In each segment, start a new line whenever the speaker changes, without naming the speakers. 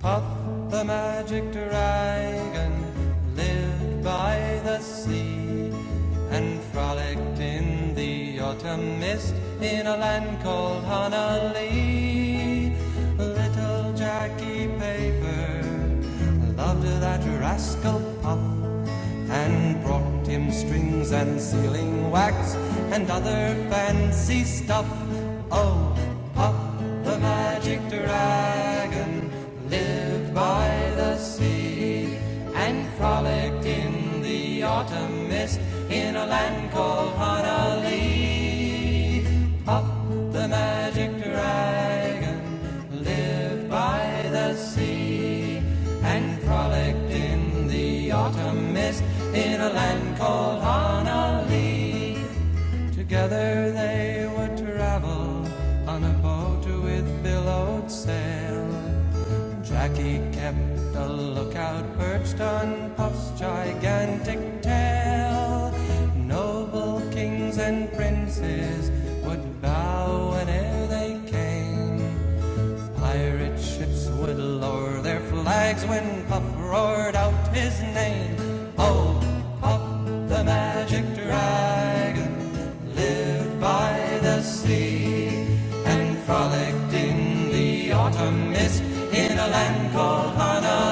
Puff the magic dragon lived by the sea and frolicked in the autumn mist in a land called Honolulu. Little Jackie Paper loved that rascal Puff and brought him strings and sealing wax and other fancy stuff. Oh, Puff the magic dragon lived by the sea and frolicked in the autumn mist in a land called Honolulu. The magic dragon by the sea and frolicked in the autumn mist Together they would travel on a boat with billowed sail. Jackie kept a lookout perched on Puff's gigantic tail. Noble kings and princes would bow whene'er they came. Pirate ships would lower their flags when Puff roared out his name. Oh, Puff the Magic Dragon lived by the sea and frolicked in the autumn mist in a land called Honolulu.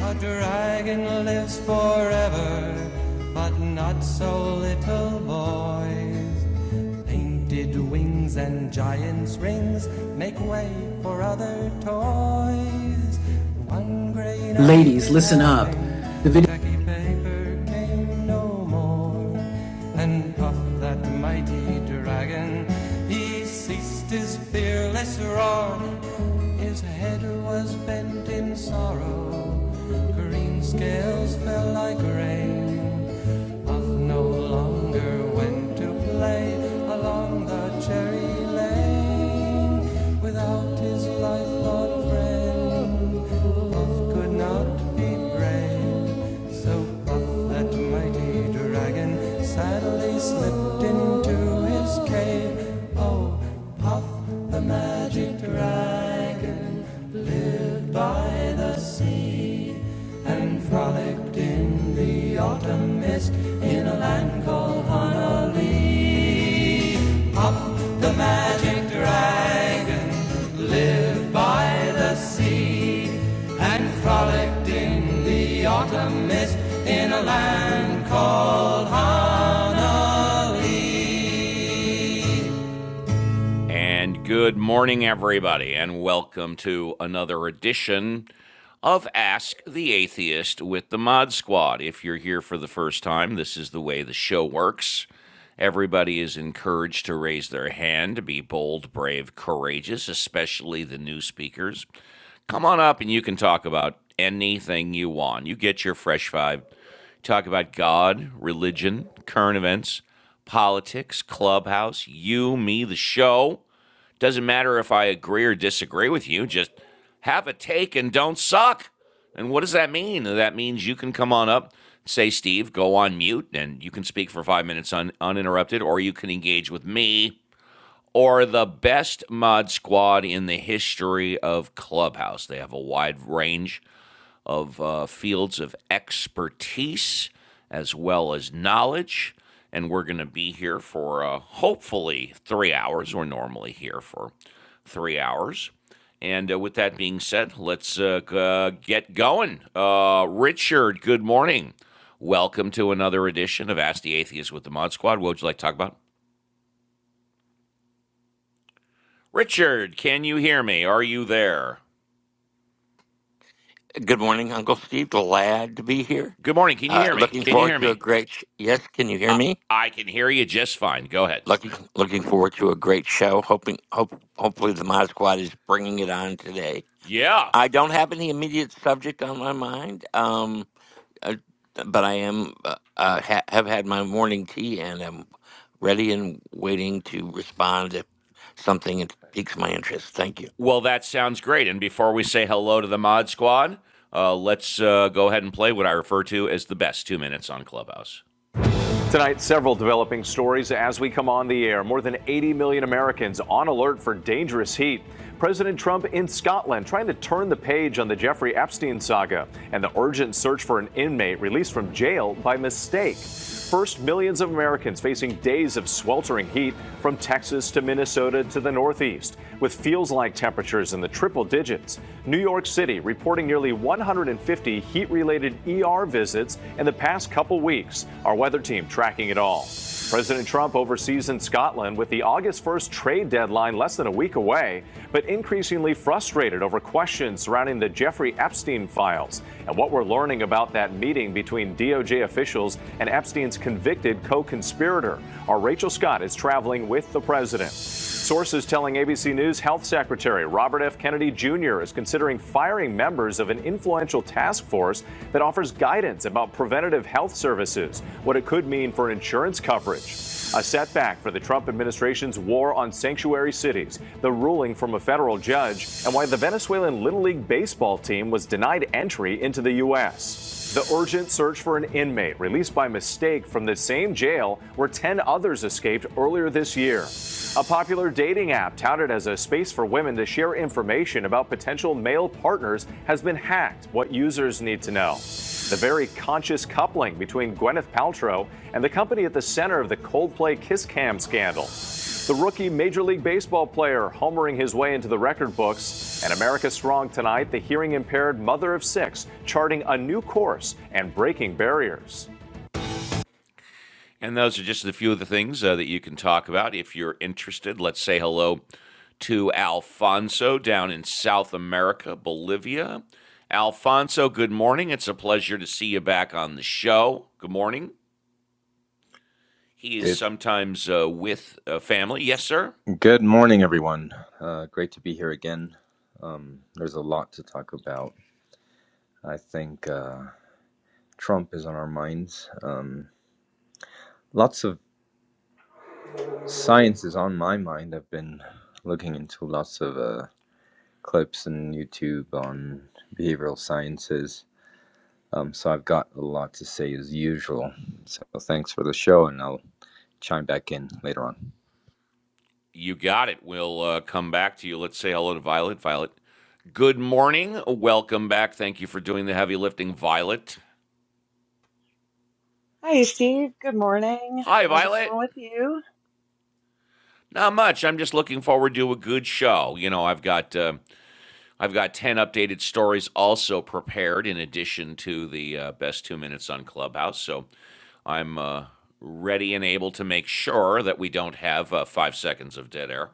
A dragon lives forever, but not so little boys. Painted wings and giant's rings make way for other toys. One gray Ladies, listen up. The video Paper came no more, and Puff, that mighty dragon, he ceased his fearless roar. His head was bent in sorrow. Green scales fell like rain. Puff no longer went to play along the cherry lane. Without his lifelong friend, Puff could not be brave. So Puff, that mighty dragon, sadly slipped into his cave. Oh, Puff, the magic dragon by the sea and frolicked in the autumn mist in a land and frolicked in the autumn mist. And good morning, everybody, and welcome to another edition of Ask the Atheist with the Mod Squad. If you're here for the first time, this is the way the show works. Everybody is encouraged to raise their hand, to be bold, brave, courageous, especially the new speakers. Come on up and you can talk about anything you want. You get your fresh five. Talk about God, religion, current events, politics, clubhouse, you, me, the show. Doesn't matter if I agree or disagree with you, just have a take and don't suck. And what does that mean? That means you can come on up, say, Steve, go on mute, and you can speak for five minutes un- uninterrupted, or you can engage with me or the best mod squad in the history of Clubhouse. They have a wide range of uh, fields of expertise as well as knowledge. And we're going to be here for uh, hopefully three hours. We're normally here for three hours. And uh, with that being said, let's uh, uh, get going. Uh, Richard, good morning. Welcome to another edition of Ask the Atheist with the Mod Squad. What would you like to talk about? Richard, can you hear me? Are you there?
Good morning, Uncle Steve. Glad to be here.
Good morning. Can you
Uh,
hear me?
looking
Can you
forward
hear
to a
me?
great. Sh- yes, can you hear
I,
me?
I can hear you just fine. Go ahead.
Looking looking forward to a great show. Hoping hope hopefully the Mod Squad is bringing it on today.
Yeah.
I don't have any immediate subject on my mind, um, uh, but I am uh, uh, ha- have had my morning tea and I'm ready and waiting to respond if something piques my interest. Thank you.
Well, that sounds great. And before we say hello to the mod squad, uh, let's uh, go ahead and play what I refer to as the best two minutes on Clubhouse. Tonight, several developing stories as we come on the air. More than 80 million Americans on alert for dangerous heat. President Trump in Scotland trying to turn the page on the Jeffrey Epstein saga and the urgent search for an inmate released from jail by mistake. First, millions of Americans facing days of sweltering heat from Texas to Minnesota to the Northeast, with feels like temperatures in the triple digits. New York City reporting nearly 150 heat related ER visits in the past couple weeks. Our weather team tracking it all. President Trump oversees in Scotland with the August 1st trade deadline less than a week away, but increasingly frustrated over questions surrounding the Jeffrey Epstein files and what we're learning about that meeting between DOJ officials and Epstein's convicted co conspirator. Our Rachel Scott is traveling with the president. Sources telling ABC News Health Secretary Robert F. Kennedy Jr. is considering firing members of an influential task force that offers guidance about preventative health services, what it could mean for insurance coverage. A setback for the Trump administration's war on sanctuary cities, the ruling from a federal judge, and why the Venezuelan Little League baseball team was denied entry into the U.S. The urgent search for an inmate released by mistake from the same jail where 10 others escaped earlier this year. A popular dating app touted as a space for women to share information about potential male partners has been hacked. What users need to know. The very conscious coupling between Gwyneth Paltrow and the company at the center of the Coldplay Kiss Cam scandal. The rookie Major League Baseball player homering his way into the record books. And America Strong tonight, the hearing impaired mother of six, charting a new course and breaking barriers. And those are just a few of the things uh, that you can talk about if you're interested. Let's say hello to Alfonso down in South America, Bolivia. Alfonso, good morning. It's a pleasure to see you back on the show. Good morning. He is
Good,
sometimes uh, with uh, family. Yes, sir.
good morning, everyone. Uh, great to be here again. Um, there's a lot to talk about. I think uh, Trump is on our minds. Um, lots of science is on my mind. I've been looking into lots of uh, clips and YouTube on behavioral sciences. Um, so I've got a lot to say as usual. So thanks for the show, and I'll chime back in later on.
You got it. We'll uh, come back to you. Let's say hello to Violet. Violet, good morning. Welcome back. Thank you for doing the heavy lifting, Violet.
Hi, Steve. Good morning.
Hi,
How's it
Violet.
going with you?
Not much. I'm just looking forward to a good show. You know, I've got uh, I've got ten updated stories also prepared in addition to the uh, best two minutes on Clubhouse. So I'm uh, ready and able to make sure that we don't have uh, five seconds of dead air.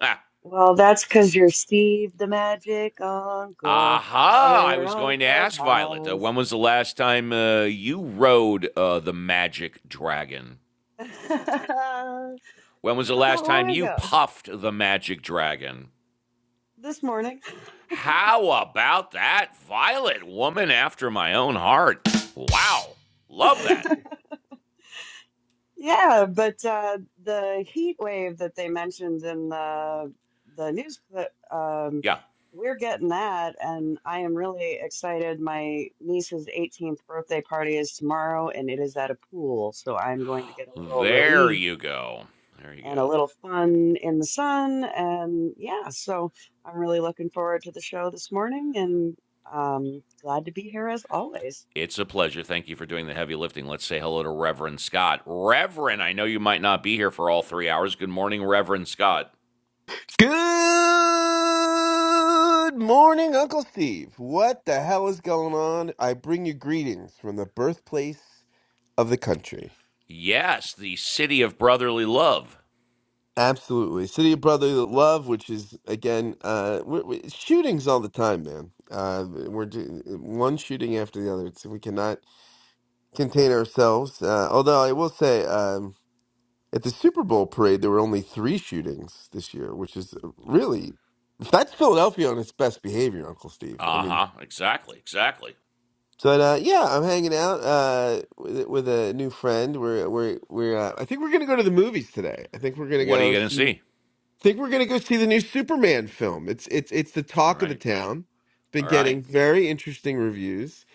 Ha!
Well, that's because you're Steve the Magic Uncle
Aha! I
here
was
on
going to ask Violet, uh,
Clubhouse.
when was the last time uh, you rode uh, the magic dragon?
Not that
When was the last time
long
you
ago,
puffed the magic dragon?
this morning.
How about that, Violet? Woman after my own heart. Wow. Love that.
Yeah, but uh, the heat wave that they mentioned in the the news, clip, um,
Yeah.
we're getting that, and I am really excited. My niece's 18th birthday party is tomorrow, and it is at a pool, so I'm going to get a little
There
relief
you go. There you
and a
go.
little fun in the sun, and yeah, so I'm really looking forward to the show this morning, and um, glad to be here as always.
It's a pleasure. Thank you for doing the heavy lifting. Let's say hello to Reverend Scott. Reverend, I know you might not be here for all three hours. Good morning, Reverend Scott.
Good morning, Uncle Steve. What the hell is going on? I bring you greetings from the birthplace of the country.
Yes, the city of brotherly love.
Absolutely. City of Brotherly Love, which is, again, uh, we we shootings all the time, man. Uh, we're do- one shooting after the other. It's, we cannot contain ourselves. Uh, although I will say, um, at the Super Bowl parade, there were only three shootings this year, which is really that's Philadelphia on its best behavior, Uncle Steve. I
Uh
mean,
huh. Exactly. Exactly.
But uh, yeah, I'm hanging out uh, with with a new friend. We're we're we're. Uh, I think we're gonna go to the movies today. I think we're gonna
What are
go
you going to
see.
see?
I think we're gonna go see the new Superman film. It's it's it's the
All
talk of the
right.
town. It's been
All right.
getting very interesting reviews.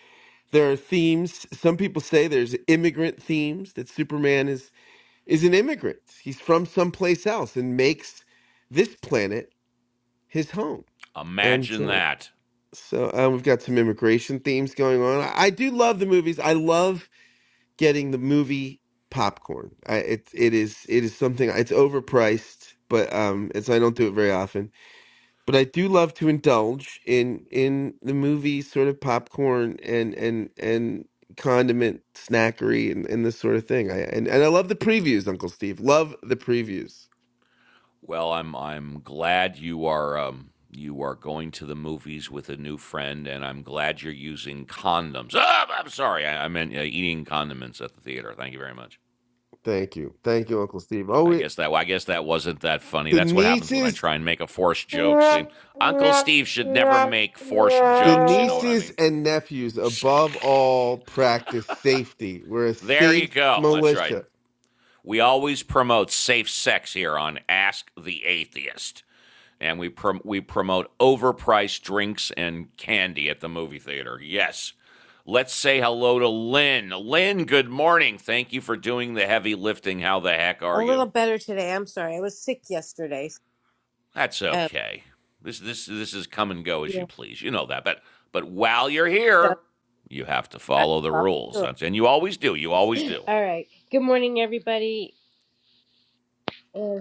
There are themes. Some people say there's immigrant themes that Superman is is an immigrant. He's from someplace else and makes this planet his home. And
Imagine
so
that.
so um, we've got some immigration themes going on. I, I do love the movies. I love getting the movie popcorn. I, it it is it is something. It's overpriced, but um, it's I don't do it very often. But I do love to indulge in in the movie sort of popcorn and and and condiment snackery and, and this sort of thing. I and, and I love the previews, Uncle Steve. Love the previews.
Well, I'm I'm glad you are um, you are going to the movies with a new friend, and I'm glad you're using condoms. Ah, I'm sorry, I, I meant uh, eating condiments at the theater. Thank you very much.
Thank you, thank you, Uncle Steve. Oh,
I
it,
guess that I guess that wasn't that funny.
the
That's what happens when I
nieces.
try and make a forced joke. See, Uncle Steve should never make forced
The
jokes. You know what I
nieces
mean?
and nephews, above all, practice safety. We're a
There
safe
you go. That's right.
militia.
We always promote safe sex here on Ask the Atheist, and we prom- we promote overpriced drinks and candy at the movie theater. Yes. Let's say hello to Lynn. Lynn, good morning. Thank you for doing the heavy lifting. How the heck
A
are you?
little better today. I'm sorry. I was sick yesterday.
That's
Um,
okay. This this this is come and go as
yeah.
you please. You know that. But but while you're
So
here, you have to
I'm
follow the
following
rules.
through.
And you always do. You always do.
All right. Good morning, everybody. Uh,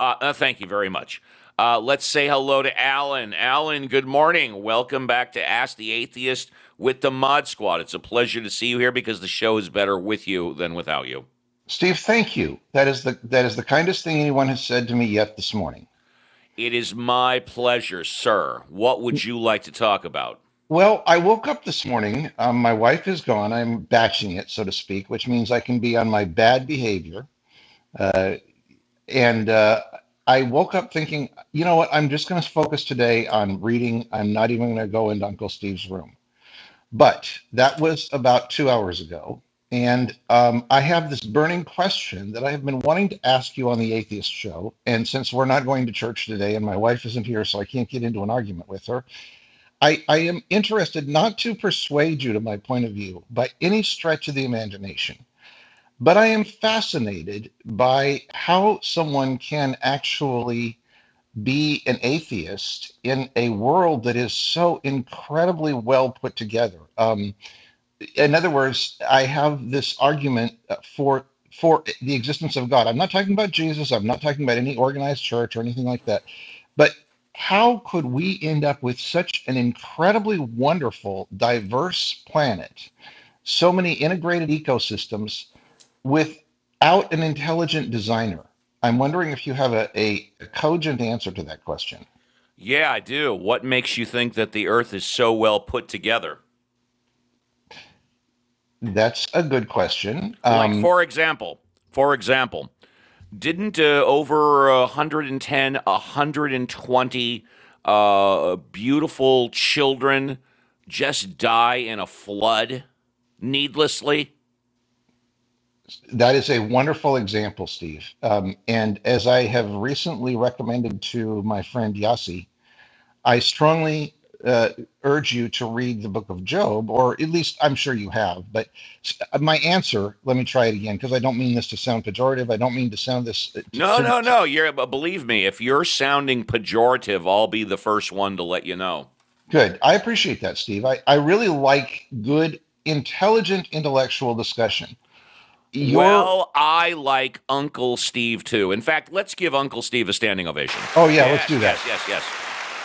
Uh, uh, thank you very much. Uh, let's say hello to Alan. Alan, good morning. Welcome back to Ask the Atheist with the Mod Squad. It's a pleasure to see you here because the show is better with you than without you.
Steve, thank you. That is the that is the kindest thing anyone has said to me yet this morning.
It is my pleasure, sir. What would you like to talk about?
Well, I woke up this morning. Um, my wife is gone. I'm batching it, so to speak, which means I can be on my bad behavior. Uh, and uh, I woke up thinking, you know what? I'm just going to focus today on reading. I'm not even going to go into Uncle Steve's room. But that was about two hours ago. And um, I have this burning question that I have been wanting to ask you on the Atheist Show. And since we're not going to church today and my wife isn't here, so I can't get into an argument with her, I, I am interested not to persuade you to my point of view by any stretch of the imagination, but I am fascinated by how someone can actually be an atheist in a world that is so incredibly well put together. Um, in other words, I have this argument uh, for for the existence of God. I'm not talking about Jesus. I'm not talking about any organized church or anything like that. But how could we end up with such an incredibly wonderful, diverse planet, so many integrated ecosystems, without an intelligent designer? I'm wondering if you have a, a cogent answer to that question.
Yeah, I do. What makes you think that the earth is so well put together?
That's a good question.
Like,
Um,
for example, for example, Didn't uh, over 110, 120 uh, beautiful children just die in a flood needlessly?
That is a wonderful example, Steve. Um, and as I have recently recommended to my friend Yossi, I strongly uh, urge you to read the book of Job, or at least I'm sure you have. But my answer, let me try it again, because I don't mean this to sound pejorative. I don't mean to sound this uh, to,
No,
to,
no,
to-
no. You're believe me. If you're sounding pejorative, I'll be the first one to let you know.
good. I appreciate that, Steve. I, I really like good, intelligent, intellectual discussion. Your,
Well, I like Uncle Steve too. In fact, let's give Uncle Steve a standing ovation.
oh, yeah, let's
Yes,
do that.
yes, yes, yes.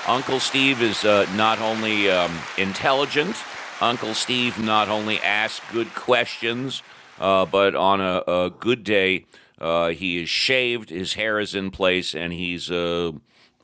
Uncle Steve is uh, not only um, intelligent, Uncle Steve not only asks good questions, uh, but on a, a good day, uh, he is shaved, his hair is in place, and he's uh,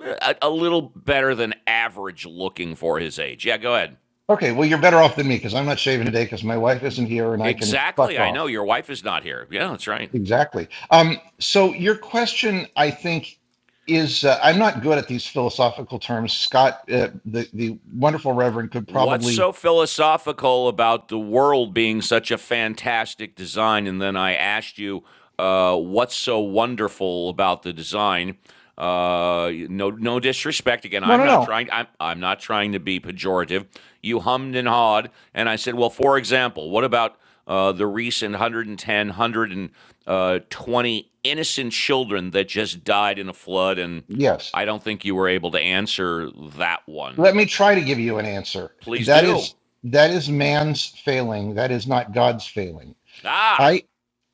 a, a little better than average looking for his age. Yeah, go ahead.
Okay, well, you're better off than me because I'm not shaving today because my wife isn't here and I can fuck
Exactly. I
off.
know your wife is not here. Yeah, that's right.
Exactly. Um, so your question, I think, is uh, I'm not good at these philosophical terms. Scott, uh, the the wonderful Reverend, could
What's
probably
so philosophical about the world being such a fantastic design? And then I asked you, uh, what's so wonderful about the design? Uh, no, no disrespect. Again,
no,
I'm
no,
not
no.
trying. I'm, I'm not trying to be pejorative. You hummed and hawed, and I said, well, for example, what about uh, the recent 110, 120 innocent children that just died in a flood? And
Yes,
I don't think you were able to answer that one.
let me try to give you an answer.
Please
That is
do.
that is man's failing. That is not God's failing.
Ah,
I.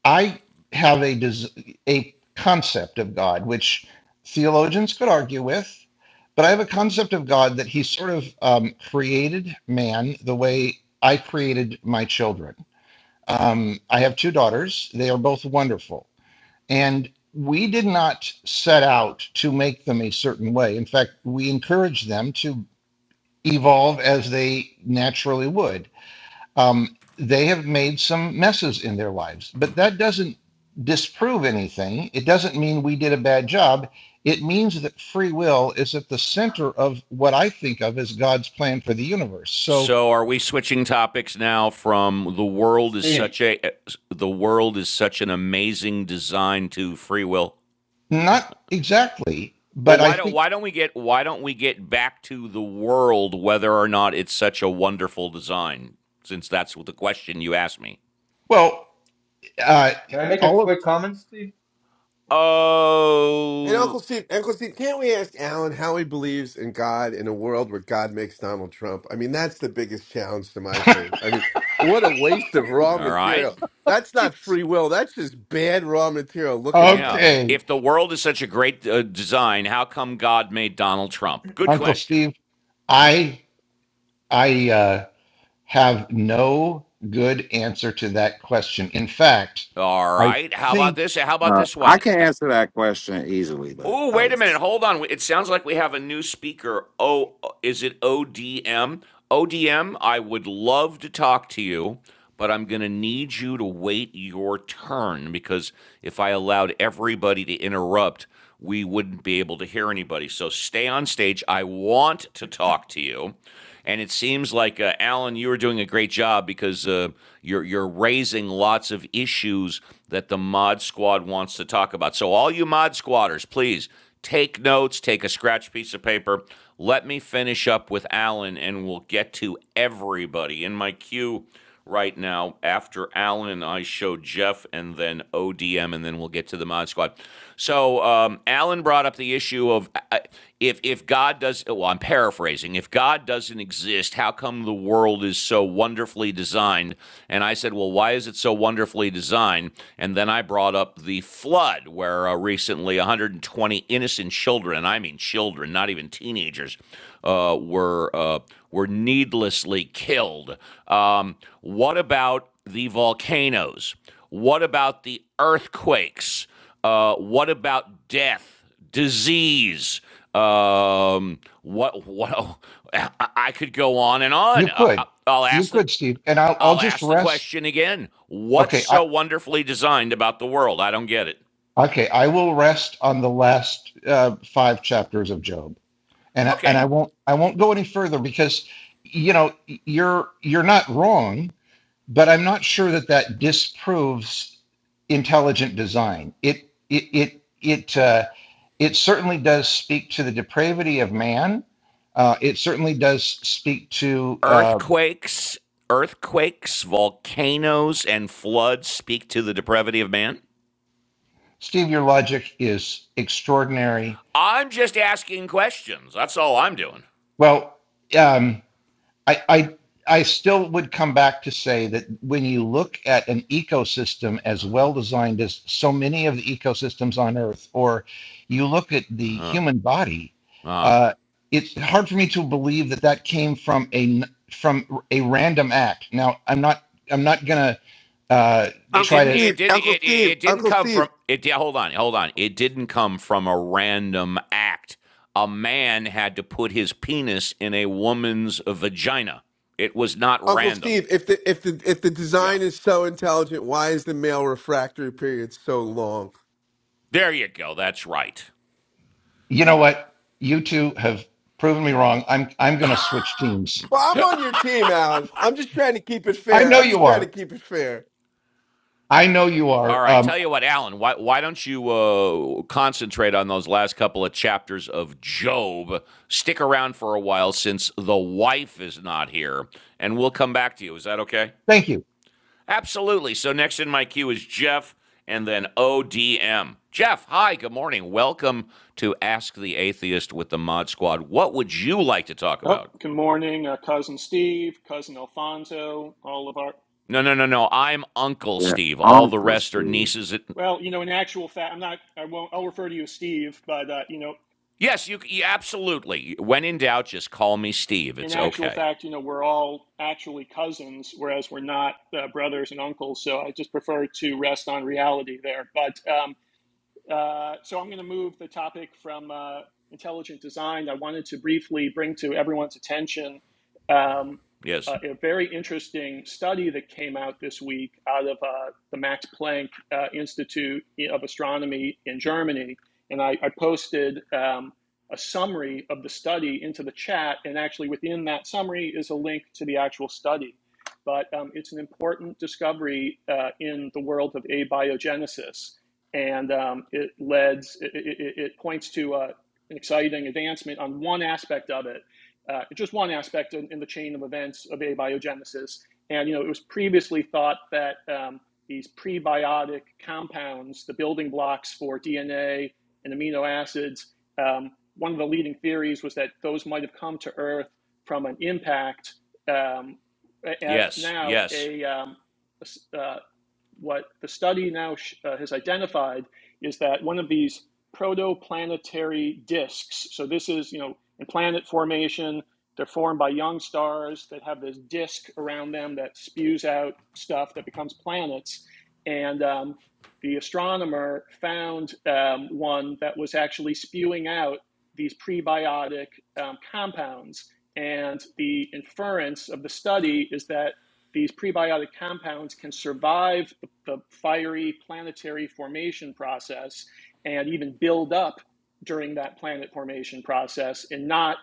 I have a des- a concept of God which theologians could argue with, but I have a concept of God that He sort of um, created man the way I created my children. Um, I have two daughters; they are both wonderful, and we did not set out to make them a certain way. In fact, we encouraged them to evolve as they naturally would um, they have made some messes in their lives, but that doesn't disprove anything. It doesn't mean we did a bad job. It means that free will is at the center of what I think of as God's plan for the universe. So,
so are we switching topics now from the world is
Steve,
such a the world is such an amazing design to free will?
not exactly,
Well,
but I
why don't
think,
why don't we get why don't we get back to the world whether or not it's such a wonderful design? Since that's what the question you asked me.
well, uh,
can I make a
all of,
quick comment, Steve?
And
Oh,
Uncle Steve, Uncle Steve, can't we ask Alan how he believes in God in a world where God makes Donald Trump? I mean, that's the biggest challenge to my faith. I mean, what a waste of raw
all right.
material. That's not
geez.
free will. That's just bad raw material. Look at the
Yeah.
guy.
okay,
If the world is such a great uh, design, how come God made Donald Trump? Good
Uncle
question.
Steve, I, I uh, have no good answer to that question. In fact,
All
I
right. How about
think.
this? How about
Uh,
this
I
one?
can
Uh,
answer that question easily, but
Oh,
I
wait a minute.
was
Hold on. It sounds like we have a new speaker. Oh, is it ODM? ODM, I would love to talk to you, but I'm going to need you to wait your turn because if I allowed everybody to interrupt, we wouldn't be able to hear anybody. So stay on stage. I want to talk to you. And it seems like uh, Alan, you are doing a great job because uh, you're you're raising lots of issues that the Mod Squad wants to talk about. So all you Mod Squatters, please take notes, take a scratch piece of paper. Let me finish up with Alan, and we'll get to everybody in my queue right now after Alan and I show Jeff and then ODM, and then we'll get to the Mod Squad. So um, Alan brought up the issue of uh, uh, if if God does well, I'm paraphrasing. If God doesn't exist, how come the world is so wonderfully designed? And I said, well, why is it so wonderfully designed? And then I brought up the flood, where uh, recently 120 innocent children—I mean children, not even teenagers—were uh, were, uh, were needlessly killed. Um, what about the volcanoes? What about the earthquakes? Uh, what about death, disease? Um, what what? oh, I, could go on and
You
on. Uh, uh,
could,
I'll
you
ask the
could, Steve, and I'll I'll
I'll
just
ask the
rest.
question again. What's
Okay, I
so wonderfully designed about the world? I don't get it.
okay, I will rest on the last uh, five chapters of Job, and I, and
Okay.
I won't I won't go any further because you know you're you're not wrong, but I'm not sure that that disproves intelligent design. It it it it uh, it certainly does speak to the depravity of man. Uh, it certainly does speak to uh,
Earthquakes, earthquakes, volcanoes, and floods speak to the depravity of man.
Steve. Your logic is extraordinary
I'm just asking questions. That's all I'm doing.
Well, um, I, I, I still would come back to say that when you look at an ecosystem as well designed as so many of the ecosystems on Earth, or you look at the human body,
Uh,
uh, it's hard for me to believe that that came from a n- from a random act. Now, I'm not I'm not gonna uh,
It
Uncle
try
didn't.
to.
Steve,
It did. It,
Uncle
it.
Steve,
It didn't
Uncle
come
Steve,
from. It. yeah, Hold on. Hold on. It didn't come from a random act. A man had to put his penis in a woman's vagina. It was not
Uncle
random.
Steve, if the if the if the
Yeah.
design is so intelligent, why is the male refractory period so long?
There you go. That's right.
You know what? You two have proven me wrong. I'm I'm gonna switch teams.
Well, I'm on your team, Alan. I'm just trying to keep it
I
fair.
know
I'm just
you
trying to
are.
keep it fair.
I know you
All
are.
right,
Um,
tell you what, Alan, why, why don't you uh, concentrate on those last couple of chapters of Job? Stick around for a while since the wife is not here, and we'll come back to you. Is that okay?
thank you.
Absolutely. So, next in my queue is Jeff and then ODM. Jeff, hi, good morning. Welcome to Ask the Atheist with the Mod Squad. What would you like to talk
Oh,
about?
good morning, uh, cousin Steve, cousin Alfonso, all of our.
No, no, no, no. I'm Uncle
yeah,
Steve. All the
uncles
rest are
do.
nieces and
Well, you know, in actual fact, I'm not. I won't. I'll refer to you as Steve, but uh, you know,
Yes, you, you absolutely. When in doubt, just call me Steve.
in
It's
actual
okay.
fact, you know, we're all actually cousins, whereas we're not uh, brothers and uncles. So I just prefer to rest on reality there. But um, Uh, so I'm going to move the topic from uh, intelligent design. I wanted to briefly bring to everyone's attention um, uh,
Yes.
a very interesting study that came out this week out of uh, the Max Planck uh, Institute of Astronomy in Germany. And I, I posted um, a summary of the study into the chat. And actually, within that summary is a link to the actual study. But um, it's an important discovery uh, in the world of abiogenesis and um, it leads it, it, it points to uh, an exciting advancement on one aspect of it, uh, just one aspect in, in the chain of events of abiogenesis. And you know, it was previously thought that um, these prebiotic compounds, the building blocks for DNA and amino acids, um, one of the leading theories was that those might have come to Earth from an impact. Um, at
yes.
now,
Yes.
a um, a, what the study now uh, has identified is that one of these protoplanetary disks so this is you know in planet formation they're formed by young stars that have this disk around them that spews out stuff that becomes planets and um, the astronomer found um, one that was actually spewing out these prebiotic um, compounds and the inference of the study is that these prebiotic compounds can survive the fiery planetary formation process and even build up during that planet formation process and not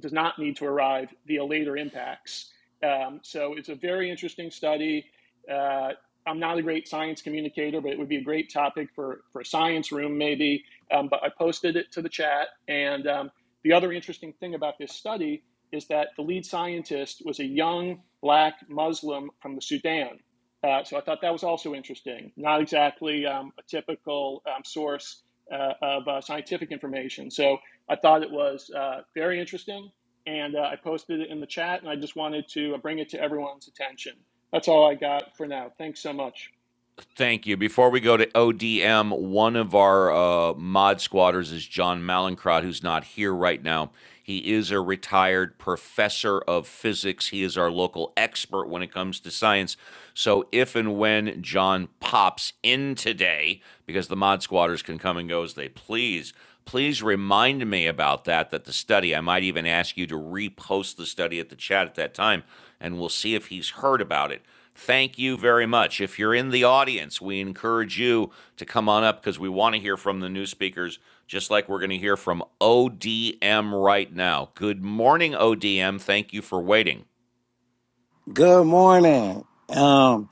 does not need to arrive via later impacts. Um, so it's a very interesting study. Uh, I'm not a great science communicator, but it would be a great topic for for a science room maybe. Um, but I posted it to the chat, and um, the other interesting thing about this study is that the lead scientist was a young black Muslim from the Sudan. Uh, so I thought that was also interesting. Not exactly um, a typical um, source uh, of uh, scientific information. So I thought it was uh, very interesting, and uh, I posted it in the chat, and I just wanted to uh, bring it to everyone's attention. That's all I got for now. Thanks so much.
Thank you. Before we go to ODM, one of our uh, mod squatters is John Malincrot, who's not here right now. He is a retired professor of physics. He is our local expert when it comes to science. So if and when John pops in today, because the mod squatters can come and go as they please, please remind me about that that the study i might even ask you to repost the study at the chat at that time and we'll see if he's heard about it Thank you very much. If you're in the audience, we encourage you to come on up because we want to hear from the new speakers, just like we're going to hear from ODM right now. Good morning, ODM. Thank you for waiting.
Good morning. Um,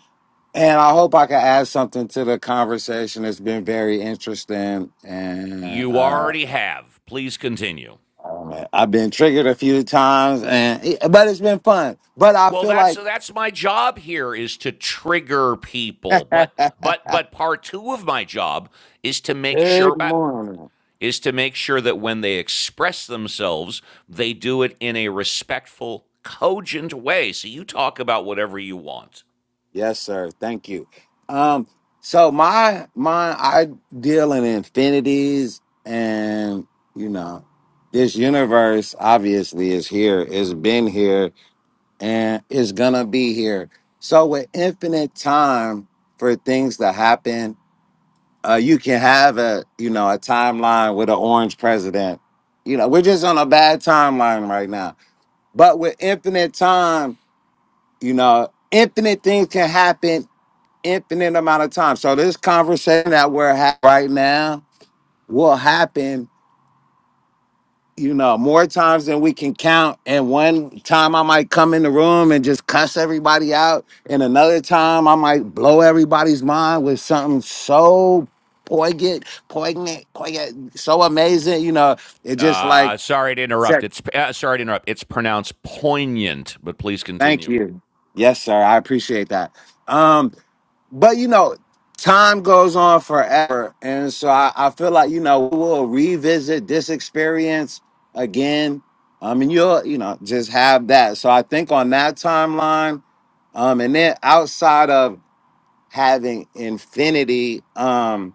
and I hope I can add something to the conversation. It's been very interesting, and
You
uh,
already have. Please continue.
um, I've been triggered a few times, and eh, but it's been fun. But I
Well,
feel
that's
like
that's my job here is to trigger people, but but but part two of my job is to make
good
sure. Uh,
morning.
is to make sure that when they express themselves, they do it in a respectful, cogent way. So you talk about whatever you want.
Yes, sir. Thank you. Um, so my my I deal in infinities and you know, this universe obviously is here, it's been here, and is gonna be here. So with infinite time for things to happen, uh, you can have a you know a timeline with an orange president. You know, we're just on a bad timeline right now. But with infinite time, you know, infinite things can happen infinite amount of time. So this conversation that we're having right now will happen, you know, more times than we can count. And one time I might come in the room and just cuss everybody out, and another time I might blow everybody's mind with something so poignant, poignant, poignant, so amazing. You know, it just like.
Uh, sorry to interrupt.
Sure.
It's uh, sorry to interrupt. It's pronounced poignant, but please
Thank
continue.
you. Yes, sir. I appreciate that. Um. but you know, time goes on forever, and so I, I feel like you know we'll revisit this experience again. Um, and you'll you know just have that. So I think on that timeline, um, and then outside of having infinity, um,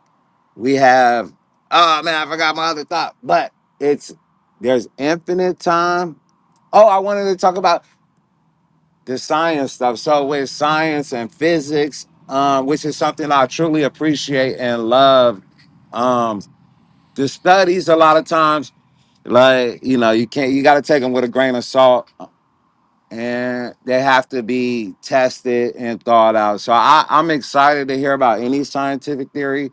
we have oh man, I forgot my other thought, but it's there's infinite time. Oh, I wanted to talk about the science stuff. So with science and physics, um, which is something I truly appreciate and love, um, the studies a lot of times, like you know, you can't you got to take them with a grain of salt, and they have to be tested and thought out. So I, I'm excited to hear about any scientific theory,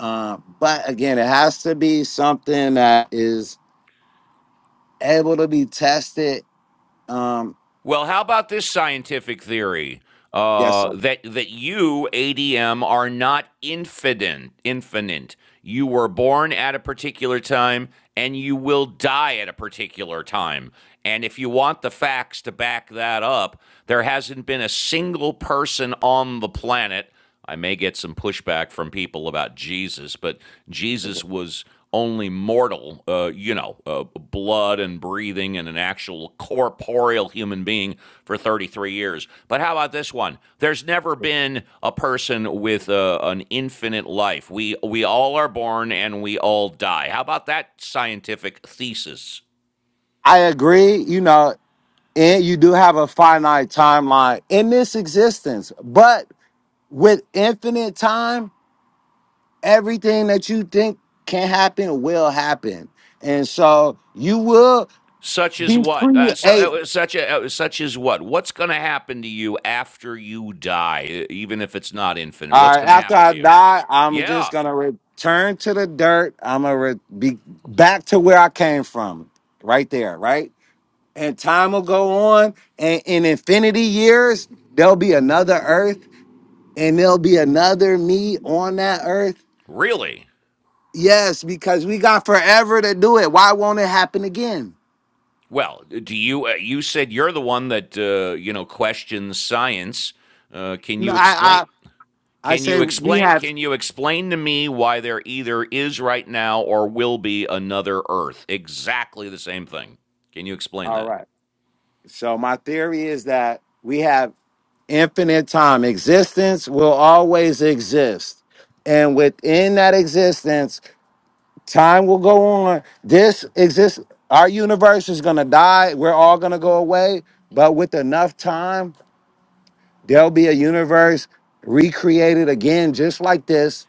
uh, but again, it has to be something that is able to be tested. Um,
Well, how about this scientific theory
yes,
uh,
sir.
that that you ADM are not infinite? Infinite. You were born at a particular time, and you will die at a particular time. And if you want the facts to back that up, there hasn't been a single person on the planet I may get some pushback from people about Jesus, but Jesus was only mortal, uh, you know, uh, blood and breathing and an actual corporeal human being for 33 years. But how about this one? There's never been a person with uh, an infinite life. We we all are born and we all die. How about that scientific thesis?
I agree. You know, and you do have a finite timeline in this existence but with infinite time everything that you think can happen will happen and so you will
Such as
be
what? Uh,
created
so uh, such a, uh, such as what? What's going to happen to you after you die, e- even if it's not infinite?
all
What's
right
going to
after
happen to
i
you?
die i'm just
Yeah,
gonna return to the dirt i'm gonna re- be back to where i came from right there right and time will go on and in infinity years there'll be another earth and there'll be another me on that earth
really.
Yes, because we got forever to do it. Why won't it happen again?
Well, do you? Uh, you said you're the one that uh, you know questions science. Uh, can
No,
you explain?
I, I, I
Can
say
you
we
explain?
have.
Can you explain to me why there either is right now or will be another Earth? Exactly the same thing. Can you explain
All
that?
right. So my theory is that we have infinite time. Existence will always exist, and within that existence, time will go on. This exists. Our universe is gonna die. We're all gonna go away. But with enough time, there'll be a universe recreated again, just like this,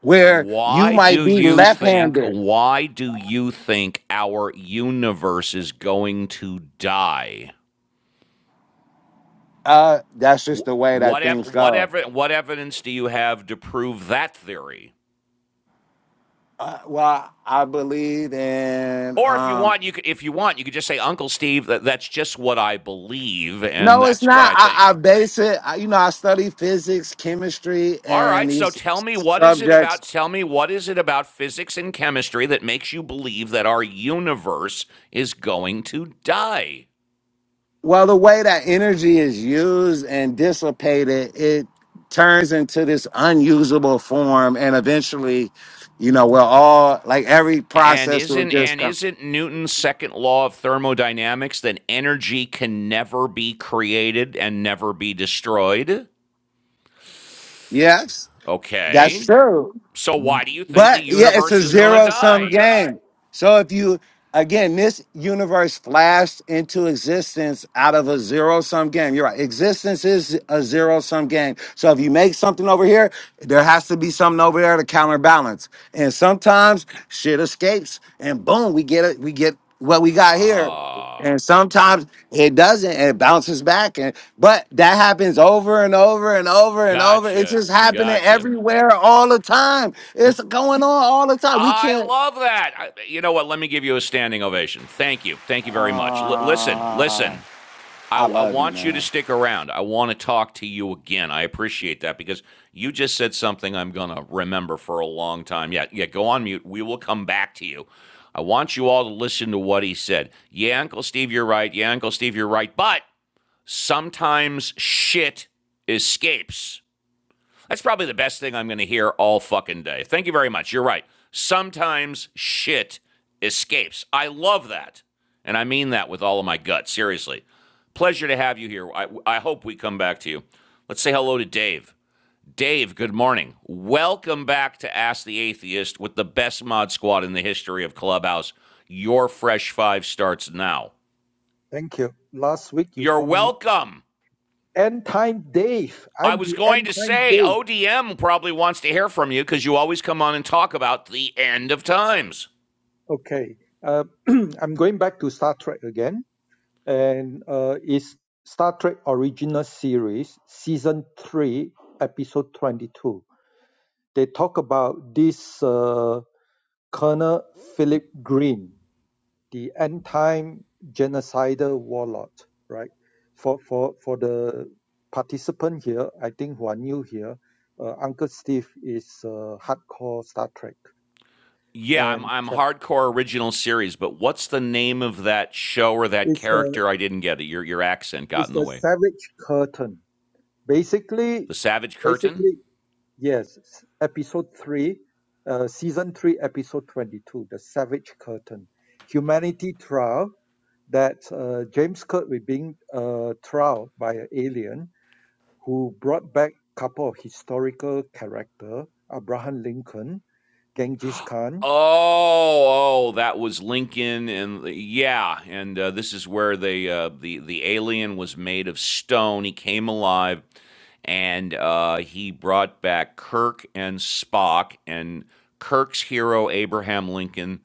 where you
Why
might
do
be
you think,
left-handed.
why do you think our universe is going to die?
Uh, that's
Wh-
just the way
What,
that
ev-
things
what,
go.
ev- what evidence do you have to prove that theory?
Uh, well, I believe in.
Or if you
Um,
want, you could, if you want, you could just say, Uncle Steve, that, that's just what I believe and
no, it's
that's what
not.
I
I,
think.
I base it. I, you know, I study physics, chemistry,
All
and
right, so
these
tell me what is it
subjects.
about tell me what is it about physics and chemistry that makes you believe that our universe is going to die?
Well, the way that energy is used and dissipated, it turns into this unusable form, and eventually, you know, we're all like every
And
process will
isn't
just
and
come.
isn't Newton's second law of thermodynamics that energy can never be created and never be destroyed?
Yes, that's
Okay.
true.
So why do you think the
But yeah, it's
universe
a
is going to
zero sum
die?
game. So if you again, this universe flashed into existence out of a zero sum game. You're right. Existence is a zero sum game. So if you make something over here, there has to be something over there to counterbalance. And sometimes shit escapes and boom, we get it, we get what we got here.
Ah,
And sometimes it doesn't, and it bounces back. And but that happens over and over and over and over. It's
gotcha.
just happening
Gotcha.
everywhere all the time. It's going on all the time. We
I
can't.
love that. I, you know what? Let me give you a standing ovation. Thank you. Thank you very much. L- listen, listen.
Ah,
I,
I
I
love you,
want you to
man.
stick around. I want to talk to you again. I appreciate that because you just said something I'm going to remember for a long time. Yeah, yeah, go on mute. We will come back to you. I want you all to listen to what he said. Yeah, Uncle Steve, you're right. Yeah, Uncle Steve, you're right. But sometimes shit escapes. That's probably the best thing I'm going to hear all fucking day. Thank you very much. You're right. Sometimes shit escapes. I love that. And I mean that with all of my gut. Seriously. Pleasure to have you here. I, I hope we come back to you. Let's say hello to Dave. Dave, good morning. Welcome back to Ask the Atheist with the best mod squad in the history of Clubhouse. Your fresh five starts now.
Thank you. Last week you
You're
called me
welcome.
End Time Dave.
I
I'm
was
the
going
End
to
Time
say
Dave.
ODM probably wants to hear from you because you always come on and talk about the end of times.
Okay. Uh, I'm going back to Star Trek again, and uh, it's Star Trek original series, season three, episode twenty-two. They talk about this uh, Colonel Philip Green. the end time genocidal warlord, right? For for for the participant here, I think who are new here, uh, Uncle Steve is uh, hardcore Star Trek,
Yeah, I'm
and
I'm
uh,
hardcore original series, but what's the name of that show or that
it's the
character? I didn't get it. Your your accent got
it's
in the
the
way.
Savage Curtain. Basically,
The Savage Curtain.
basically, yes, s- episode three, uh, season three, episode twenty-two, the Savage Curtain, humanity trial that uh, James Kirk will being uh, trial by an alien who brought back a couple of historical character, Abraham Lincoln, Genghis Khan.
Oh, oh, that was Lincoln, and yeah, and uh, this is where they uh, the the alien was made of stone. He came alive, and uh, he brought back Kirk and Spock, and Kirk's hero Abraham Lincoln,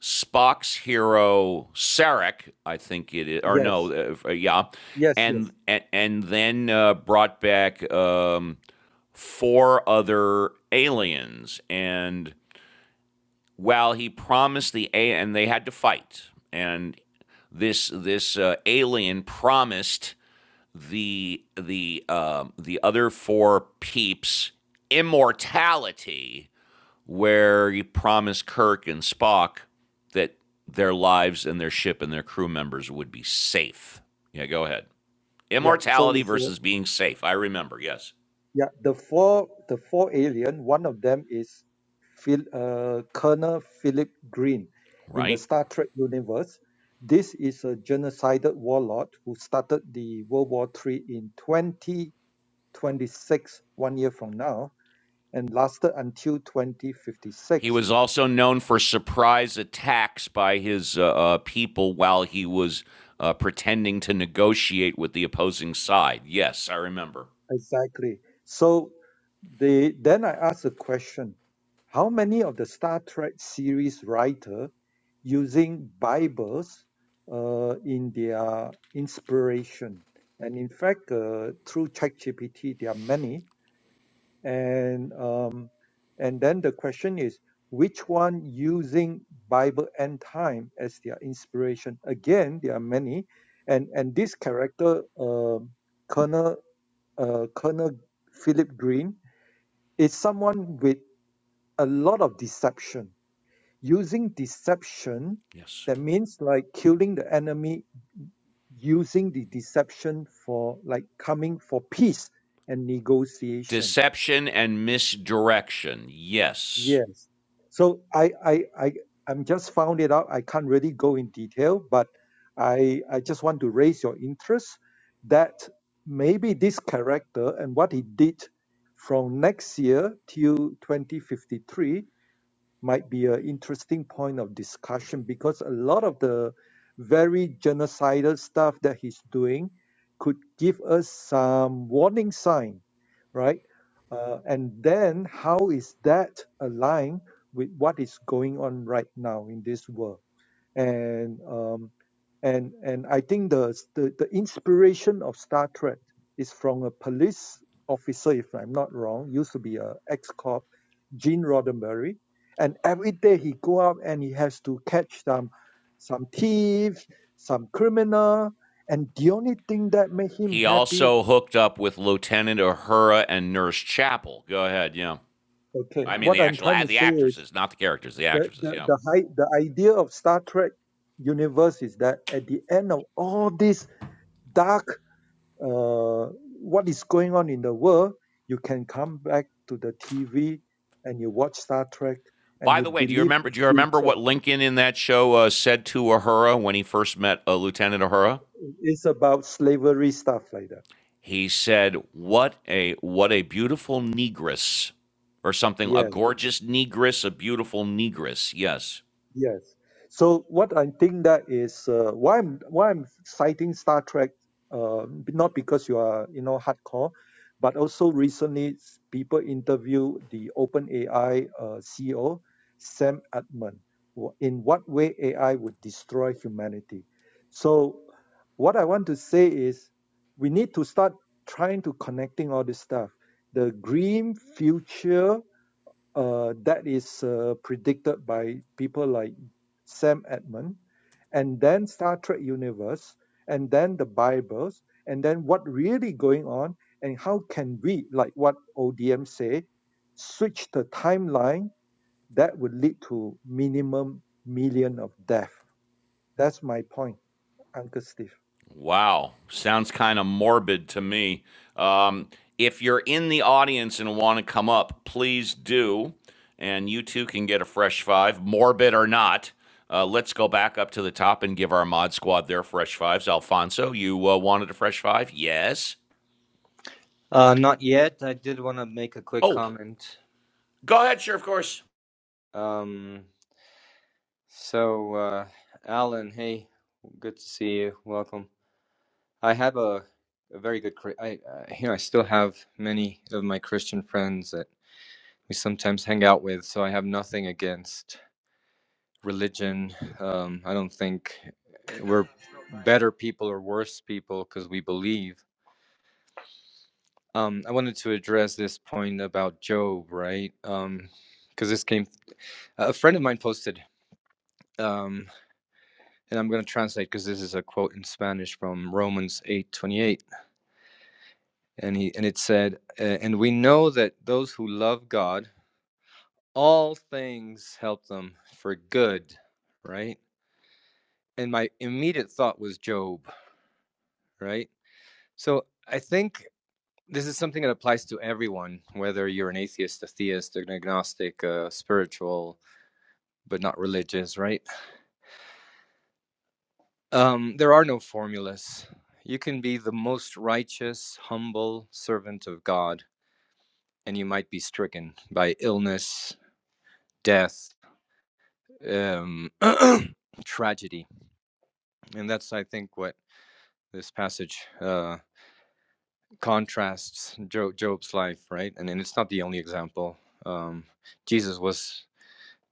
Spock's hero Sarek, I think it is, or no,
Yes,
uh, uh, yeah,
yes,
and
yes.
and, and then uh, brought back um, four other aliens, and well, he promised the a and they had to fight, and this this uh, alien promised the the um the other four peeps immortality, where he promised Kirk and Spock that their lives and their ship and their crew members would be safe. Yeah, go ahead.
Yeah. So
Immortality
it's a,
versus being safe. I remember. Yes,
yeah. The four the four alien. One of them is Phil, uh, Colonel Philip Green in the
right.
Star Trek universe. This is a genocidal warlord who started the World War Three in 2026, one year from now, and lasted until
He
2056
was also known for surprise attacks by his uh, uh, people while he was uh, pretending to negotiate with the opposing side. Yes, I remember.
Exactly. So the then I asked a question: How many of the Star Trek series writer using Bibles uh, in their inspiration? And in fact, uh, through ChatGPT, there are many. And um, and then the question is, which one using Bible and time as their inspiration? Again, there are many. And and this character, um Colonel uh, Colonel Philip Green, is someone with a lot of deception. Using deception,
Yes.
that means like killing the enemy, using the deception for like coming for peace and negotiation
Deception and misdirection. Yes.
Yes. So I, I, I, I'm just found it out. I can't really go in detail, but I, I just want to raise your interest that maybe this character and what he did from next year till 2053 might be an interesting point of discussion because a lot of the very genocidal stuff that he's doing could give us some warning sign, right? Uh, and then how is that aligned with what is going on right now in this world? and um, and and I think the, the the inspiration of Star Trek is from a police officer, if I'm not wrong, used to be a ex-cop, Gene Roddenberry, and every day he go out and he has to catch some some thieves, some criminal, and the only thing that made him
He
happy.
also hooked up with Lieutenant Uhura and Nurse Chapel. Go ahead. Yeah.
Okay,
I mean
what
the
I'm
actual
trying to
the
say is
actresses, not the characters, the
the
actresses.
the
Yeah.
the high, the idea of Star Trek universe is that at the end of all this dark uh, what is going on in the world, you can come back to the TV and you watch Star Trek and
By
you
the way, do you
believe
remember?
the
Do you remember what
future.
Lincoln in that show uh, said to Uhura when he first met uh, Lieutenant Uhura?
It's about slavery stuff like that.
He said, "What a what a beautiful negress, or something. A
Yes.
gorgeous negress, a beautiful negress." Yes.
Yes. So what I think that is uh, why I'm why I'm citing Star Trek, uh, b- not because you are you know hardcore, but also recently s- people interview the OpenAI uh, CEO Sam Altman wh- in what way AI would destroy humanity. So what I want to say is we need to start trying to connecting all this stuff. The green future uh, that is uh, predicted by people like Sam Edmund, and then Star Trek universe, and then the Bibles, and then what really going on, and how can we, like what ODM say, switch the timeline that would lead to minimum million of death. That's my point, Uncle Steve.
Wow. Sounds kind of morbid to me. Um, if you're in the audience and want to come up, please do, and you too can get a fresh five, morbid or not. Uh, let's go back up to the top and give our mod squad their fresh fives. Alfonso, you uh, wanted a fresh five? Yes.
Uh, not yet. I did want to make a quick
Oh,
comment.
go ahead, sure, of course.
Um, so, uh, Alan, hey, good to see you. Welcome. I have a, a very good, Chri- I, uh, here I still have many of my Christian friends that we sometimes hang out with, so I have nothing against religion. Um, I don't think we're better people or worse people because we believe. Um, I wanted to address this point about Job, right? Um, because this came, a friend of mine posted. Um. and I'm going to translate because this is a quote in Spanish from Romans 8:28 and he and it said uh, and we know that those who love God all things help them for good right and my immediate thought was Job right so I think this is something that applies to everyone whether you're an atheist a theist an agnostic uh, spiritual but not religious right um there are no formulas you can be the most righteous humble servant of God and you might be stricken by illness, death, um, tragedy. And that's, I think, what this passage uh, contrasts Job, Job's life, right? And, and it's not the only example. Um, Jesus was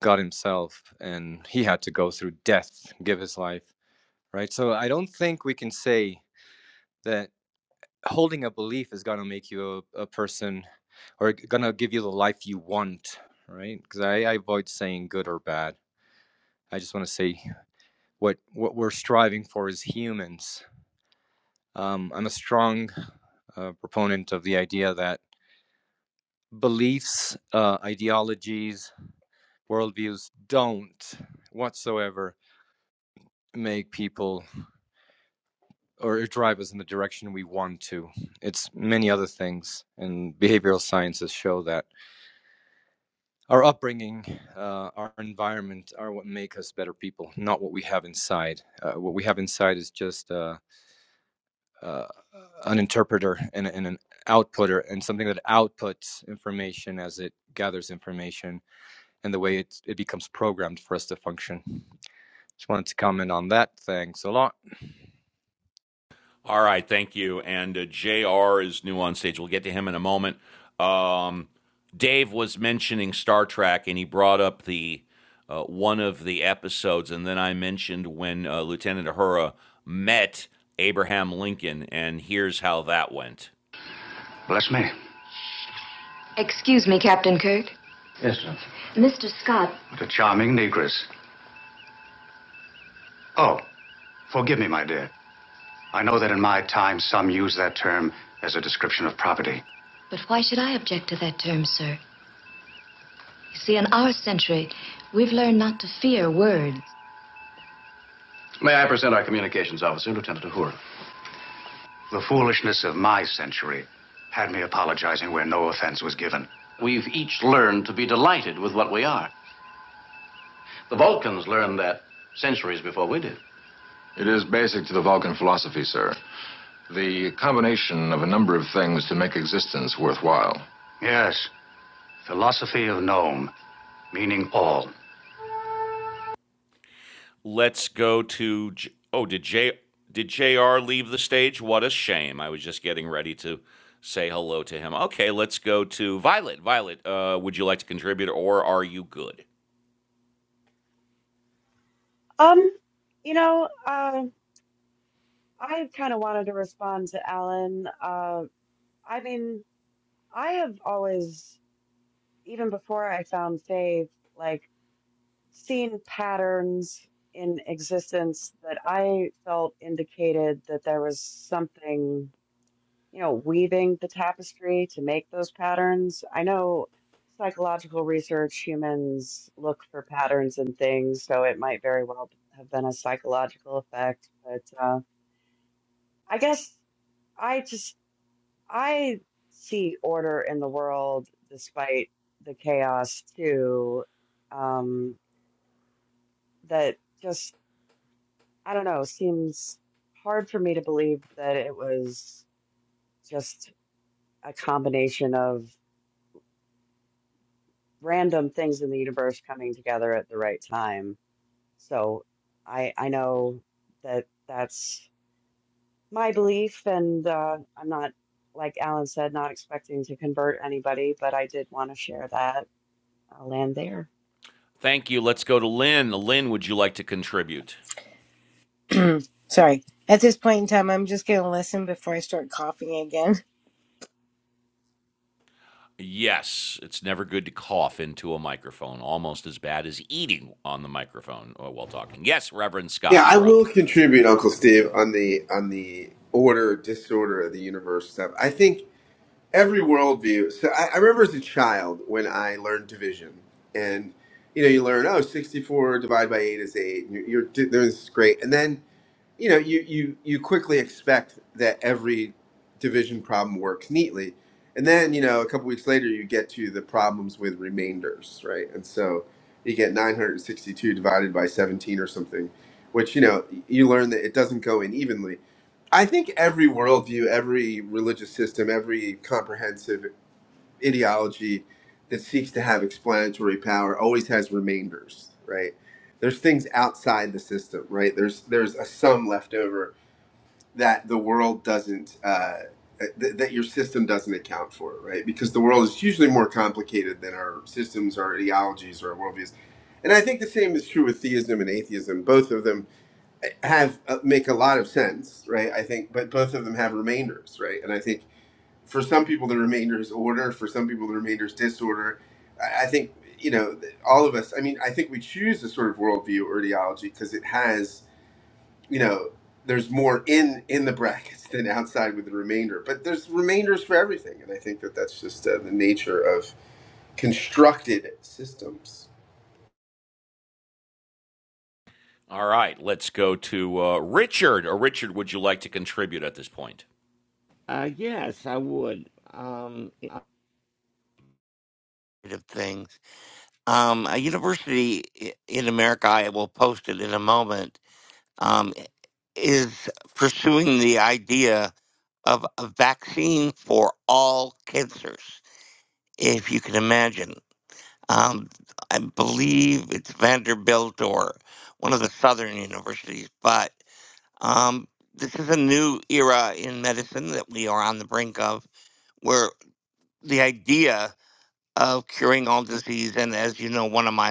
God Himself, and He had to go through death, give His life, right? So I don't think we can say that holding a belief is going to make you a, a person or going to give you the life you want, right? Because I, I avoid saying good or bad I just want to say what what we're striving for as humans. Um, I'm a strong uh, proponent of the idea that beliefs, uh, ideologies, worldviews don't whatsoever make people or drive us in the direction we want to. It's many other things, and behavioral sciences show that our upbringing, uh, our environment are what make us better people, not what we have inside. Uh, what we have inside is just uh, uh, an interpreter and, and an outputter and something that outputs information as it gathers information and the way it, it becomes programmed for us to function. Just wanted to comment on that. Thanks a lot.
All right, thank you. And uh, JR is new on stage. We'll get to him in a moment. Um, Dave was mentioning Star Trek, and he brought up the uh, one of the episodes, and then I mentioned when uh, Lieutenant Uhura met Abraham Lincoln, and here's how that went. Bless me. Excuse me, Captain Kirk. Yes, sir. Mr. Scott, What a charming negress. Oh, forgive me, my dear. I know that in my time, some use that term as a description of property. But why should I object to that term, sir? You see, in our century, we've learned not to fear words. May I present our communications officer, Lieutenant Uhura? The foolishness of my century had me apologizing where no offense was given. We've each learned to be delighted with what we are. The Vulcans learned that centuries before we did. It is basic to the Vulcan philosophy, sir. The combination of a number of things to make existence worthwhile. Yes, philosophy of nome, meaning all. Let's go to. oh, did J. Did J R leave the stage? What a shame. I was just getting ready to say hello to him. Okay, let's go to Violet. Violet, uh, would you like to contribute or are you good?
Um, you know, uh, I kind of wanted to respond to Alan. Uh, I mean, I have always, even before I found faith, like seen patterns in existence that I felt indicated that there was something, you know, weaving the tapestry to make those patterns. I know psychological research, humans look for patterns and things, so it might very well have been a psychological effect, but uh, I guess. I just I see order in the world despite the chaos too. Um, that just, I don't know, seems hard for me to believe that it was just a combination of random things in the universe coming together at the right time. So I I know that that's my belief, and uh, I'm not, like Alan said, not expecting to convert anybody, but I did want to share that. I'll land there.
Thank you. Let's go to Lynn. Lynn, would you like to contribute?
sorry. At this point in time, I'm just going to listen before I start coughing again.
Yes, it's never good to cough into a microphone, almost as bad as eating on the microphone uh, while talking. Yes, Reverend
Yeah,
Scott,
I
you're up.
will contribute, Uncle Steve, on the on the order disorder of the universe stuff. I think every worldview. So I, I remember as a child when I learned division, and you know, you learn oh, 64 divided by eight is eight. And you're, you're there's great, and then you know you you you quickly expect that every division problem works neatly and then you know a couple weeks later you get to the problems with remainders right and so you get 962 divided by 17 or something which you know you learn that it doesn't go in evenly i think every worldview every religious system every comprehensive ideology that seeks to have explanatory power always has remainders, right? There's things outside the system, right? There's there's a sum left over that the world doesn't uh, th- that your system doesn't account for, right? Because the world is usually more complicated than our systems, our ideologies, or our worldviews. And I think the same is true with theism and atheism. Both of them eh, have uh, make a lot of sense, right? I think, but both of them have remainders, right? And I think for some people the remainder is order for some people the remainder is disorder i I think you know th- all of us i mean i think we choose a sort of worldview or ideology because it has you know there's more in in the brackets than outside with the remainder but there's remainders for everything and i think that that's just uh, the nature of constructed systems
All right, let's go to uh, Richard. Or Richard, would you like to contribute at this point?
Uh, yes, I would. Um, I- Of things. Um, a university i- in America, I will post it in a moment, um, is pursuing the idea of a vaccine for all cancers, if you can imagine. Um, I believe it's Vanderbilt or one of the southern universities, but um, this is a new era in medicine that we are on the brink of, where the idea of curing all disease, and as you know, one of my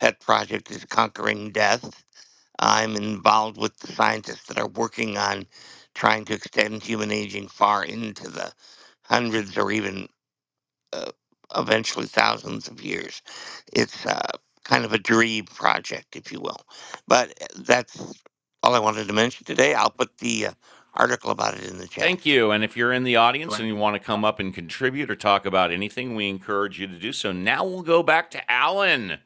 Pet Project is Conquering Death. I'm involved with the scientists that are working on trying to extend human aging far into the hundreds or even uh, eventually thousands of years. It's uh, kind of a dream project, if you will. But uh, that's all I wanted to mention today. I'll put the uh, article about it in the chat.
Thank you. And if you're in the audience and you want to come up and contribute or talk about anything, we encourage you to do so. Now we'll go back to Alan.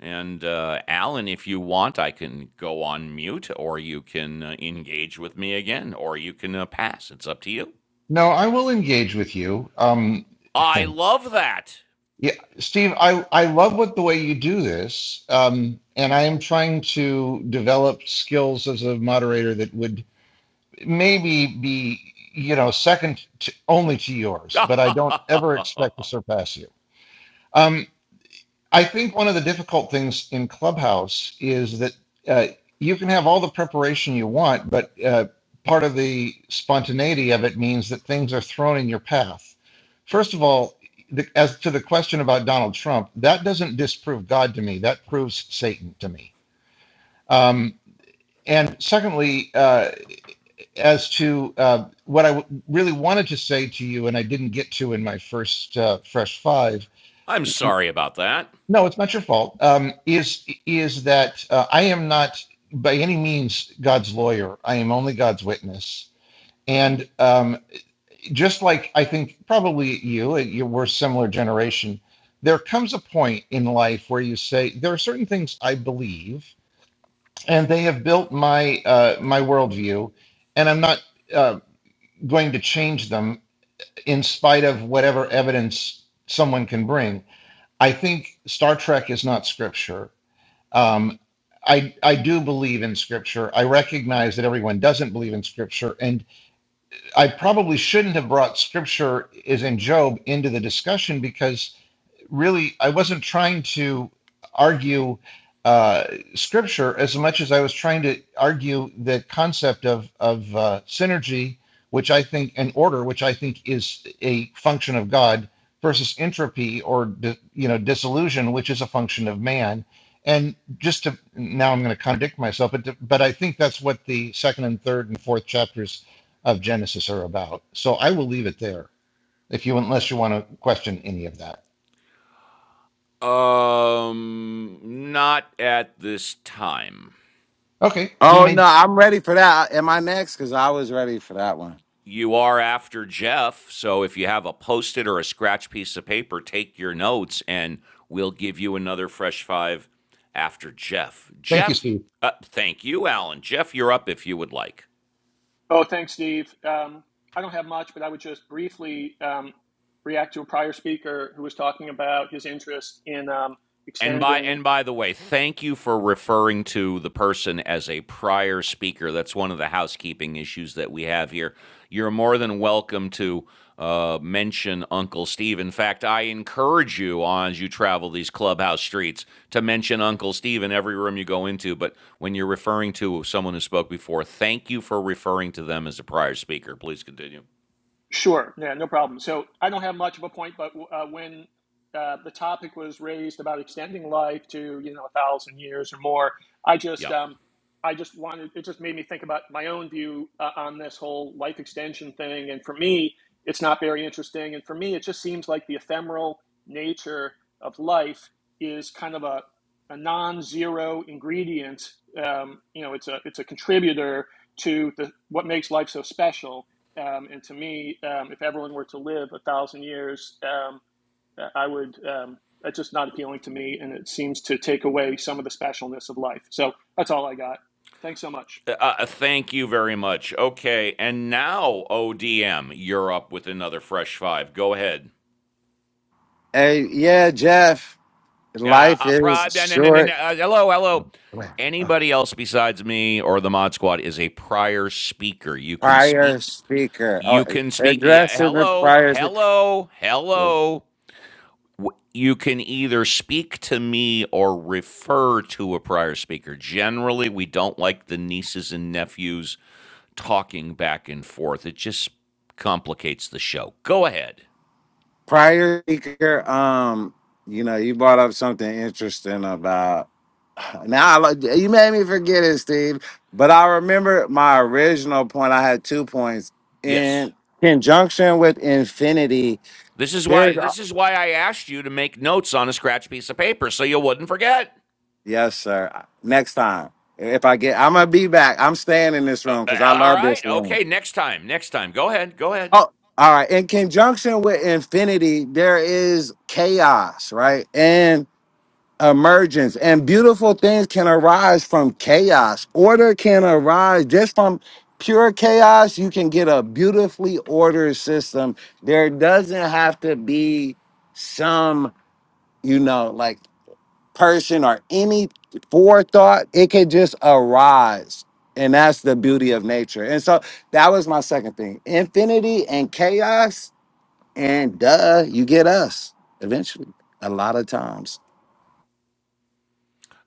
And uh, Alan, if you want, I can go on mute or you can uh, engage with me again or you can uh, pass. It's up to you.
No, I will engage with you. Um,
I love that.
yeah, Steve, I, I love what the way you do this. Um, and I am trying to develop skills as a moderator that would maybe be, you know, second to, only to yours, but I don't ever expect to surpass you. Um, I think one of the difficult things in Clubhouse is that uh, you can have all the preparation you want, but uh, part of the spontaneity of it means that things are thrown in your path. First of all, the, as to the question about Donald Trump, that doesn't disprove God to me. That proves Satan to me. Um, and secondly, uh, as to uh, what I w- really wanted to say to you, and I didn't get to in my first uh, Fresh Five
I'm sorry about that.
No, it's not your fault. Um, is is that uh, I am not by any means God's lawyer. I am only God's witness. And um, just like I think probably you, and you were a similar generation. There comes a point in life where you say there are certain things I believe, and they have built my uh, my worldview, and I'm not uh, going to change them in spite of whatever evidence someone can bring. I think Star Trek is not scripture. Um, I, I do believe in scripture. I recognize that everyone doesn't believe in scripture. And I probably shouldn't have brought scripture, as in Job, into the discussion because really I wasn't trying to argue uh, scripture as much as I was trying to argue the concept of of uh, synergy, which I think and order, which I think is a function of God, versus entropy or di- you know disillusion, which is a function of man. And just to now, I'm going to contradict myself, but to, but I think that's what the second and third and fourth chapters of Genesis are about. So I will leave it there, if you unless you want to question any of that.
Um, not at this time.
Okay, we
Oh no,
made.
I'm ready for that. Am I next? Because I was ready for that one.
You are after Jeff, so if you have a post it or a scratch piece of paper, take your notes and we'll give you another fresh five after Jeff.
Thank you,
Jeff,
Steve.
uh, thank you, Alan. Jeff, you're up if you would like.
Oh, thanks, Steve. Um, I don't have much, but I would just briefly um, react to a prior speaker who was talking about his interest in um,
And by
extending
and by the way, thank you for referring to the person as a prior speaker. That's one of the housekeeping issues that we have here. You're more than welcome to uh, mention Uncle Steve. In fact, I encourage you on as you travel these clubhouse streets to mention Uncle Steve in every room you go into. But when you're referring to someone who spoke before, thank you for referring to them as a prior speaker. Please continue.
Sure. Yeah, no problem. So I don't have much of a point, but uh, when uh, the topic was raised about extending life to you know a thousand years or more, I just
Yep.
um, I just wanted it just made me think about my own view uh, on this whole life extension thing, and for me, it's not very interesting, and for me, it just seems like the ephemeral nature of life is kind of a a non-zero ingredient. Um, you know, it's a it's a contributor to the what makes life so special um, and to me, um, if everyone were to live a thousand years, um, uh, I would. Um, that's just not appealing to me, and it seems to take away some of the specialness of life. So that's all I got. Thanks so much.
Uh, uh, thank you very much. Okay, and now ODM, you're up with another fresh five. Go ahead.
Hey, yeah, Jeff.
Yeah,
Life
uh,
is
prob- no, no, no, no, no,
short.
uh, hello, hello.
Wait, oh,
Anybody else besides me or the Mod Squad is a prior speaker. You can
Prior
speak.
speaker.
You
Oh,
can speak. Yeah,
aggressive and
hello,
prior. spe-
hello,
yeah,
hello. you can either speak to me or refer to a prior speaker. Generally, we don't like the nieces and nephews talking back and forth. It just complicates the show. Go ahead.
Prior speaker. Um, you know, you brought up something interesting about. Now I like you made me forget it, Steve. But I remember my original point. I had two points
Yes.
in conjunction with infinity.
This is why
There's
this is why I asked you to make notes on a scratch piece of paper so you wouldn't forget.
yes, sir. Next time, if I get, I'm gonna be back. I'm staying in this
Uh,
room because I
uh, all
love
right.
this room.
Okay, next time. Next time. Go ahead. Go ahead.
Oh, all right. In conjunction with infinity, there is chaos, right? And. emergence and beautiful things can arise from chaos order can arise just from pure chaos you can get a beautifully ordered system there doesn't have to be some you know like person or any forethought it can just arise and that's the beauty of nature and so that was my second thing infinity and chaos and duh you get us eventually a lot of times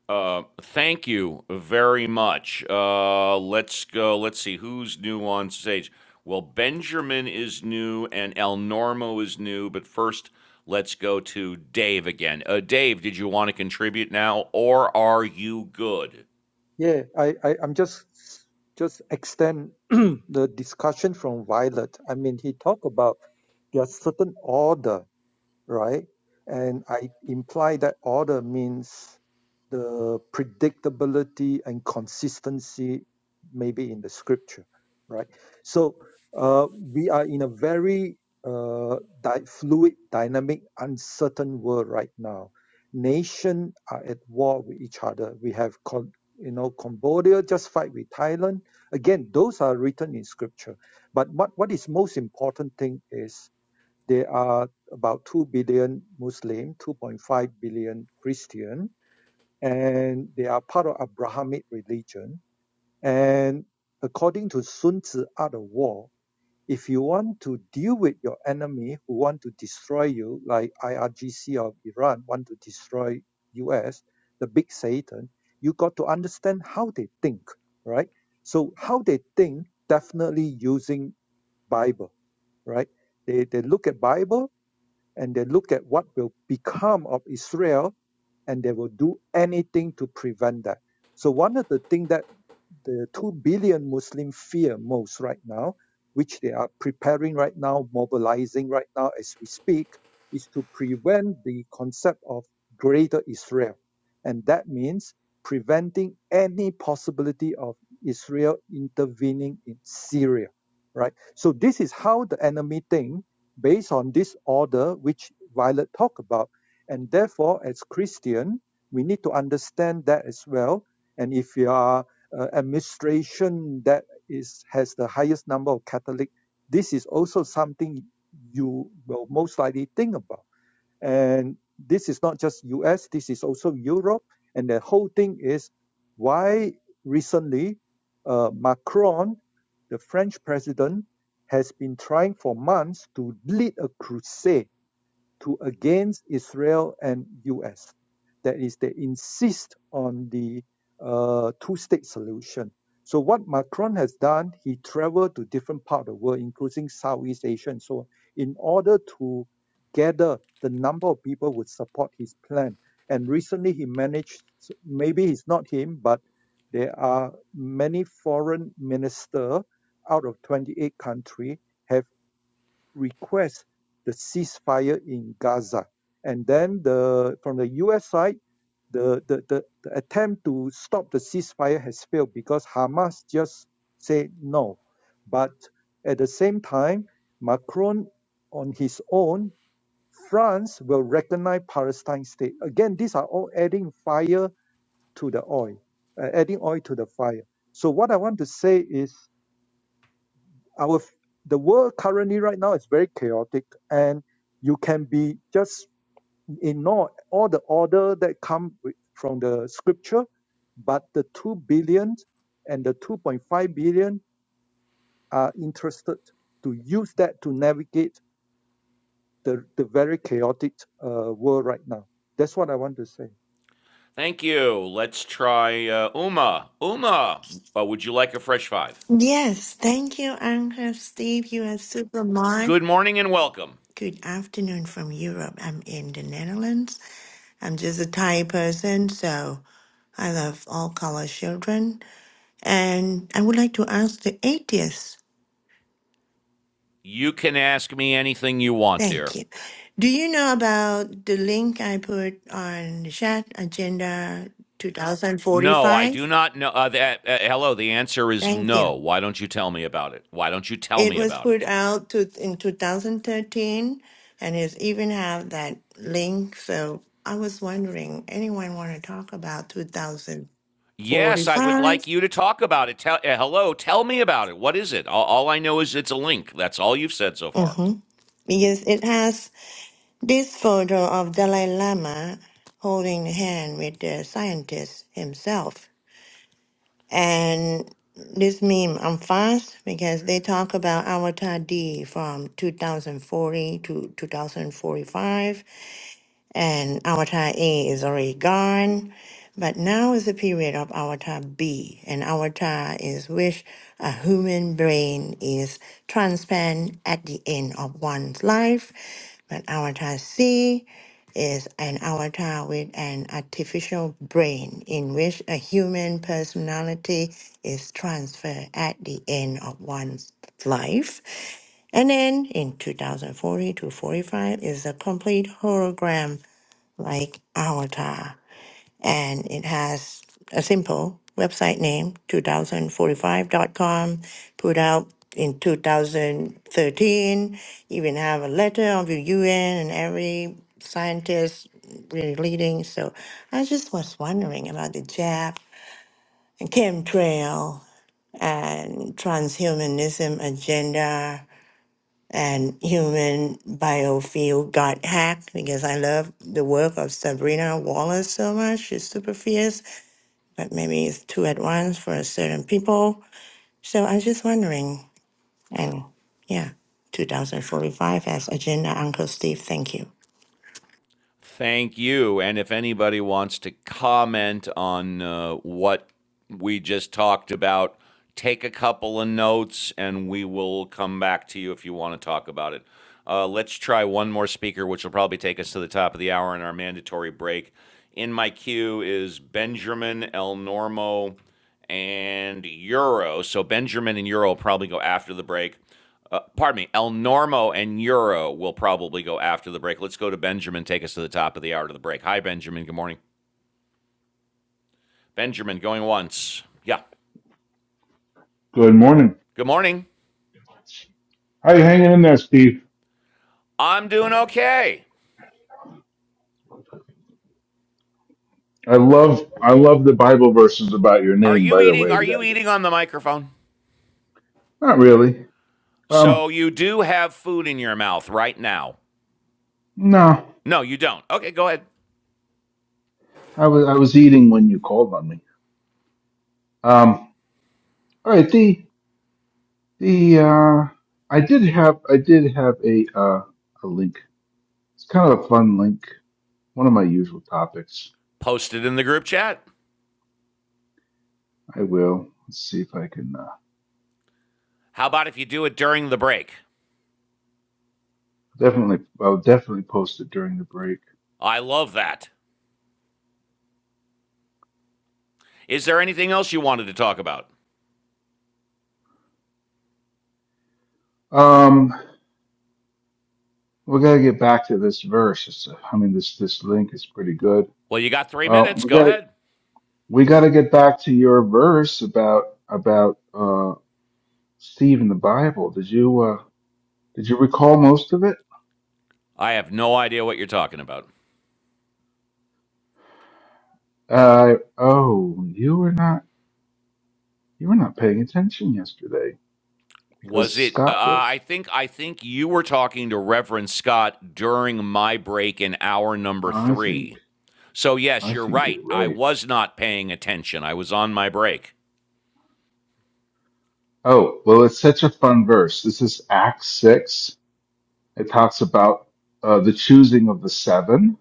Uh, thank you very much. Uh, let's go. Let's see who's new on stage. Well, Benjamin is new and El Normo is new, but first let's go to Dave again. Uh, Dave, did you want to contribute now or are you good?
Yeah, I, I I'm just just extend the discussion from Violet. I mean, he talked about there are certain order right? And I imply that order means the predictability and consistency, maybe in the scripture, right? So uh, we are in a very uh, di- fluid, dynamic, uncertain world right now. Nations are at war with each other. We have, Cam- you know, Cambodia just fight with Thailand. Again, those are written in scripture. But what, what is most important thing is there are about 2 billion Muslim, 2.5 billion Christian, and they are part of Abrahamic religion. And according to Sun Tzu Art of War, if you want to deal with your enemy who want to destroy you, like IRGC of Iran want to destroy US, the big Satan, you got to understand how they think, right? So how they think, definitely using Bible, right? They they look at Bible and they look at what will become of Israel and they will do anything to prevent that. So one of the things that the 2 billion Muslim fear most right now, which they are preparing right now, mobilizing right now as we speak, is to prevent the concept of greater Israel. And that means preventing any possibility of Israel intervening in Syria, right? So this is how the enemy thinks, based on this order which Violet talked about. And therefore, as Christian, we need to understand that as well. And if you are uh, administration that is has the highest number of Catholic, this is also something you will most likely think about. And this is not just U.S. This is also Europe. And the whole thing is why recently uh, Macron, the French president, has been trying for months to lead a crusade to against Israel and U.S. That is, they insist on the uh, two-state solution. So what Macron has done, he traveled to different part of the world, including Southeast Asia and so on, in order to gather the number of people who would support his plan. And recently he managed, maybe it's not him, but there are many foreign minister out of 28 country have request the ceasefire in Gaza. And then the from the US side, the, the, the, the attempt to stop the ceasefire has failed because Hamas just said no. But at the same time, Macron on his own, France will recognize Palestine state. Again, these are all adding fire to the oil, uh, adding oil to the fire. So what I want to say is our f- the world currently right now is very chaotic and you can be just ignore all the order that come with, from the scripture but the 2 billion and the 2.5 billion are interested to use that to navigate the, the very chaotic uh, world right now that's what i want to say
Thank you. Let's try uh, Uma. Uma, uh, would you like a fresh five?
Yes, thank you, Anka, Steve. You are super smart.
Good morning and welcome.
Good afternoon from Europe. I'm in the Netherlands. I'm just a Thai person, so I love all color children. And I would like to ask the atheists.
You can ask me anything you want,
Thank
dear.
you. Do you know about the link I put on the chat agenda
No, I
2045?
do not know. Uh, that, uh, uh, hello, the answer is
Thank you.
no. Why don't you tell me about it? Why don't you tell
It
me
was
about
put
it?
out to, in 2013 and it's even have that link. So I was wondering, anyone want to talk about
Yes, I would like
2045?
you to talk about it. Tell, uh, hello, tell me about it. What is it? All, all I know is it's a link. That's all you've said so far.
Mm-hmm. Because it has this photo of Dalai Lama holding hand with the scientist himself. And this meme, I'm fast because they talk about Avatar D from 2040 to 2045 and avatar A is already gone. But now is the period of avatar B, and avatar is which a human brain is transparent at the end of one's life. But avatar C is an avatar with an artificial brain in which a human personality is transferred at the end of one's life. And then in 2040 to 45 is a complete hologram like Avatar, and it has a simple website name two thousand forty five dot com, put out in 2013, even have a letter of the UN and every scientist really leading. So I just was wondering about the jab and chemtrail and transhumanism agenda and human biofield got hacked because I love the work of Sabrina Wallace so much. She's super fierce, but maybe it's too advanced for certain people. So I'm just wondering. And yeah, 2045 as agenda, Uncle Steve. Thank you.
Thank you. And if anybody wants to comment on uh, what we just talked about, take a couple of notes and we will come back to you if you want to talk about it. Uh, let's try one more speaker, which will probably take us to the top of the hour in our mandatory break. In my queue is Benjamin El Normo and Euro. So Benjamin and Euro will probably go after the break. Uh, pardon me, El Normo and Euro will probably go after the break. Let's go to Benjamin. Take us to the top of the hour to the break. Hi, Benjamin. Good morning. Benjamin, going once. Yeah.
Good morning.
Good morning.
How you hanging in there, Steve?
I'm doing okay.
I love I love the Bible verses about your
Are
name.
you
By the
eating?
way,
Are
we
you
gotta get.
eating on the microphone?
Not really. Um,
So you do have food in your mouth right now.
no.
No, you don't. Okay, go ahead.
I was I was eating when you called on me. Um, all right. The the uh, I did have I did have a uh, a link. It's kind of a fun link. One of my usual topics.
Post it in the group chat.
I will. Let's see if I can. Uh,
How about if you do it during the break?
definitely. I'll definitely post it during the break.
I love that. Is there anything else you wanted to talk about?
Um, We got to get back to this verse. It's, I mean, this this link is pretty good.
Well, you got three
Uh,
minutes.
we
Go
got to
ahead.
we got to get back to your verse about about uh, Steve in the Bible. Did you uh, did you recall most of it?
I have no idea what you're talking about.
Uh, oh, you were not you were not paying attention yesterday
Was
because
it? Uh,
Scott was.
I think I think you were talking to Reverend Scott during my break in hour number
I think
three. So yes,
I
you're
think
right.
you're
I
right.
was not paying attention. I was on my break.
Oh well, it's such a fun verse. This is Acts six. It talks about uh, the choosing of the seven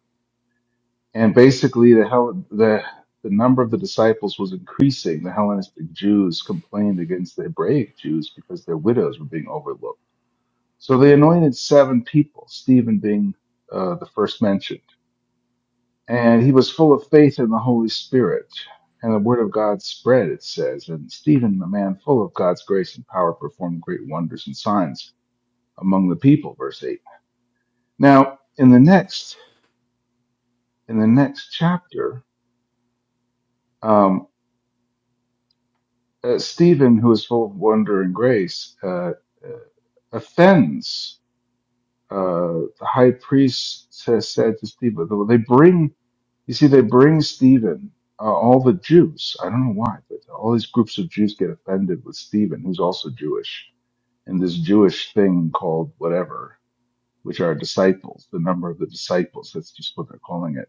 And basically, the Hell the the number of the disciples was increasing. The Hellenistic Jews complained against the Hebraic Jews because their widows were being overlooked. So they anointed seven people, Stephen being uh, the first mentioned. And he was full of faith in the Holy Spirit. And the word of God spread, it says. And Stephen, a man full of God's grace and power, performed great wonders and signs among the people, verse 8. Now, in the next, in the next chapter, um, Uh, Stephen, who is full of wonder and grace, uh, uh, offends. Uh, the high priest says, said to Stephen, they bring, you see, they bring Stephen, uh, all the Jews. I don't know why, but all these groups of Jews get offended with Stephen, who's also Jewish, and this Jewish thing called whatever, which are disciples, the number of the disciples. That's just what they're calling it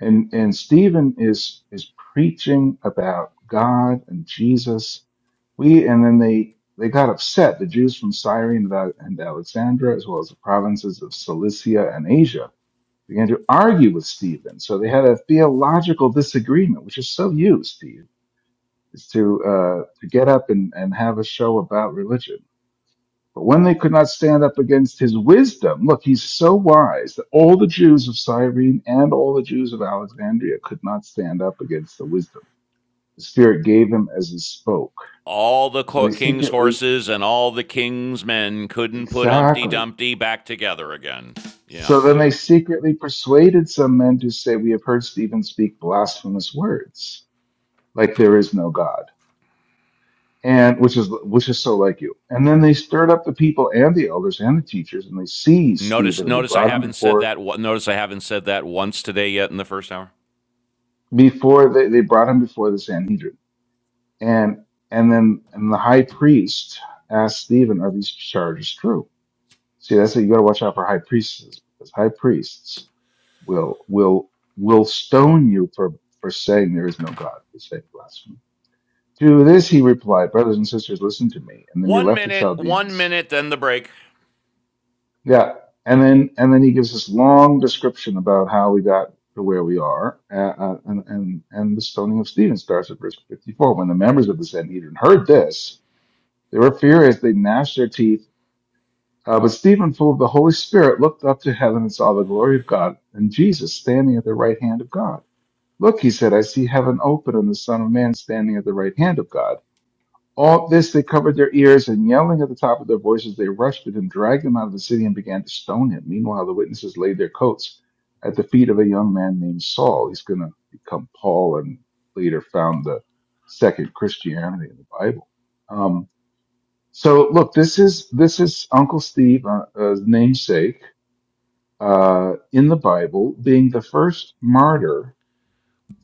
and and Stephen is is preaching about God and Jesus. We and then they they got upset, the Jews from Cyrene and Alexandria, as well as the provinces of Cilicia and Asia, began to argue with Stephen. So they had a theological disagreement, which is so you, Steve, is to uh, to get up and, and have a show about religion. But when they could not stand up against his wisdom, look, he's so wise that all the Jews of Cyrene and all the Jews of Alexandria could not stand up against the wisdom. The Spirit gave him as he spoke.
All the
So they
king's
secretly,
horses and all the king's men couldn't put Humpty
exactly.
Dumpty back together again. Yeah,
So then
yeah.
they secretly persuaded some men to say, We have heard Stephen speak blasphemous words, like there is no God. And which is which is so like you. And then they stirred up the people and the elders and the teachers, and they seized
Notice,
Stephen and they
notice I
brought him
haven't said
before
that. Notice I haven't said that once today yet in the first hour.
before they, they brought him before the Sanhedrin. And and then and the high priest asked Stephen, Are these charges true? See, that's it. You gotta watch out for high priests because high priests will will will stone you for, for saying there is no God, for saying blasphemy. To this he replied, Brothers and sisters, listen to me. And then he
One
left the
minute, one
Chaldeans
minute, then the break.
Yeah, and then and then he gives this long description about how we got to where we are, uh, uh, and and and the stoning of Stephen starts at verse fifty-four. When the members of the Sanhedrin heard this, they were furious; they gnashed their teeth. Uh, but Stephen, full of the Holy Spirit, looked up to heaven and saw the glory of God and Jesus standing at the right hand of God. Look, he said, I see heaven open and the Son of Man standing at the right hand of God. All this they covered their ears, and yelling at the top of their voices, they rushed at him, dragged him out of the city, and began to stone him. Meanwhile, the witnesses laid their coats at the feet of a young man named Saul. He's going to become Paul and later found the second Christianity in the Bible. Um, so look, this is this is Uncle Steve, uh, uh, namesake, uh, in the Bible, being the first martyr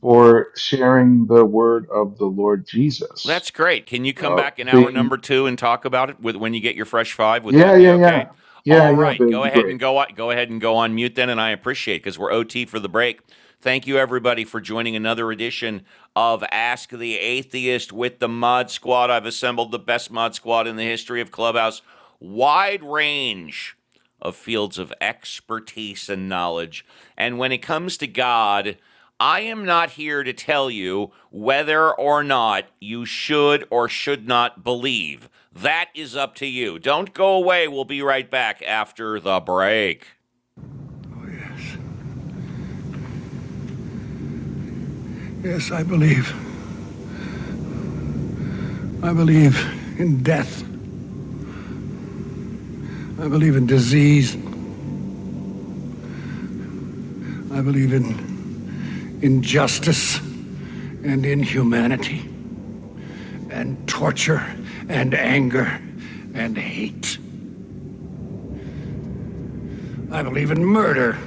for sharing the word of the Lord Jesus.
That's great. Can you come
Uh,
back in hour
being
number two and talk about it with when you get your fresh five? Would
Yeah,
that be
yeah, yeah.
okay?
Yeah,
All
yeah,
right,
but it'd
go
be
ahead and
great.
go on, go ahead and go on mute then, and I appreciate it because we're OT for the break. Thank you everybody for joining another edition of Ask the Atheist with the Mod Squad. I've assembled the best Mod Squad in the history of Clubhouse. Wide range of fields of expertise and knowledge. And when it comes to God, I am not here to tell you whether or not you should or should not believe. That is up to you. Don't go away. We'll be right back after the break. Oh, Yes, Yes, I believe. I believe in death. I believe in disease. I believe in injustice and inhumanity and torture and anger and hate. I believe in murder.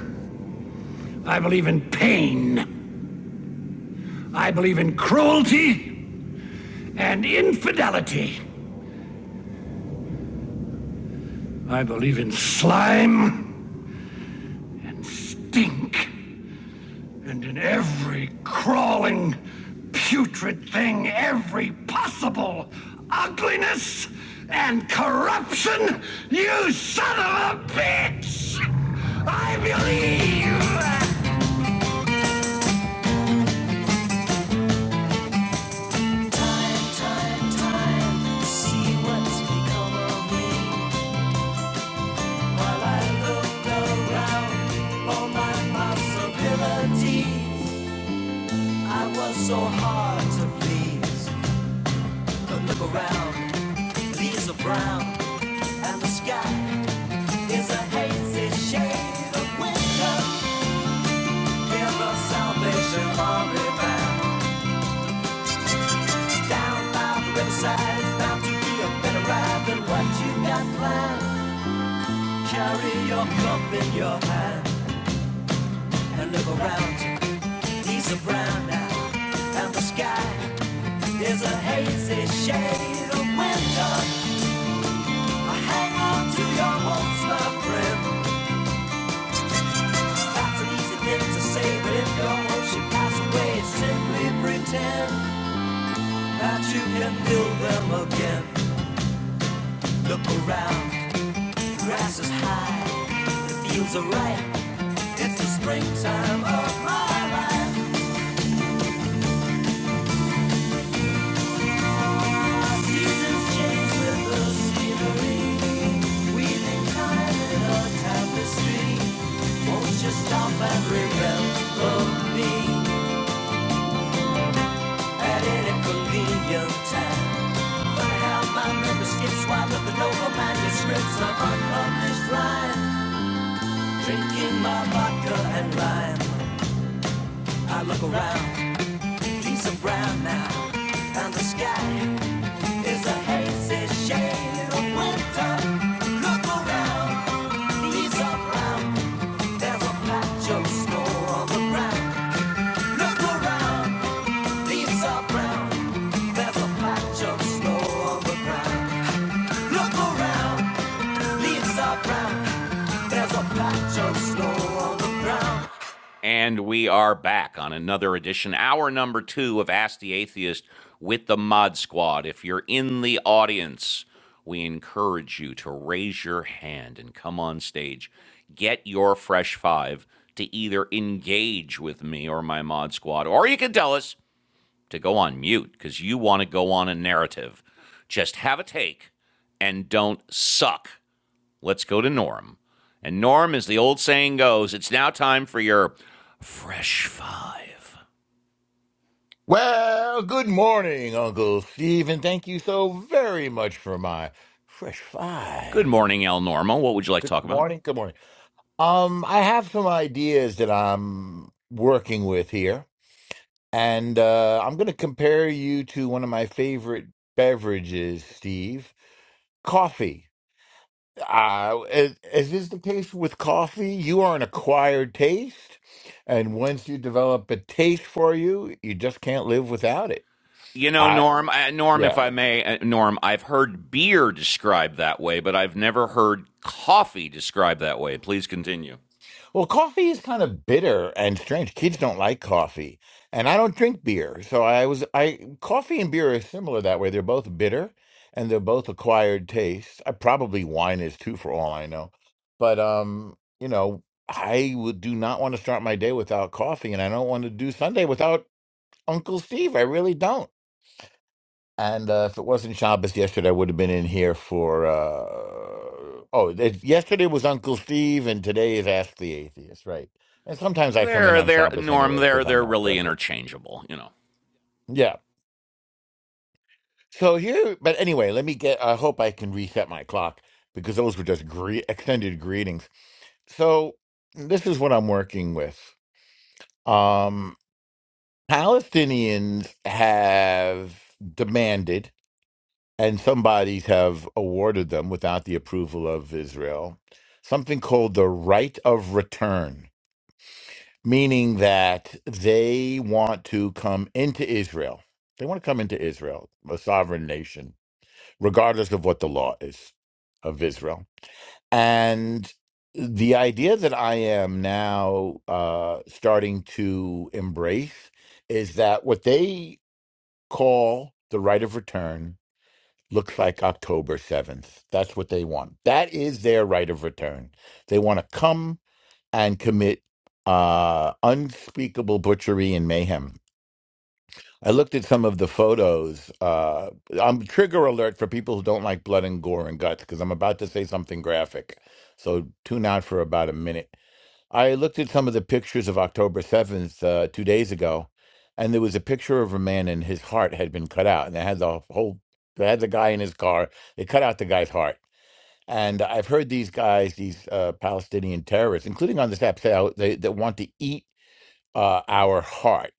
I believe in pain. I believe in cruelty and infidelity. I believe in slime and stink. And in every crawling, putrid thing, every possible ugliness and corruption, you son of a bitch! I believe! Time, time, time see what's become of me. I was so hard to please. But look around, leaves are brown, and the sky is a hazy shade of winter. Hear the Salvation Army band down by the riverside. It's bound to be a better ride than what you got planned. Carry your cup in your hand. I look around you. He's a brown now, and the sky is a hazy shade of winter. I hang on to your hopes, my friend. That's an easy thing to say, but if your hopes should pass away, simply pretend that you can build them again. Look around, the grass is high, the fields are ripe. It's the springtime of my life. Seasons change with the scenery. Weaving time Drinking my vodka and lime, I look around, leaves are brown now, and the sky is a hazy shade. Winter And we are back on another edition, hour number two of Ask the Atheist with the Mod Squad. If you're in the audience, we encourage you to raise your hand and come on stage. Get your fresh five to either engage with me or my Mod Squad, or you can tell us to go on mute because you want to go on a narrative. Just have a take and don't suck. Let's go to Norm. And Norm, as the old saying goes, it's now time for your fresh five.
Well, good morning, Uncle Steve, and thank you so very much for my fresh
Good
five.
morning, El Normo. What would you like to
Good
talk about?
morning. Good morning. Um, I have some ideas that I'm working with here, and uh, I'm going to compare you to one of my favorite beverages, Steve, coffee. Uh, as as is the case with coffee? You are an acquired taste, and once you develop a taste for you, you just can't live without it.
You know,
I
Norm, uh, Norm,
yeah.
if I may, uh, Norm, I've heard beer described that way, but I've never heard coffee described that way. Please continue.
Well, coffee is kind of bitter and strange. Kids don't like coffee, and I don't drink beer. So I was I coffee and beer are similar that way. They're both bitter and they're both acquired tastes. I probably wine is too for all I know. But um, you know, I would do not want to start my day without coffee and I don't want to do Sunday without Uncle Steve. I really don't. And uh, if it wasn't Shabbos yesterday, I would have been in here for. Uh, oh, it, yesterday was Uncle Steve, and today is Ask the Atheist, right? And sometimes I come in
They're,
on
they're,
Shabbos
Norm,
anyway
they're,
because I'm
they're
not
really
perfect.
interchangeable, you know.
Yeah. So here, but anyway, let me get. I hope I can reset my clock because those were just gre- extended greetings. So this is what I'm working with. Um, Palestinians have demanded and some bodies have awarded them without the approval of Israel something called the right of return, meaning that they want to come into Israel. They want to come into Israel, a sovereign nation, regardless of what the law is of Israel. And the idea that I am now uh, starting to embrace is that what they call the right of return looks like October 7th. That's what they want. That is their right of return. They want to come and commit uh, unspeakable butchery and mayhem. I looked at some of the photos. Uh, I'm trigger alert for people who don't like blood and gore and guts because I'm about to say something graphic. So tune out for about a minute I looked at some of the pictures of October 7th uh, two days ago, and there was a picture of a man and his heart had been cut out. And they had the whole, they had the guy in his car. They cut out the guy's heart. And I've heard these guys, these uh, Palestinian terrorists, including on this app, say how they, that want to eat uh, our heart.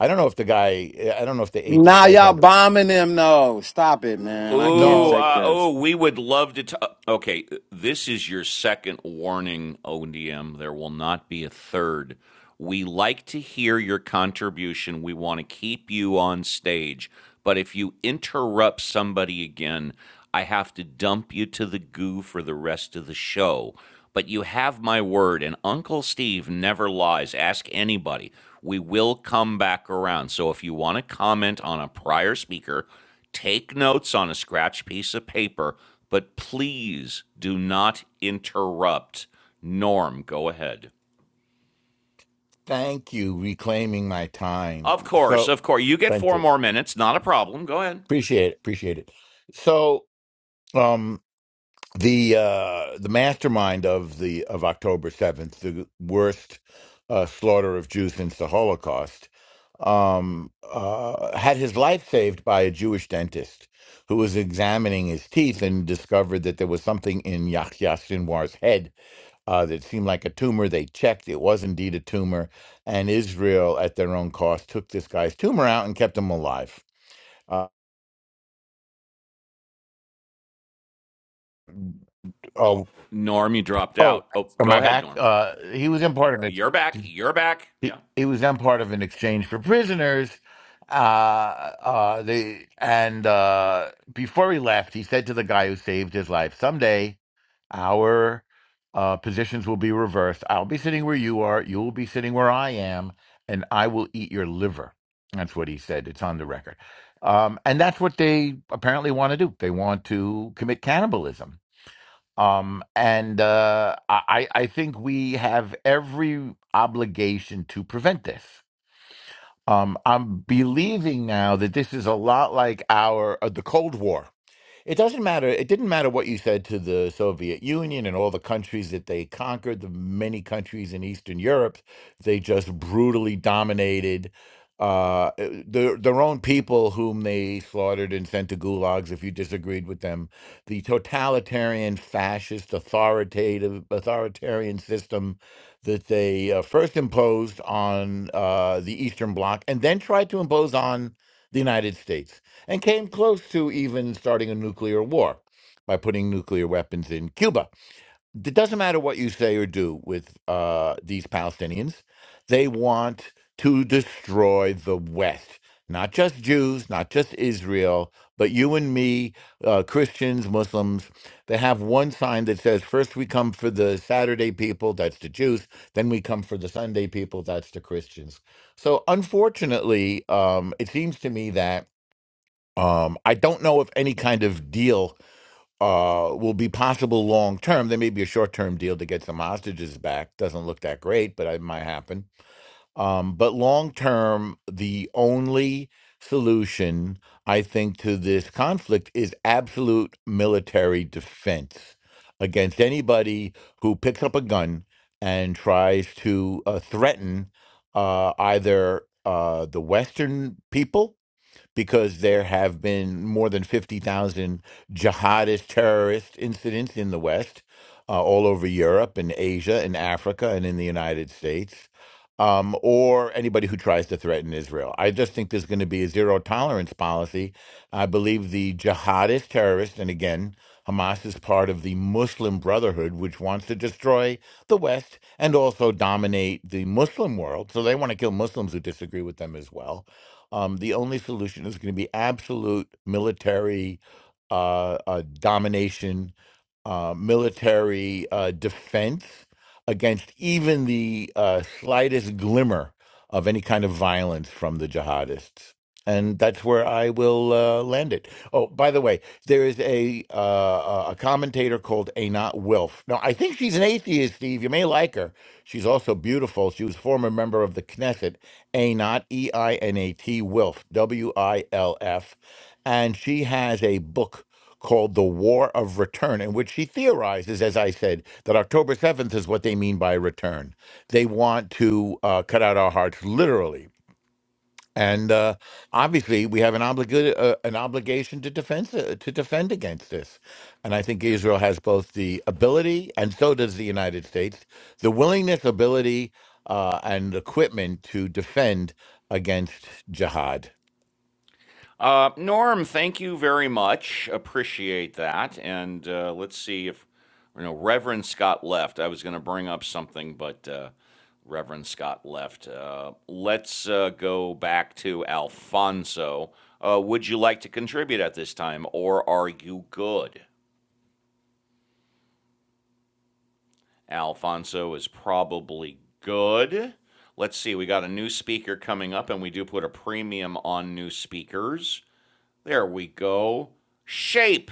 I don't know if the guy, I don't know if they ate this
Nah,
guy's
y'all
heart.
bombing him. No, stop it, man. I can't
Oh,
No,
take
uh,
this.
oh, we would love to. T- uh, okay, this is your second warning, ODM. There will not be a third. We like to hear your contribution. We want to keep you on stage. But if you interrupt somebody again, I have to dump you to the goo for the rest of the show. But you have my word, and Uncle Steve never lies. Ask anybody. We will come back around. So if you want to comment on a prior speaker, Take notes on a scratch piece of paper, but please do not interrupt. Norm, go ahead.
thank you, reclaiming my time.
Of course,
So,
of course. You get
thank
four
you.
more minutes. Not a problem. Go ahead.
Appreciate it. Appreciate it. So, um, the uh the mastermind of the of October 7th the worst uh, slaughter of Jews since the Holocaust um uh had his life saved by a Jewish dentist who was examining his teeth and discovered that there was something in Yahya Sinwar's head uh, that seemed like a tumor. They checked; it was indeed a tumor, and Israel, at their own cost, took this guy's tumor out and kept him alive. Uh, oh,
Norm, you dropped
oh,
out. Oh,
am
go
I
ahead,
back?
Norm.
Uh, he was in part of
You're
it.
back. You're back.
he,
Yeah.
he was then part of an exchange for prisoners. Uh, uh, they, and uh, before he left, he said to the guy who saved his life, "Someday, our uh, positions will be reversed. I'll be sitting where you are. You will be sitting where I am, and I will eat your liver." That's what he said. It's on the record. Um, and that's what they apparently want to do. They want to commit cannibalism. Um, and uh, I, I think we have every obligation to prevent this. Um, I'm believing now that this is a lot like our uh, the Cold War. It doesn't matter. It didn't matter what you said to the Soviet Union and all the countries that they conquered, the many countries in Eastern Europe, they just brutally dominated uh, eh, their, their own people, whom they slaughtered and sent to gulags if you disagreed with them. The totalitarian, fascist, authoritative, authoritarian system that they uh, first imposed on uh, the Eastern Bloc and then tried to impose on the United States and came close to even starting a nuclear war by putting nuclear weapons in Cuba. It doesn't matter what you say or do with uh, these Palestinians, they want to destroy the West. Not just Jews, not just Israel, but you and me, uh, Christians, Muslims. They have one sign that says, first we come for the Saturday people, that's the Jews, then we come for the Sunday people, that's the Christians. So unfortunately, um, it seems to me that um, I don't know if any kind of deal uh, will be possible long term. There may be a short term deal to get some hostages back. Doesn't look that great, but it might happen. Um, but long term, the only solution, I think, to this conflict is absolute military defense against anybody who picks up a gun and tries to uh, threaten uh, either uh, the Western people because there have been more than 50,000 jihadist terrorist incidents in the West, uh, all over Europe and Asia and Africa and in the United States, um, or anybody who tries to threaten Israel. I just think there's going to be a zero tolerance policy. I believe the jihadist terrorists, and again, Hamas is part of the Muslim Brotherhood, which wants to destroy the West and also dominate the Muslim world. So they want to kill Muslims who disagree with them as well um, the only solution is going to be absolute military uh, uh, domination, uh, military uh, defense against even the uh, slightest glimmer of any kind of violence from the jihadists. And that's where I will uh, land it. Oh, by the way, there is a uh, a commentator called Anat Wilf. Now, I think she's an atheist, Steve. You may like her. She's also beautiful. She was former member of the Knesset Einat, E I N A T, Wilf, W I L F. And she has a book called The War of Return, in which she theorizes, as I said, that October 7th is what they mean by return. They want to uh, cut out our hearts literally and uh, obviously we have an obligation uh, an obligation to defend to defend against this and i think israel has both the ability and so does the united states the willingness ability uh, and equipment to defend against jihad
Uh, Norm, thank you very much. Appreciate that. And uh, let's see if you know Reverend Scott left. I was going to bring up something, but uh, Reverend Scott left. Uh, let's uh, go back to Alfonso. Uh, would you like to contribute at this time, or are you good? Alfonso is probably good. Let's see. We got a new speaker coming up, and we do put a premium on new speakers. There we go. Shape.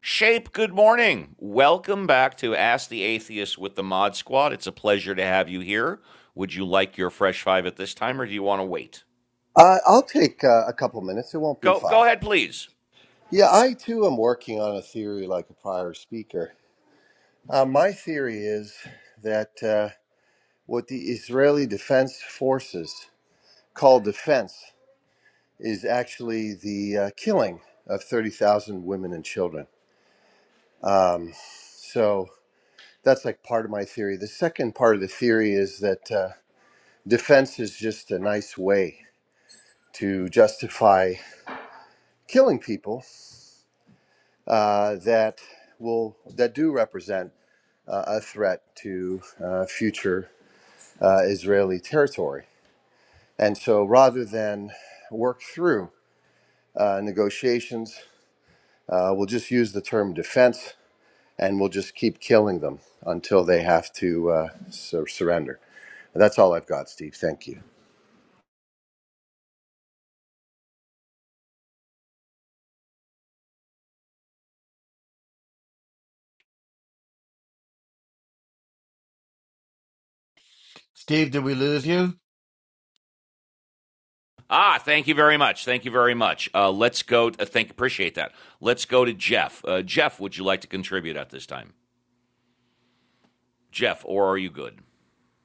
Shape, good morning. Welcome back to Ask the Atheist with the Mod Squad. It's a pleasure to have you here. Would you like your fresh five at this time or do you want to wait?
Uh, I'll take uh, a couple minutes. It won't be
Go
five.
go ahead, please.
Yeah, I too am working on a theory like a prior speaker. Uh, my theory is that uh, what the Israeli Defense Forces call defense is actually the uh, killing of 30,000 women and children. Um, so that's like part of my theory. The second part of the theory is that uh, defense is just a nice way to justify killing people uh, that will that do represent uh, a threat to uh, future uh, Israeli territory. And so, rather than work through uh, negotiations, uh, we'll just use the term defense, and we'll just keep killing them until they have to uh, sur- surrender. That's all I've got, Steve. Thank you.
Steve, did we lose you?
Ah, thank you very much. Thank you very much. Uh, let's go. To, uh, thank appreciate that. Let's go to Jeff. Uh, Jeff, would you like to contribute at this time? Jeff, or are you good?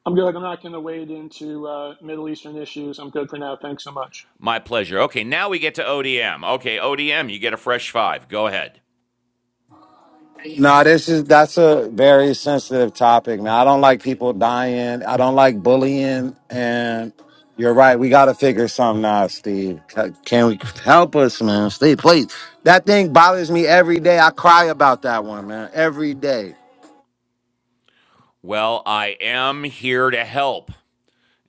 I'm good. I'm not going to wade into uh, Middle Eastern issues. I'm good for now. Thanks so much.
My pleasure. Okay, now we get to ODM. Okay, ODM, you get a fresh five. Go ahead.
No, this is that's a very sensitive topic, man. I don't like people dying. I don't like bullying. And you're right. We got to figure something out, Steve. C- Can we help us, man? Steve, please. That thing bothers me every day. I cry about that one, man. Every day.
Well, I am here to help.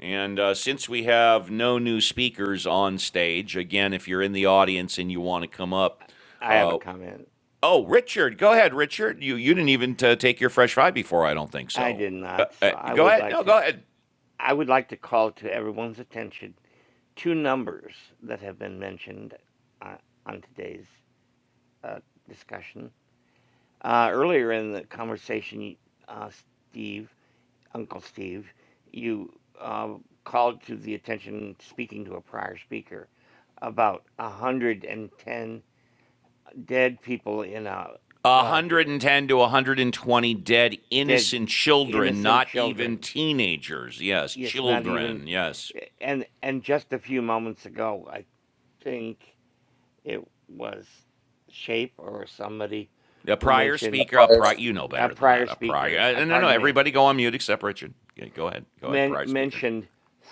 And uh, since we have no new speakers on stage, again, if you're in the audience and you want to come up,
I have a
uh,
comment.
oh, Richard, go ahead, Richard. You you didn't even uh take your fresh fry before, I don't think
I did
so. Uh,
not,
uh,
so I
go
would
ahead, no,
like to.
go ahead.
I would like to call to everyone's attention two numbers that have been mentioned uh, on today's uh, discussion. Uh, earlier in the conversation, uh, Steve, Uncle Steve, you uh, called to the attention, speaking to a prior speaker, about 110 dead people in a flood, eh,
110 to 120 dead
dead
innocent children,
innocent
not even
children.
teenagers. Yes,
Yes, not even,
children. Yes.
and and just a few moments ago, I think It was Shape or somebody
A
who
prior
A
mentioned
speaker, a
prior
prior,
speaker.
you know
a
better than
prior
that. A prior,
speaker. Uh,
uh, no, no,
pardon me,
everybody go on mute except Richard. Yeah, go ahead, go ahead.
men-
Prior speaker.
mentioned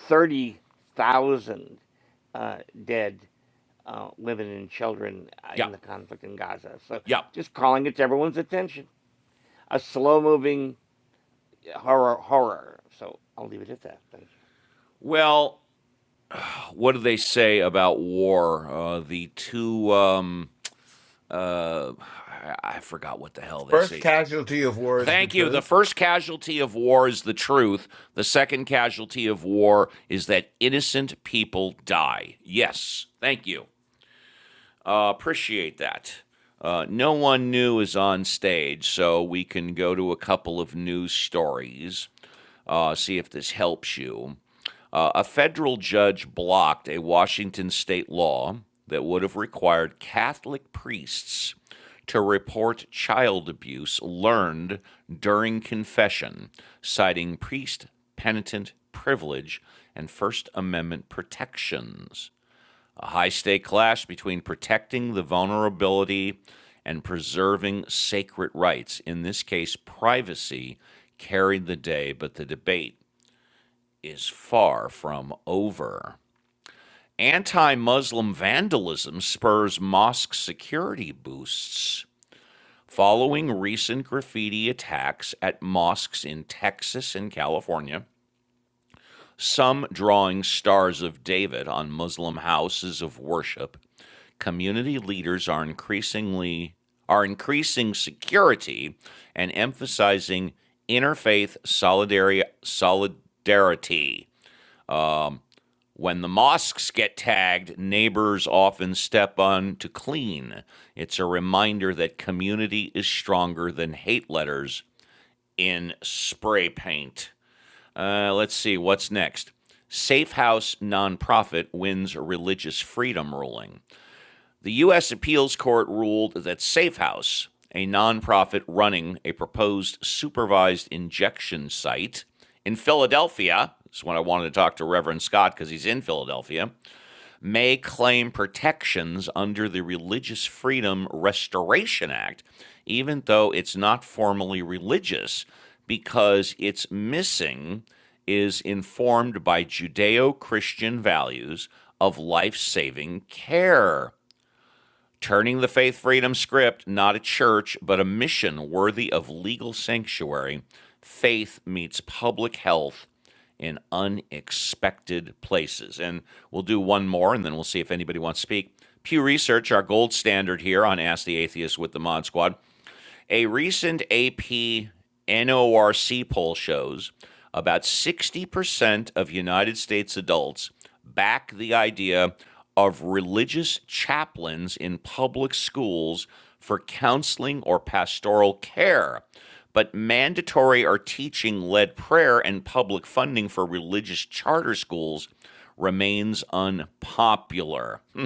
thirty thousand uh, dead uh, women and children uh, in
Yep.
the conflict in Gaza. So
Yep.
just calling it to everyone's attention. A slow moving horror horror. So I'll leave it at that. Thank you.
Well, what do they say about war? Uh, the two, um, uh, I, I forgot what the hell they
first
say.
casualty of war is the
Thank you. The
truth
first casualty of war is the truth. The second casualty of war is that innocent people die. Yes, thank you. Uh, appreciate that. Uh, no one new is on stage, so we can go to a couple of news stories, uh, see if this helps you. a federal judge blocked a Washington state law that would have required Catholic priests to report child abuse learned during confession, citing priest penitent privilege and First Amendment protections. A high stake clash between protecting the vulnerability and preserving sacred rights, in this case, privacy, carried the day, but the debate is far from over. Anti Muslim vandalism spurs mosque security boosts following recent graffiti attacks at mosques in Texas and California, some drawing stars of David on Muslim houses of worship. Community leaders are increasingly are increasing security and emphasizing interfaith solidarity When the mosques get tagged, neighbors often step on to clean. It's a reminder that community is stronger than hate letters in spray paint. Uh, let's see, what's next? Safe House nonprofit wins religious freedom ruling. The U.S. Appeals Court ruled that Safe House, a nonprofit running a proposed supervised injection site in Philadelphia, this is when I wanted to talk to Reverend Scott because he's in Philadelphia, may claim protections under the Religious Freedom Restoration Act, even though it's not formally religious, because it's missing is informed by Judeo Christian values of life saving care turning the faith freedom script, not a church, but a mission worthy of legal sanctuary. Faith meets public health in unexpected places. And we'll do one more and then we'll see if anybody wants to speak. Pew Research, our gold standard here on Ask the Atheist with the Mod Squad, a recent AP NORC poll shows about 60% of United States adults back the idea of religious chaplains in public schools for counseling or pastoral care. But mandatory or teaching led prayer and public funding for religious charter schools remains unpopular.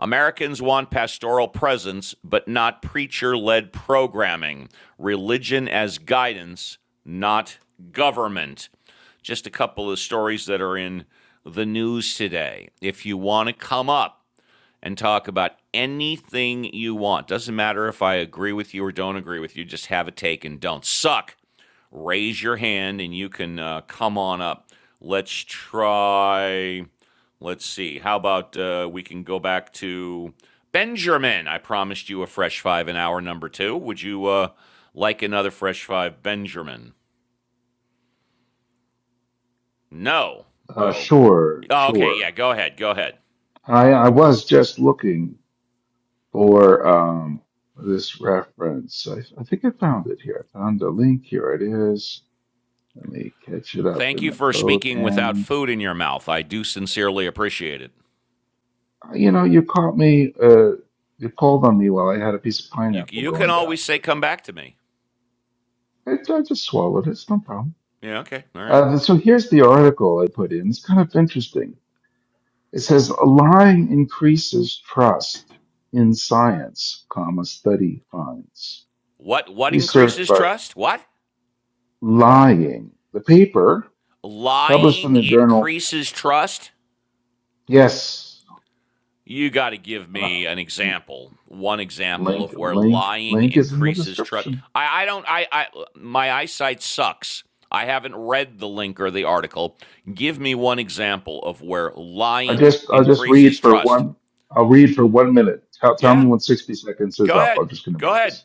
Americans want pastoral presence, but not preacher led programming. Religion as guidance, not government. Just a couple of stories that are in the news today. If you want to come up and talk about anything you want, doesn't matter if I agree with you or don't agree with you, just have a take and don't suck raise your hand and you can uh, come on up. Let's try. Let's see. How about uh, we can go back to Benjamin? I promised you a fresh five in hour number two. Would you uh, like another fresh five, Benjamin? No.
Uh,
Oh.
sure,
oh. Okay. Yeah.
sure.
Go ahead. Go ahead.
I I was just looking for um this reference. I I think I found it here. I found the link. Here it is. Let me catch it up
Thank
in
you
the
for
code.
speaking without
And
food in your mouth. I do sincerely appreciate it.
uh, you know, you caught me. Uh, you called on me while I had a piece of
You
pineapple
you can
going down,
always say
but
come back to me.
I, I just swallowed it. It's no problem.
Yeah. Okay. All right.
Uh, so here's the article I put in. It's kind of interesting. It says lying increases trust in science, comma, study finds.
What what
Research
increases
but
trust? What?
lying. The paper published in
lying
the journal,
increases trust,
yes,
you got to give
and I-
me an example, one example
link,
of where
link,
lying
link is in the
increases trust.
description.
I, I don't, I, I, my eyesight sucks. I haven't read the link or the article. Give me one example of where
I
lying
just, I'll just
increases
read for
trust.
one, I'll read for one minute. Tell, tell me
Yeah,
when 60 seconds is
go
up. I'm
ahead.
just going to
Go
read this.
ahead.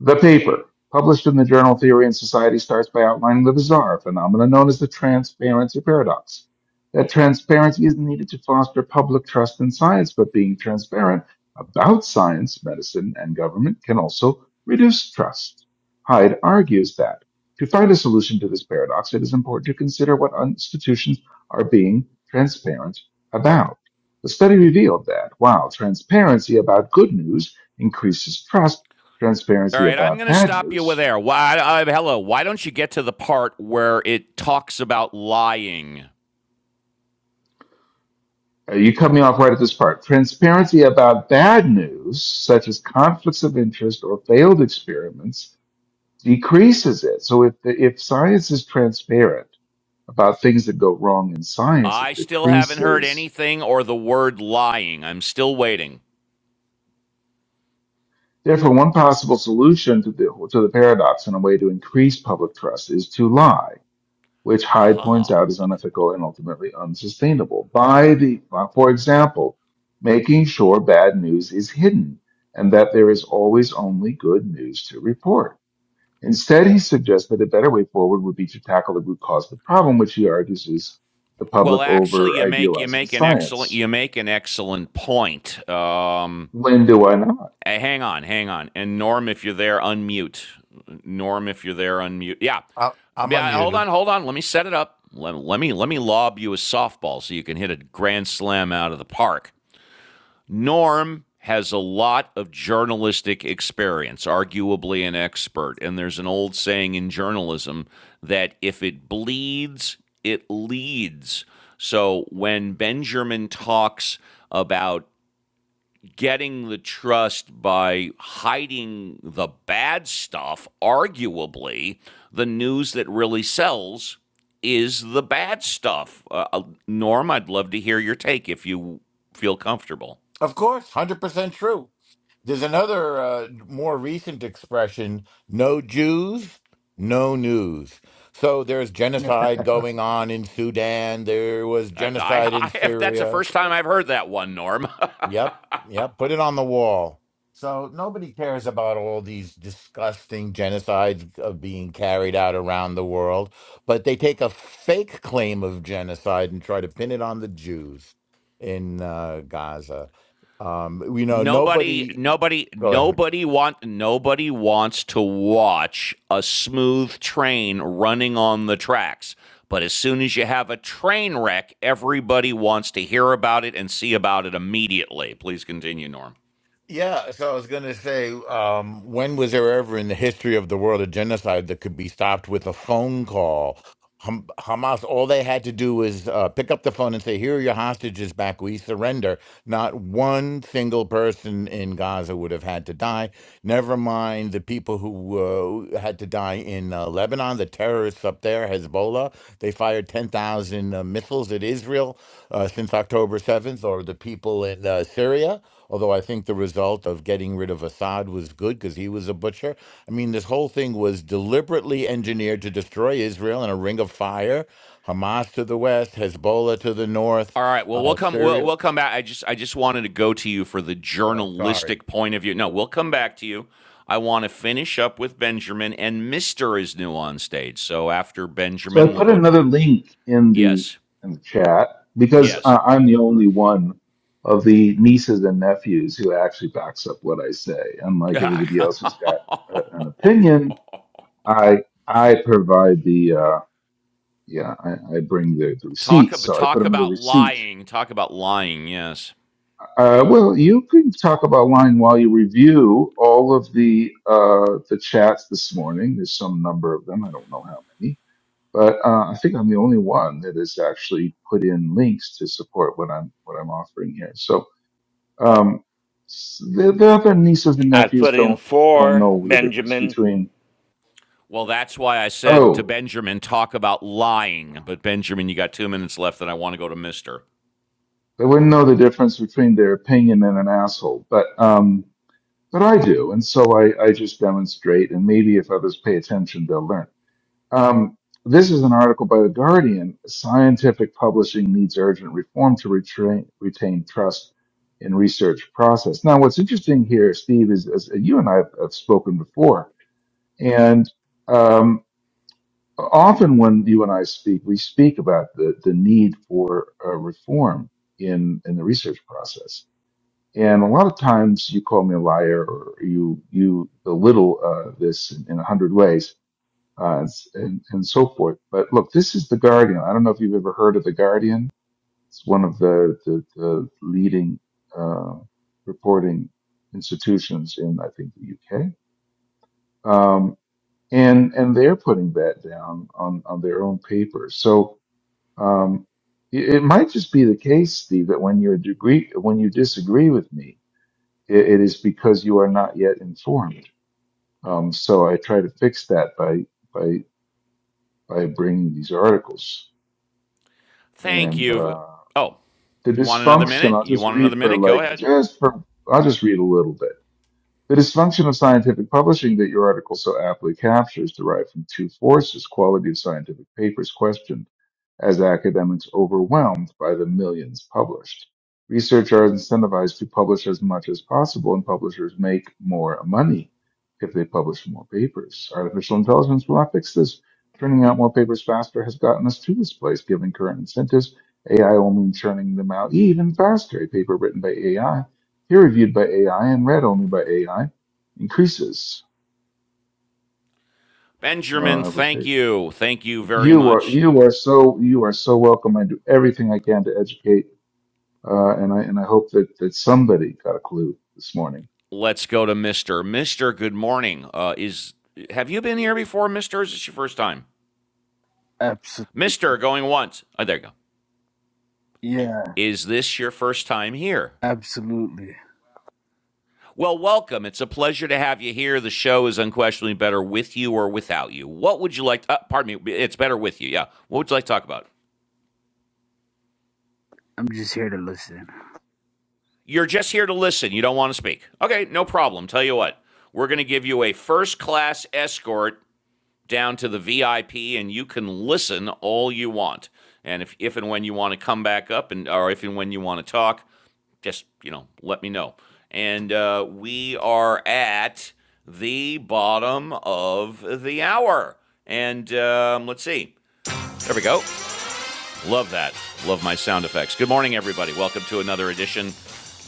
The paper, published in the journal Theory and Society, starts by outlining the bizarre phenomenon known as the transparency paradox. That transparency is needed to foster public trust in science, but being transparent about science, medicine, and government can also reduce trust. Hyde argues that to find a solution to this paradox, it is important to consider what institutions are being transparent about. The study revealed that while transparency about good news increases trust,
All
transparency
right, I'm
about
going to
bad
stop you with
news.
there. Why, uh, hello, why don't you get to the part where it talks about lying?
Uh, You cut me off right at this part. Transparency about bad news, such as conflicts of interest or failed experiments, decreases it. So if the, if science is transparent about things that go wrong in science, it
I still haven't heard
decreases.
anything or the word lying. I'm still waiting.
Therefore, one possible solution to the to the paradox and a way to increase public trust is to lie which Hyde points
Aha.
out is
Okay.
unethical and ultimately unsustainable. By the, uh, for example, making sure bad news is hidden and that there is always only good news to report. Instead, he suggests that a better way forward would be to tackle the root cause of the problem, which he argues is the
Well,
public
actually,
over
you make you
idealizing
make an excellent
science.
you make an excellent point. Um,
When do I not?
eh, hang on, hang on, and Norm, if you're there, unmute. Norm, if you're there, unmute. Yeah.
I, I'm
Yeah, hold
unmuted.
on, hold on. Let me set it up. Let, let me let me lob you a softball so you can hit a grand slam out of the park. Norm has a lot of journalistic experience, arguably an expert. And there's an old saying in journalism that if it bleeds, it leads. So when Benjamin talks about getting the trust by hiding the bad stuff, arguably, the news that really sells is the bad stuff. Uh, uh, Norm, I'd love to hear your take if you feel comfortable.
of course 100% true There's another uh, more recent expression no Jews, no news. So there's genocide going on in Sudan. There was
I, I,
genocide in
I have, that's the
Syria.
first time I've heard that one, Norm.
Yep, yep, put it on the wall. So nobody cares about all these disgusting genocides of being carried out around the world, but they take a fake claim of genocide and try to pin it on the Jews in uh, Gaza. Um, you know,
nobody,
nobody.
nobody,
Go ahead.
nobody want, nobody wants to watch a smooth train running on the tracks. But as soon as you have a train wreck, everybody wants to hear about it and see about it immediately. Please continue, Norm.
Yeah, so I was going to say, um, when was there ever in the history of the world a genocide that could be stopped with a phone call? Ham- Hamas, all they had to do was uh, pick up the phone and say, Here are your hostages back. We surrender. Not one single person in Gaza would have had to die. Never mind the people who uh, had to die in uh, Lebanon, the terrorists up there, Hezbollah. They fired 10,000 uh, missiles at Israel uh, since October 7th, or the people in uh, Syria although I think the result of getting rid of Assad was good because he was a butcher. I mean, this whole thing was deliberately engineered to destroy Israel in a ring of fire. Hamas to the west, Hezbollah to the north,
All right. Well, we'll
uh,
come. We'll,
Syria.
we'll come back. I just I just wanted to go to you for the
Oh, sorry.
journalistic point of view. No, we'll come back to you. I want to finish up with Benjamin and Mister is new on stage. So after
So I
Benjamin, we'll
put
go.
another link in the
Yes.
in the chat because
Yes.
uh, I'm the only one of the nieces and nephews who actually backs up what I say. Unlike everybody else who's got a, an opinion, I I provide the uh, yeah I, I bring the, the
talk
receipts.
about
So I put
talk
another
about
receipt.
lying. Talk about lying. Yes.
Uh, well, you can talk about line while you review all of the uh, the chats this morning. There's some number of them. I don't know how many But uh, I think I'm the only one that has actually put in links to support what I'm what I'm offering here. So um, s- the, the other nieces and
I
nephews
put in
don't don't
four,
know the difference
Benjamin.
between
Well, that's why I said to
oh
Benjamin, talk about lying. But Benjamin, you got two minutes left, and I want to go to Mister.
they wouldn't know the difference between their opinion and an asshole, but um, but I do, and so I I just demonstrate, and maybe if others pay attention, they'll learn. Um, this is an article by The Guardian. Scientific publishing needs urgent reform to retrain, retain trust in research process. Now, what's interesting here, Steve, is, is you and I have, have spoken before, and um, often when you and I speak, we speak about the, the need for uh, reform in in the research process. And a lot of times, you call me a liar, or you you belittle uh, this in a hundred ways uh, and, s- and and so forth. But look, this is the Guardian. I don't know if you've ever heard of the Guardian. It's one of the the, the leading uh, reporting institutions in I think the UK, um, and and they're putting that down on on their own paper. So. Um, it it might just be the case, Steve, that when you are degree when you disagree with me, it, it is because you are not yet informed. Um, so I try to fix that by by by bringing these articles.
Thank
And
you.
uh,
Oh,
the
you want another
dysfunction,
minute?
I'll
You
just
want another
read for
minute? Go
like
ahead.
just for I'll just read a little bit. The dysfunction of scientific publishing that your article so aptly captures derived from two forces quality of scientific papers questioned, as academics overwhelmed by the millions published. Researchers are incentivized to publish as much as possible, and publishers make more money if they publish more papers. Artificial intelligence will not fix this. Turning out more papers faster has gotten us to this place, given current incentives. AI will mean churning them out even faster. A paper written by AI peer reviewed by AI and read only by AI increases.
Benjamin,
Uh, I was
thank
there.
you. Thank you very
You are
much.
you are so you are so welcome. I do everything I can to educate, uh, and I and I hope that that somebody got a clue this morning.
Let's go to Mr. Mr. Good morning. Uh, is have you been here before, Mr. Is this your first time?
Absolutely.
Mr. going once. Oh, there you go.
Yeah,
Is this your first time here?
absolutely.
Well, welcome. It's a pleasure to have you here. The show is unquestionably better with you or without you. What would you like? To, uh, pardon me. It's better with you. Yeah. What would you like to talk about?
I'm just here to listen.
You're just here to listen. You don't want to speak. Okay, no problem. Tell you what, we're going to give you a first class escort down to the VIP, and you can listen all you want. And if, if and when you want to come back up, and or if and when you want to talk, just you know, let me know. And uh, we are at the bottom of the hour, and um, let's see. There we go. Love that. Love my sound effects. Good morning, everybody. Welcome to another edition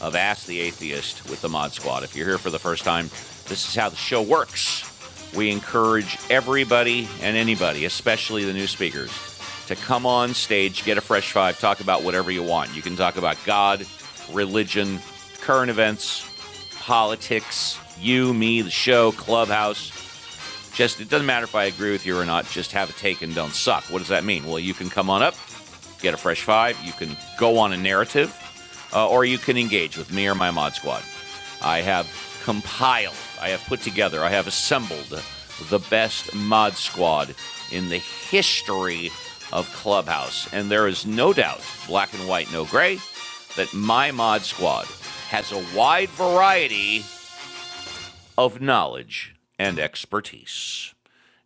of Ask the Atheist with the Mod Squad. If you're here for the first time, this is how the show works. We encourage everybody and anybody, especially the new speakers, to come on stage, get a fresh five, talk about whatever you want. You can talk about God, religion, current events, politics, you, me, the show, clubhouse, just it doesn't matter if I agree with you or not. Just have a take and don't suck. What does that mean? Well, you can come on up, get a fresh five. You can go on a narrative, uh, or you can engage with me or my mod squad. I have compiled, I have put together, I have assembled the best mod squad in the history of Clubhouse, and there is no doubt, black and white, no gray, that my mod squad has a wide variety of knowledge and expertise.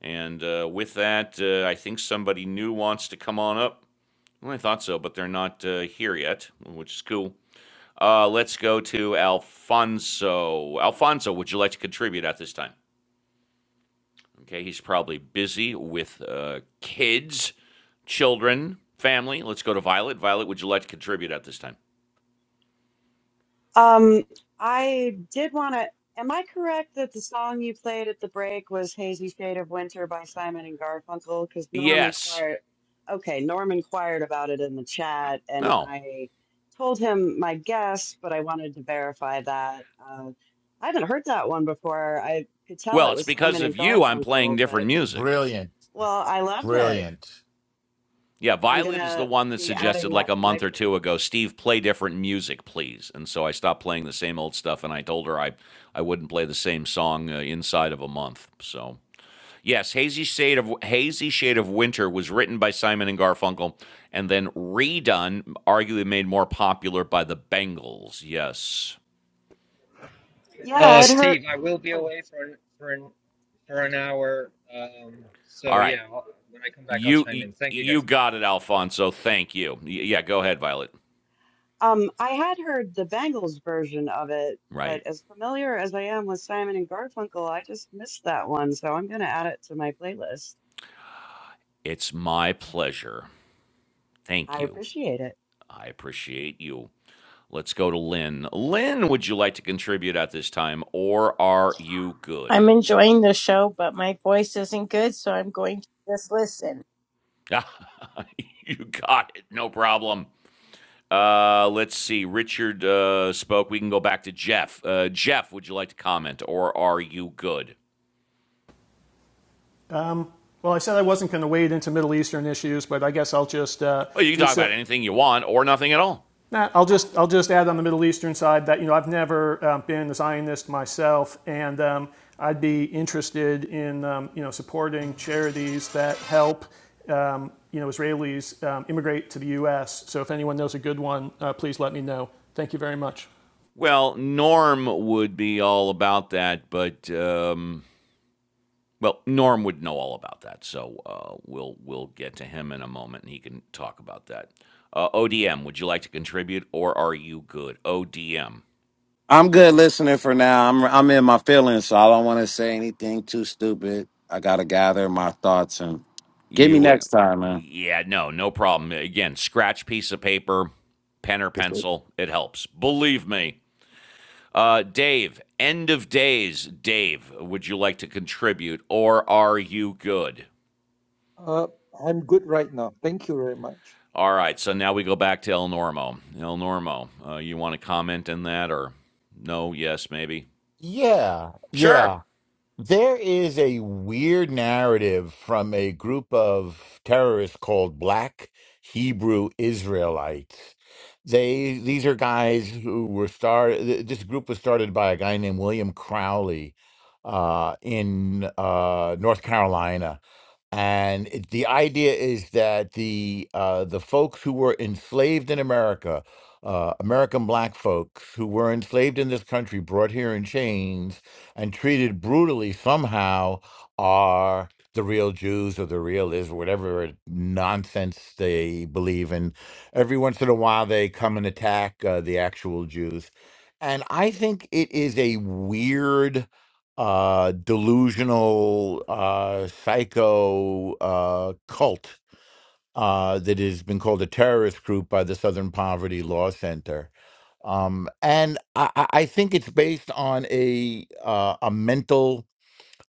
And uh, with that, uh, I think somebody new wants to come on up. Well, I thought so, but they're not uh, here yet, which is cool. Uh, let's go to Alfonso. Alfonso, would you like to contribute at this time? Okay, he's probably busy with uh, kids, children, family. Let's go to Violet. Violet, would you like to contribute at this time?
Um, I did want to. Am I correct that the song you played at the break was "Hazy Shade of Winter" by Simon and Garfunkel? Because Norm
Yes.
inquired. Okay, Norm inquired about it in the chat, and
No.
I told him my guess, but I wanted to verify that. Uh, I haven't heard that one before. I could tell
Well,
it
it's
was
because
Simon
of
and
you I'm playing
Garfunkel, but
different music.
Brilliant.
well, I loved it.
Brilliant.
Yeah,
I'm
Violet is the
gonna
one that
be adding
suggested like
that
a
to my
month or two ago,
playlist.
Steve, play different music, please. And so I stopped playing the same old stuff and I told her I, I wouldn't play the same song uh, inside of a month. So, yes, Hazy Shade of Hazy Shade of Winter was written by Simon and Garfunkel and then redone, arguably made more popular by the Bangles. Yes.
Yeah,
Uh,
I'd heard.
Steve, I will be
oh,
away for an, for an, for an hour. Um, so
All right.
yeah, I'll, when I come back, I'll
You
chime in. Thank you
you
guys.
got it, Alfonso. Thank you. yeah, go ahead, Violet.
Um, I had heard the Bangles version of it,
Right.
but as familiar as I am with Simon and Garfunkel, I just missed that one, so I'm gonna add it to my playlist.
It's my pleasure. Thank
I
you.
appreciate it.
I appreciate you. Let's go to Lynn. Lynn, would you like to contribute at this time, or are you
I'm
good?
enjoying the show, but my voice isn't good, so I'm going to just listen.
you got it. No problem. Uh, let's see. Richard uh, spoke. We can go back to Jeff. Uh, Jeff, would you like to comment, or are you good?
Well, I said I wasn't going to wade into Middle Eastern issues, but I guess I'll just uh,
Well, you can
do
talk
so.
about anything you want, or nothing at all.
Nah, I'll just I'll just add on the Middle Eastern side that you know I've never um, been a Zionist myself, and um, I'd be interested in um, you know supporting charities that help um, you know Israelis um, immigrate to the U.S. So if anyone knows a good one, uh, please let me know. Thank you very much.
Well, Norm would be all about that, but. Um, Well, Norm would know all about that, so uh, we'll we'll get to him in a moment, and he can talk about that. Uh, ODM, would you like to contribute, or are you good? ODM,
I'm good listening for now. I'm I'm in my feelings, so I don't want to say anything too stupid. I gotta gather my thoughts and get me
you, uh,
next time, man.
yeah, no, no problem. Again, scratch piece of paper, pen or pencil, it helps. Believe me. Uh, Dave, end of days, Dave, would you like to contribute, or are you good?
uh, i'm good right now thank you very much
All right, so now we go back to El Normo. El Normo, uh, you want to comment on that, or? No, yes, maybe.
Yeah. Yeah.
Sure.
There is a weird narrative from a group of terrorists called Black Hebrew Israelites. They these are guys who were started. This group was started by a guy named William Crowley uh, in uh, North Carolina and it- the idea is that the uh, the folks who were enslaved in America, uh, American black folks who were enslaved in this country, brought here in chains and treated brutally, somehow are the real Jews or the real is whatever nonsense they believe in. Every once in a while, they come and attack uh, the actual Jews, and I think it is a weird uh, delusional uh, psycho uh, cult uh, that has been called a terrorist group by the Southern Poverty Law Center. Um, and I, I I think it's based on a uh, a mental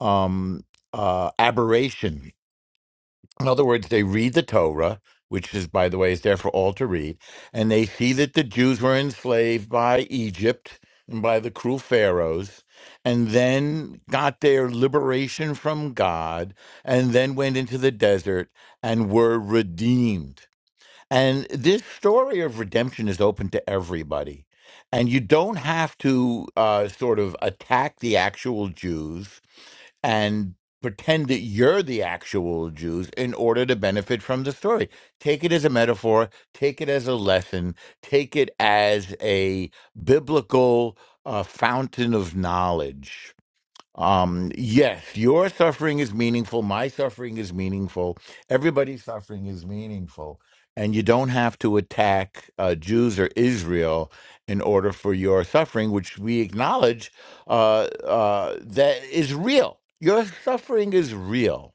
um, uh, aberration in other words, they read the Torah, which is, by the way, is there for all to read, and they see that the Jews were enslaved by Egypt and by the cruel pharaohs, and then got their liberation from God, and then went into the desert and were redeemed. And this story of redemption is open to everybody. And you don't have to uh, sort of attack the actual Jews and pretend that you're the actual Jews in order to benefit from the story. Take it as a metaphor, take it as a lesson, take it as a biblical uh, fountain of knowledge um, yes, your suffering is meaningful. My suffering is meaningful. Everybody's suffering is meaningful. And you don't have to attack uh, Jews or Israel in order for your suffering, which we acknowledge uh, uh, that is real. Your suffering is real.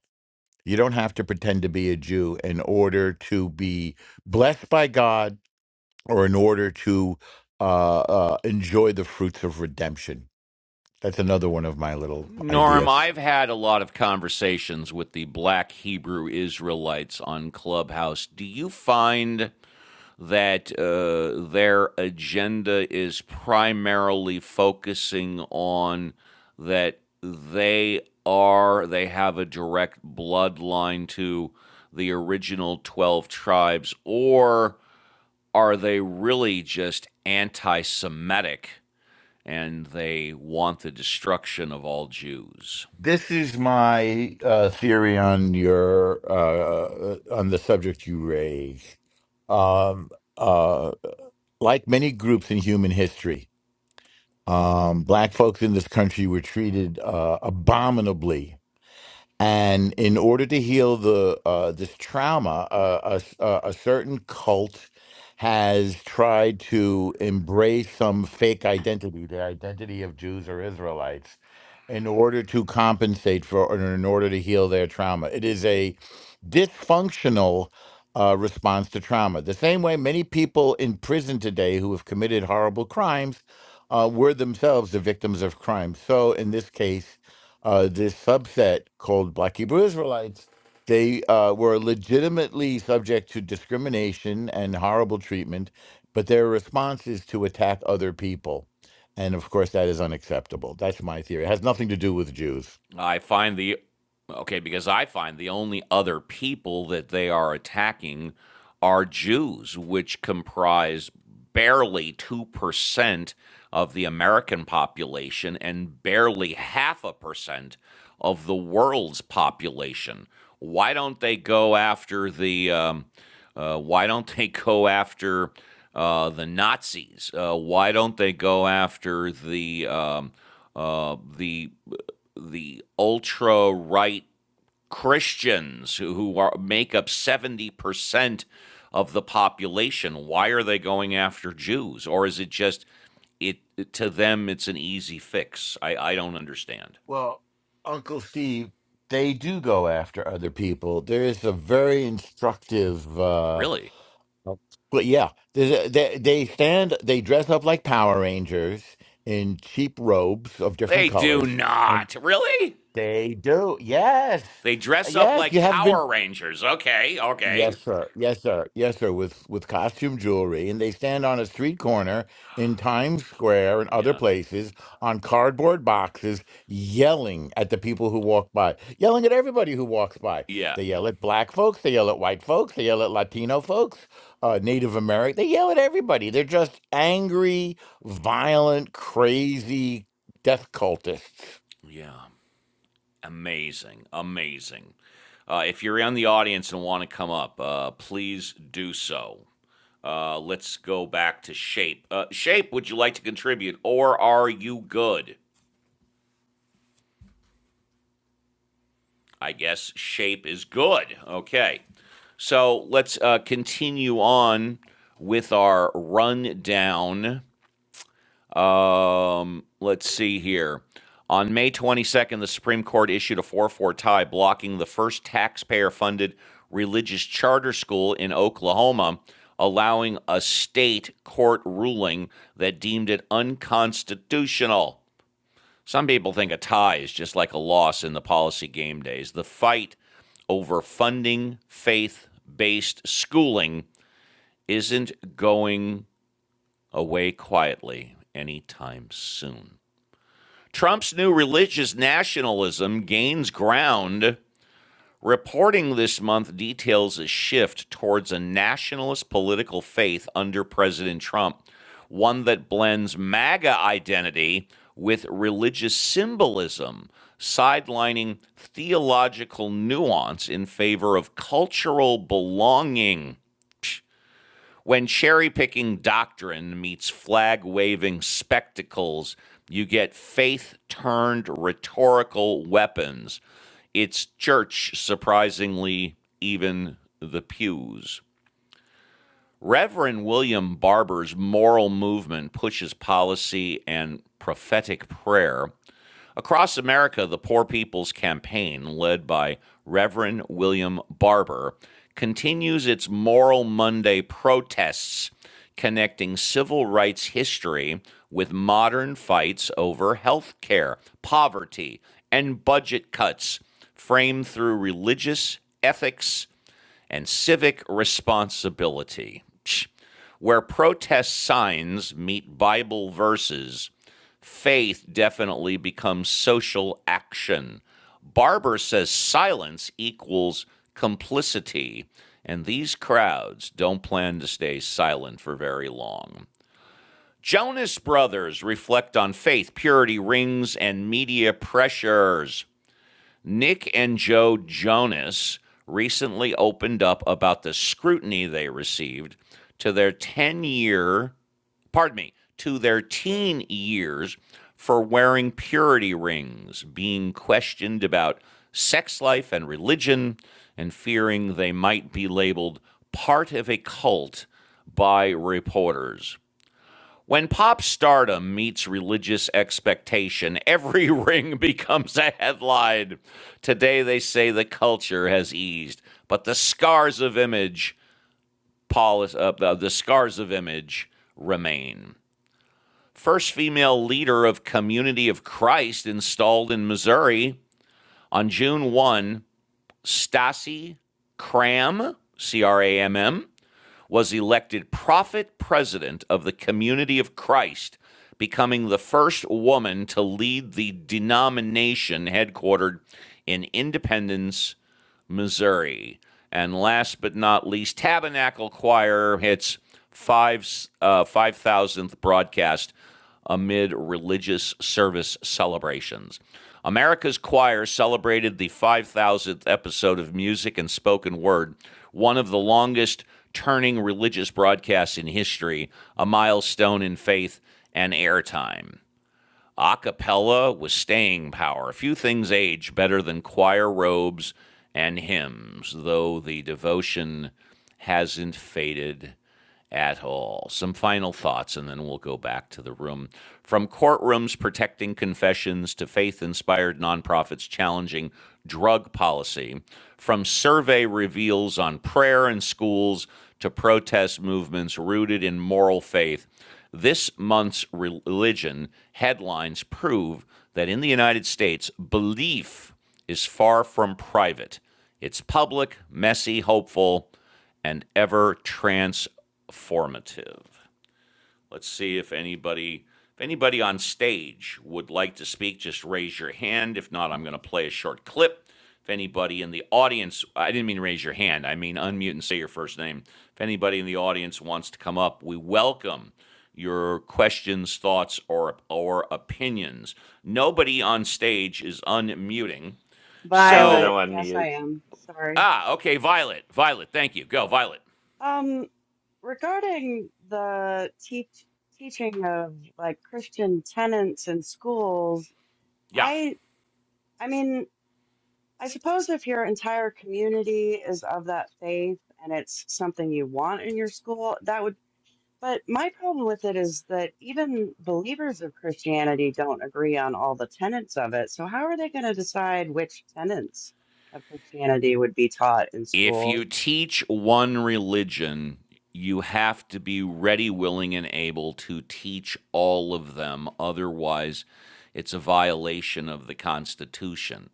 You don't have to pretend to be a Jew in order to be blessed by God or in order to uh, uh, enjoy the fruits of redemption. That's another one of my little
Norm,
ideas.
I've had a lot of conversations with the black Hebrew Israelites on Clubhouse. Do you find that uh, their agenda is primarily focusing on that they are, they have a direct bloodline to the original 12 tribes, or are they really just anti Semitic? and they want the destruction of all Jews.
This is my uh, theory on your uh, uh, on the subject you raise. Um, uh, like many groups in human history, um, black folks in this country were treated uh, abominably and in order to heal the uh, this trauma, uh, a, a a certain cult has tried to embrace some fake identity, the identity of Jews or Israelites, in order to compensate for or in order to heal their trauma. It is a dysfunctional uh, response to trauma. The same way many people in prison today who have committed horrible crimes uh, were themselves the victims of crime. So in this case, uh, this subset called Black Hebrew Israelites, they uh, were legitimately subject to discrimination and horrible treatment, but their response is to attack other people. And of course, that is unacceptable. That's my theory. It has nothing to do with Jews.
I find the okay because I find the only other people that they are attacking are Jews, which comprise barely two percent of the American population and barely half a percent of the world's population. Why don't they go after the? Um, uh, why don't they go after uh, the Nazis? Uh, why don't they go after the um, uh, the the ultra right Christians who, who are make up seventy percent of the population. Why are they going after Jews? Or is it just it to them it's an easy fix? I, I don't understand.
Well, Uncle Steve, they do go after other people. There is a very instructive. uh
Really?
But yeah, there's a, they they stand, they dress up like Power Rangers in cheap robes of different
They do
colors, and
not. Really?
they do. Yes,
They dress up
yes,
like
you have been.
Power Rangers. Okay, okay.
Yes, sir. Yes, sir. Yes, sir. With with costume jewelry, and they stand on a street corner in Times Square and other
Yeah.
places on cardboard boxes, yelling at the people who walk by, yelling at everybody who walks by.
Yeah.
They yell at black folks. They yell at white folks. They yell at Latino folks, uh, Native American. They yell at everybody. They're just angry, violent, crazy death cultists.
Yeah. Amazing, amazing. Uh, if you're in the audience and want to come up, uh, please do so. Uh, let's go back to shape. Uh, shape, would you like to contribute, or are you good? I guess shape is good. Okay, so let's uh, continue on with our rundown Um, let's see here. On May 22nd, the Supreme Court issued a 4 4 tie blocking the first taxpayer funded religious charter school in Oklahoma, allowing a state court ruling that deemed it unconstitutional. Some people think a tie is just like a loss in the policy game days. The fight over funding faith based schooling isn't going away quietly anytime soon. Trump's new religious nationalism gains ground. Reporting this month details a shift towards a nationalist political faith under President Trump, one that blends MAGA identity with religious symbolism, sidelining theological nuance in favor of cultural belonging. When cherry picking doctrine meets flag waving spectacles, you get faith turned rhetorical weapons. It's church, surprisingly, even the pews. Reverend William Barber's moral movement pushes policy and prophetic prayer Across America, the Poor People's Campaign, led by Reverend William Barber, continues its Moral Monday protests, connecting civil rights history with modern fights over health care, poverty, and budget cuts, framed through religious ethics and civic responsibility. Where protest signs meet Bible verses, faith definitely becomes social action. Barber says silence equals complicity, and these crowds don't plan to stay silent for very long. Jonas Brothers reflect on faith, purity, rings, and media pressures. Nick and Joe Jonas recently opened up about the scrutiny they received to their 10 year pardon me, to their teen years for wearing purity rings, being questioned about sex life and religion, and fearing they might be labeled part of a cult by reporters. When pop stardom meets religious expectation, every ring becomes a headline. Today they say the culture has eased, but the scars of image, poli- uh, the the scars of image remain first female leader of Community of Christ installed in Missouri on June 1, Stasi Cram, C R A M M, was elected prophet president of the Community of Christ, becoming the first woman to lead the denomination headquartered in Independence, Missouri. And last but not least, Tabernacle Choir hits five uh, five thousandth broadcast amid religious service celebrations. America's Choir celebrated the 5,000th episode of Music and Spoken Word, one of the longest turning religious broadcasts in history, a milestone in faith and airtime acapella with staying power. Few things age better than choir robes and hymns, though the devotion hasn't faded at all. Some final thoughts, and then we'll go back to the room. From courtrooms protecting confessions to faith inspired nonprofits challenging drug policy, from survey reveals on prayer in schools to protest movements rooted in moral faith, this month's religion headlines prove that in the United States, belief is far from private. It's public, messy, hopeful, and ever transformative. Let's see if anybody if anybody on stage would like to speak, just raise your hand. If not, I'm going to play a short clip. If anybody in the audience, I didn't mean raise your hand. I mean unmute and say your first name. If anybody in the audience wants to come up, we welcome your questions, thoughts, or or opinions. Nobody on stage is unmuting.
I'm going to
So,
Violet, yes,
unmute.
I am. Sorry.
ah, okay, Violet. Violet, thank you. Go, Violet.
Um, regarding the teach teaching of like Christian tenets in schools,
Yeah.
I I mean, I suppose if your entire community is of that faith and it's something you want in your school, that would But my problem with it is that even believers of Christianity don't agree on all the tenets of it. So, how are they going to decide which tenets of Christianity would be taught in
If
schools?
you teach one religion, you have to be ready, willing, and able to teach all of them. Otherwise, it's a violation of the Constitution.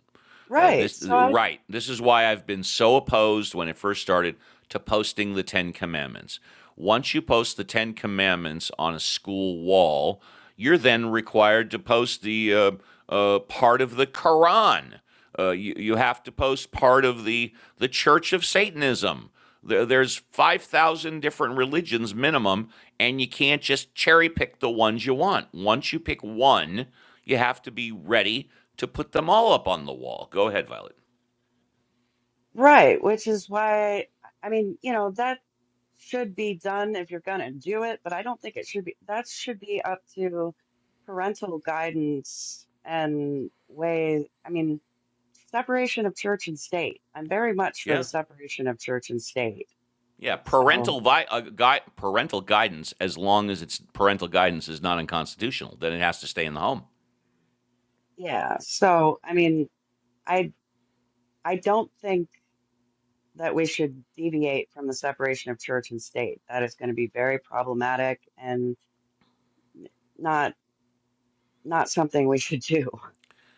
Uh,
Right.
this
So, I,
right. This is why I've been so opposed when it first started to posting the Ten Commandments. Once you post the Ten Commandments on a school wall, you're then required to post the uh, uh, part of the Quran uh, you, you have to post part of the, the Church of Satanism. There, there's 5,000 different religions minimum, and you can't just cherry pick the ones you want. Once you pick one, you have to be ready to put them all up on the wall. Go ahead, Violet.
right, which is why, I mean, you know, that should be done if you're going to do it, but I don't think it should be, that should be up to parental guidance and way, I mean, separation of church and state. I'm very much for the
Yeah.
separation of church and state
Yeah,
So,
parental vi- uh, gui- parental guidance, as long as it's parental guidance is not unconstitutional, then it has to stay in the home.
yeah. So, I mean, I I don't think that we should deviate from the separation of church and state. That is going to be very problematic and not not something we should do.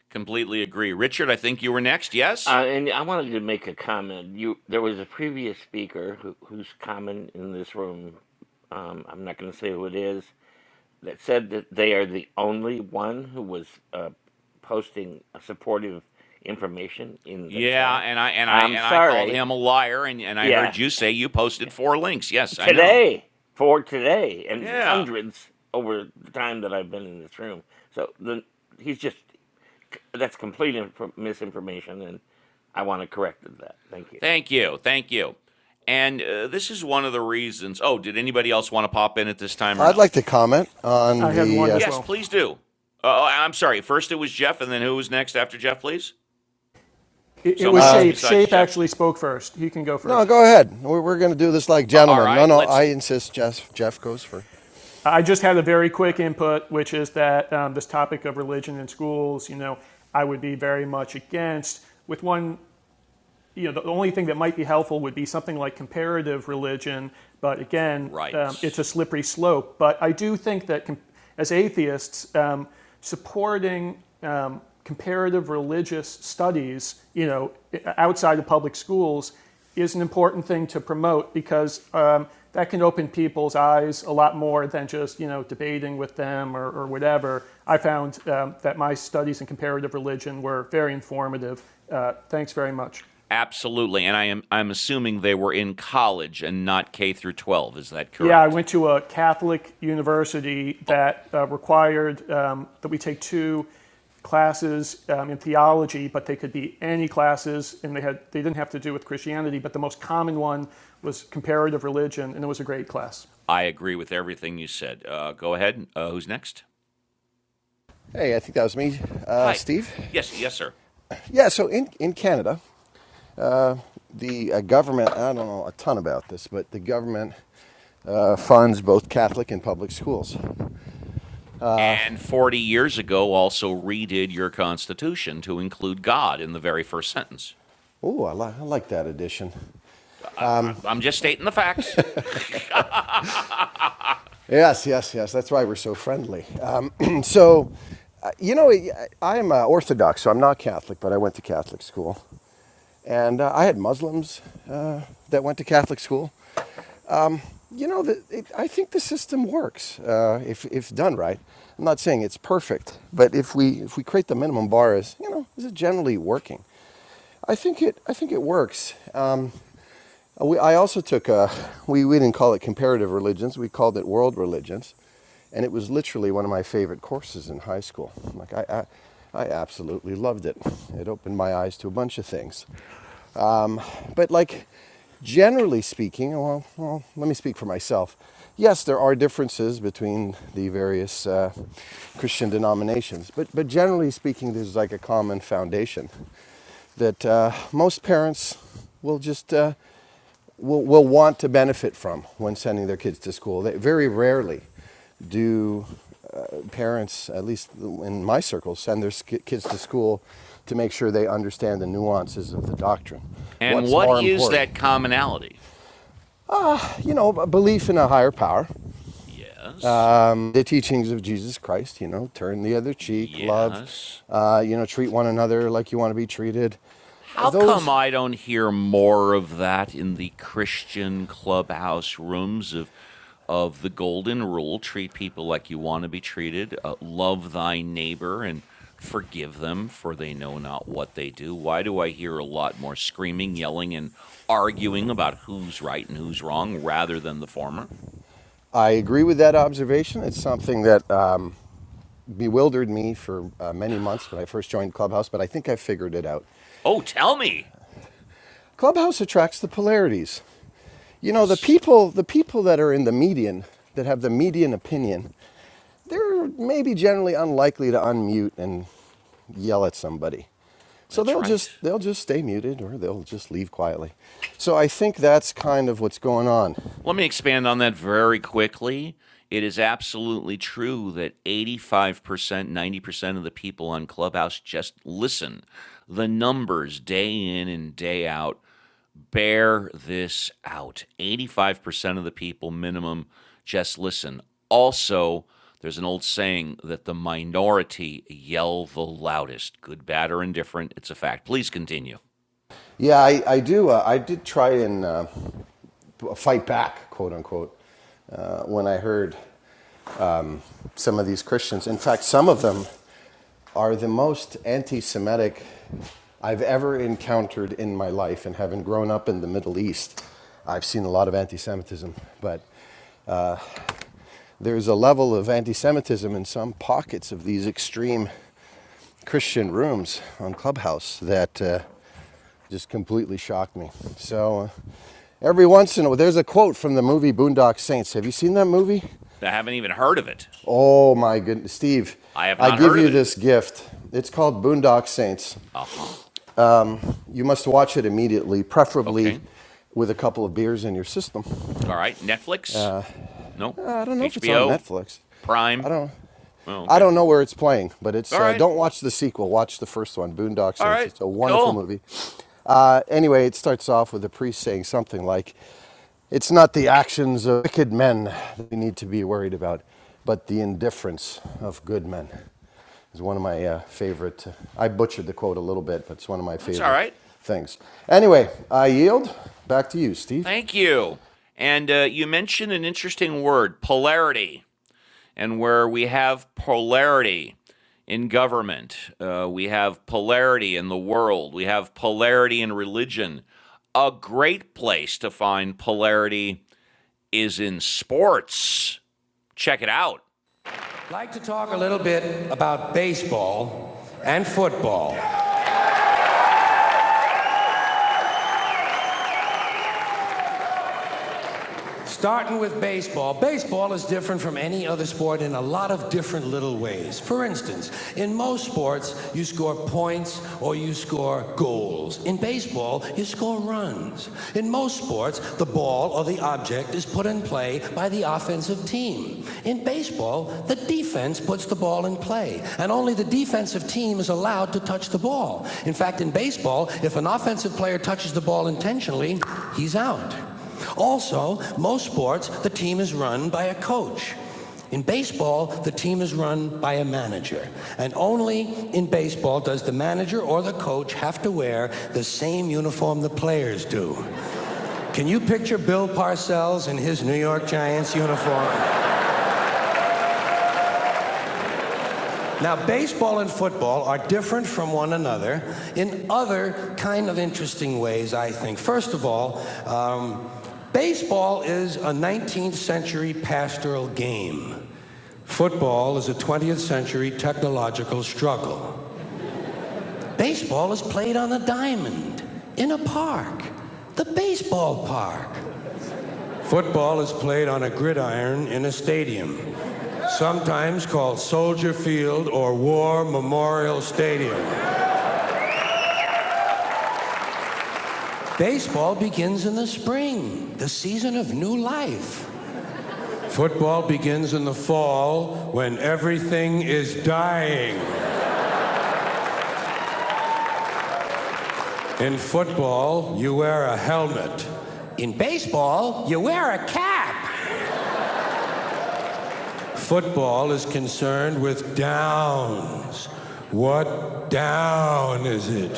Completely agree. Richard, I think you were next. Yes?
Uh, and I wanted to make a comment. You, there was a previous speaker who, who's common in this room. Um, I'm not going to say who it is. That said that they are the only one who was uh, posting supportive information in the
Yeah,
chat.
and I and I
I'm
and I called
sorry.
him a liar, and and I heard
Yeah,
you say you posted four links. Yes, I know.
today for today, and
Yeah,
hundreds over the time that I've been in this room. So the, he's just that's complete inf- misinformation, and I want to correct that. Thank you.
thank you, thank you. And uh, this is one of the reasons. Oh, did anybody else want to pop in at this time or
I'd
no?
like to comment on
I had
the.
one
Uh,
as
Yes,
well.
please do. Uh, oh, I'm sorry. First it was Jeff, and then who was next after Jeff? Please,
It, it was
someone else
uh,
Shape.
besides
Shape
Jeff.
actually spoke first. He can go
no,
first.
go ahead. We're, we're going to do this like
Uh, all
gentlemen. No,
right,
no,
let's.
I
All
insist. Jeff, Jeff goes first.
I just had a very quick
right,
input, which is that um, this topic of religion in schools, you know, I would be very much against, with one you know, the only thing that might be helpful would be something like comparative religion, but again,
right,
um, it's a slippery slope. But I do think that com- as atheists, um, supporting um, comparative religious studies, you know, outside of public schools, is an important thing to promote because um, that can open people's eyes a lot more than just you know debating with them or, or whatever. I found um, that my studies in comparative religion were very informative. Uh, thanks very much.
absolutely. And I am I'm assuming they were in college and not K through 12. Is that
Yeah, I
correct?
went to a Catholic university that uh, required um, that we take two classes um, in theology, but they could be any classes, and they had they didn't have to do with Christianity. But the most common one was comparative religion, and it was a great class.
I agree with everything you said. Uh, go ahead. Uh, who's next?
Hey, I think that was me, uh,
Hi.
Steve.
Yes, yes, sir.
Yeah, so in, in Canada, uh, the uh, government, I don't know a ton about this, but the government uh, funds both Catholic and public schools.
And 40 years ago, also redid your Constitution to include God in the very first sentence.
Oh, I, li- I like that addition.
I, I- I'm just stating the facts.
Yes, yes, yes. That's why we're so friendly. Um, so, uh, you know, I am uh, Orthodox, so I'm not Catholic, but I went to Catholic school. And uh, I had Muslims uh, that went to Catholic school. you know, the, it, I think the system works uh, if, if done right. I'm not saying it's perfect, but if we if we create the minimum bar as you know, is it generally working? I think it I think it works. Um, we, I also took a, we we didn't call it comparative religions, we called it world religions, and it was literally one of my favorite courses in high school. Like I. I I absolutely loved it. It opened my eyes to a bunch of things. But like generally speaking, well, well, let me speak for myself. Yes, there are differences between the various uh, Christian denominations, but but generally speaking, there's like a common foundation that uh, most parents will just uh, will, will want to benefit from when sending their kids to school. They, very rarely do uh, parents, at least in my circles, send their kids to school to make sure they understand the nuances of the doctrine.
and
What's
what
more
is
important?
that commonality?
You know, a belief in a higher power,
Yes,
um, the teachings of Jesus Christ, you know, turn the other cheek, love,
yes.
uh, you know, treat one another like you want to be treated.
How come
Those,
I don't hear more of that in the Christian clubhouse rooms of of the golden rule, treat people like you want to be treated, uh, love thy neighbor and forgive them for they know not what they do. Why do I hear a lot more screaming, yelling and arguing about who's right and who's wrong rather than the former?
I agree with that observation. It's something that um, bewildered me for uh, many months when I first joined Clubhouse, but I think I figured it out.
Oh, tell me.
Clubhouse attracts the polarities. You know, the
Yes,
people, the people that are in the median, that have the median opinion, they're maybe generally unlikely to unmute and yell at somebody. So
that's
they'll
right.
just they'll just stay muted or they'll just leave quietly. So I think that's kind of what's going on.
Let me expand on that very quickly. It is absolutely true that 85%, 90% of the people on Clubhouse just listen. The numbers day in and day out bear this out. 85% of the people, minimum, just listen. Also, there's an old saying that the minority yell the loudest. Good, bad, or indifferent, it's a fact. Please continue.
Yeah, I, I do. Uh, I did try and uh, fight back, quote unquote, uh, when I heard some of these Christians. In fact, some of them are the most anti Semitic I've ever encountered in my life. And having grown up in the Middle East, I've seen a lot of anti Semitism. But there's a level of anti Semitism in some pockets of these extreme Christian rooms on Clubhouse that. Uh, just completely shocked me. So uh, every once in a while, there's a quote from the movie Boondock Saints. Have you seen that movie?
I haven't even heard of it.
Oh my goodness, Steve,
I have
I
not
give
heard of
you
it.
this gift. It's called Boondock Saints.
Uh huh.
You must watch it immediately, preferably
Okay.
with a couple of beers in your system.
All right. Netflix? No.
Uh, I don't know if it's on
HBO?
Netflix. I
Prime?
don't.
Oh,
I
okay.
don't know where it's playing, but
All
it's. Uh,
right.
don't watch the sequel. Watch the first one, Boondock
All
Saints.
right.
It's a wonderful
Cool.
movie. Uh, anyway, it starts off with the priest saying something like, "It's not the actions of wicked men that we need to be worried about, but the indifference of good men." is one of my uh, favorite. Uh, I butchered the quote a little bit, but it's one of my
That's all
favorite
right.
things. Anyway, I yield. Back to you, Steve.
Thank you. And uh, you mentioned an interesting word, polarity. And where we have polarity in government, uh, we have polarity in the world, we have polarity in religion. A great place to find polarity is in sports. Check it out. I'd like to talk a little bit about baseball and football. Starting with baseball. Baseball is different from any other sport in a lot of different little ways. For instance, in most sports, you score points or you score goals. In baseball, you score runs. In most sports, the ball or the object is put in play by the offensive team. In baseball, the defense puts the ball in play, and only the defensive team is allowed to touch the ball. In fact, in baseball, if an offensive player touches the ball intentionally, he's out. Also, most sports, the team is run by a coach. In baseball, the team is run by a manager. And only in baseball does the manager or the coach have to wear the same uniform the players do. Can you picture Bill Parcells in his New York Giants uniform? Now, baseball and football are different from one another in other kind of interesting ways, I think. First of all, um, baseball is a 19th century pastoral game. Football is a 20th century technological struggle. Baseball is played on a diamond, in a park, the baseball park. Football is played on a gridiron in a stadium, sometimes called Soldier Field or War Memorial Stadium. Baseball begins in the spring, the season of new life. Football begins in the fall when everything is dying. In football, you wear a helmet. In baseball, you wear a cap. Football is concerned with downs. What down is it?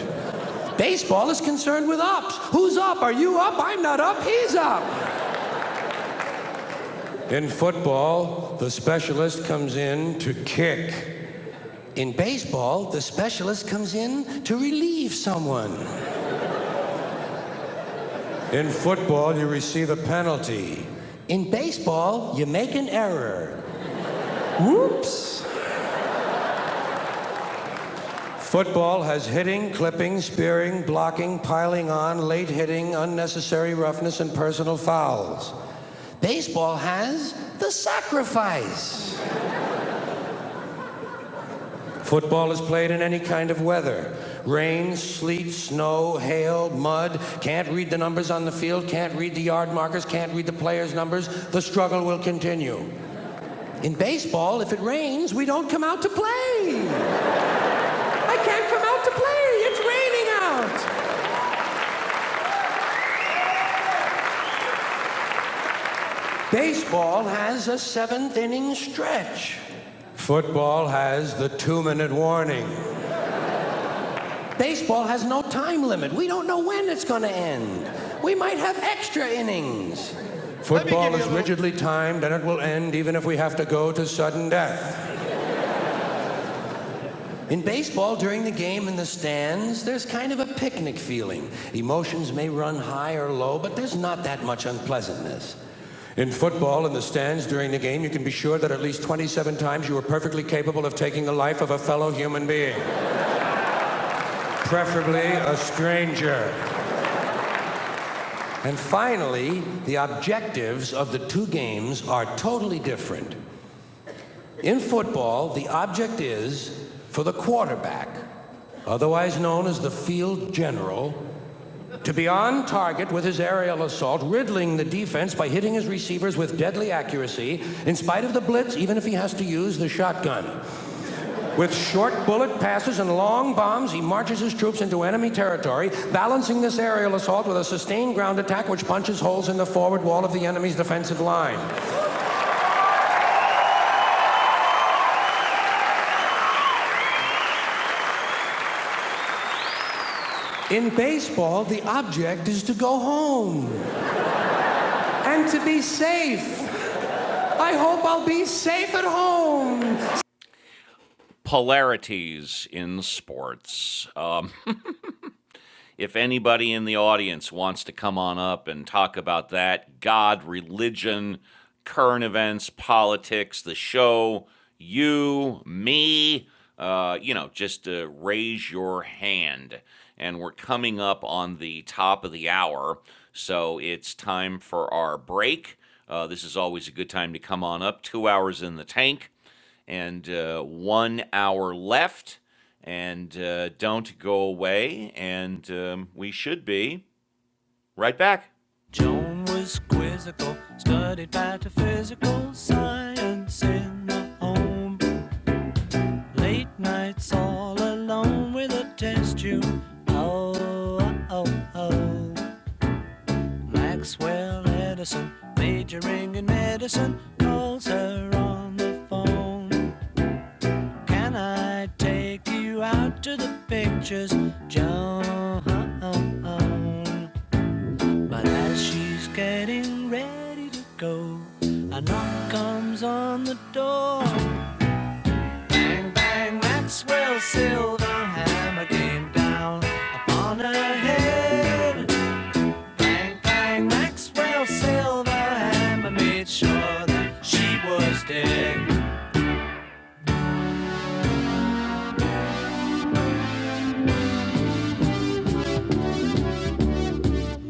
Baseball is concerned with ups. Who's up? Are you up? I'm not up. He's up. In football, the specialist comes in to kick. In baseball, the specialist comes in to relieve someone. In football, you receive a penalty. In baseball, you make an error. Whoops! Football has hitting, clipping, spearing, blocking, piling on, late hitting, unnecessary roughness, and personal fouls. Baseball has the sacrifice. Football is played in any kind of weather rain, sleet, snow, hail, mud. Can't read the numbers on the field, can't read the yard markers, can't read the players' numbers. The struggle will continue. In baseball, if it rains, we don't come out to play. I can't come out to play. It's raining out. Baseball has a seventh inning stretch. Football has the two minute warning. Baseball has no time limit. We don't know when it's going to end. We might have extra innings. Football is rigidly timed and it will end even if we have to go to sudden death. In baseball, during the game in the stands, there's kind of a picnic feeling. Emotions may run high or low, but there's not that much unpleasantness. In football, in the stands during the game, you can be sure that at least 27 times you were perfectly capable of taking the life of a fellow human being, preferably a stranger. And finally, the objectives of the two games are totally different. In football, the object is for the quarterback, otherwise known as the field general, to be on target with his aerial assault, riddling the defense by hitting his receivers with deadly accuracy, in spite of the blitz, even if he has to use the shotgun. With short bullet passes and long bombs, he marches his troops into enemy territory, balancing this aerial assault with a sustained ground attack which punches holes in the forward wall of the enemy's defensive line. In baseball, the object is to go home and to be safe. I hope I'll be safe at home. polarities in sports. Uh, if anybody in the audience wants to come on up and talk about that, God, religion, current events, politics, the show, you, me, uh, you know, just uh, raise your hand. And we're coming up on the top of the hour, so it's time for our break. Uh, this is always a good time to come on up. Two hours in the tank and uh, one hour left. And uh, don't go away. And um, we should be right back. Joan was quizzical, studied metaphysical science in the home. Late nights all alone with a test tube. Oh, oh, oh. Maxwell Edison, majoring in medicine, calls her on the phone. Can I take you out to the pictures, Joan? But as she's getting ready to go, a knock comes on the door. Bang, Maxwell Silverhammer came down upon her head. Bang, bang, Maxwell Silverhammer made sure that she was dead.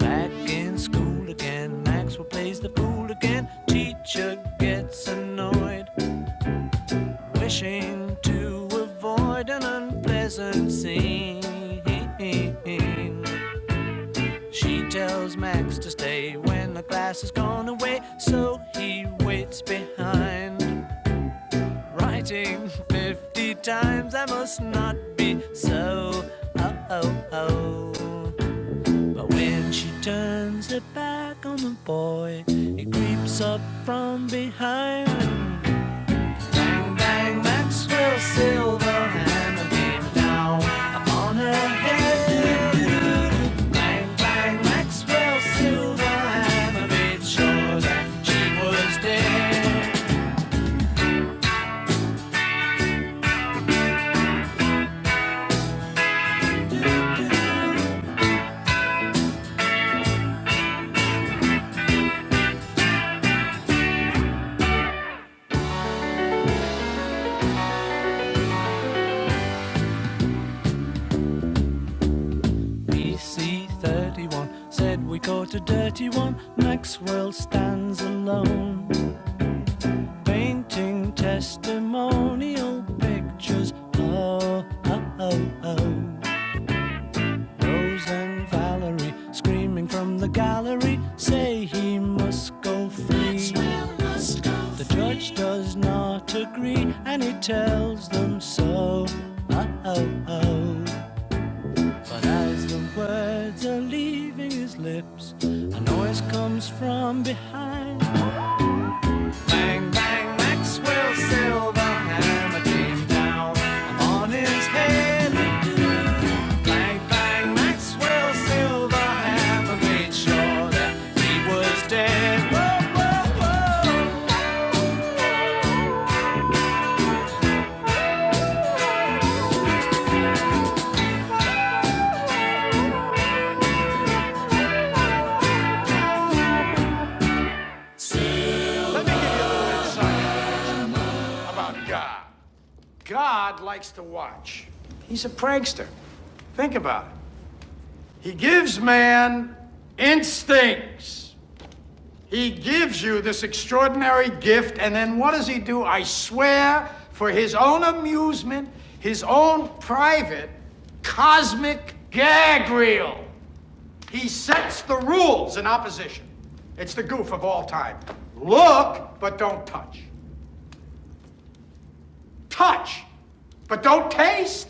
Back in school again, Maxwell plays the fool again. Teacher gets annoyed, wishing to avoid an unpleasant scene. She tells Max to stay when the class has gone away, so he waits behind. Writing 50 times, I must not be so. Oh, oh, oh. But when she turns her back on the boy, he creeps up from behind. Bang Maxwell Silverhand, bang Maxwell Silverhand. Sure that she was dead. PC 31 said we caught a dirty one. Maxwell stands alone, painting testimonial pictures. Oh, oh, oh, oh. Rose and Valerie screaming from the gallery say he must go free. The judge does not agree and he tells them so. Oh, oh, oh. But as the words are leaving his lips, a noise comes from behind. Bang, bang, Maxwell Silverhammer came down on his head. sure Where, for his own amusement, his own private cosmic gag reel. Set it. Touch. But don't taste.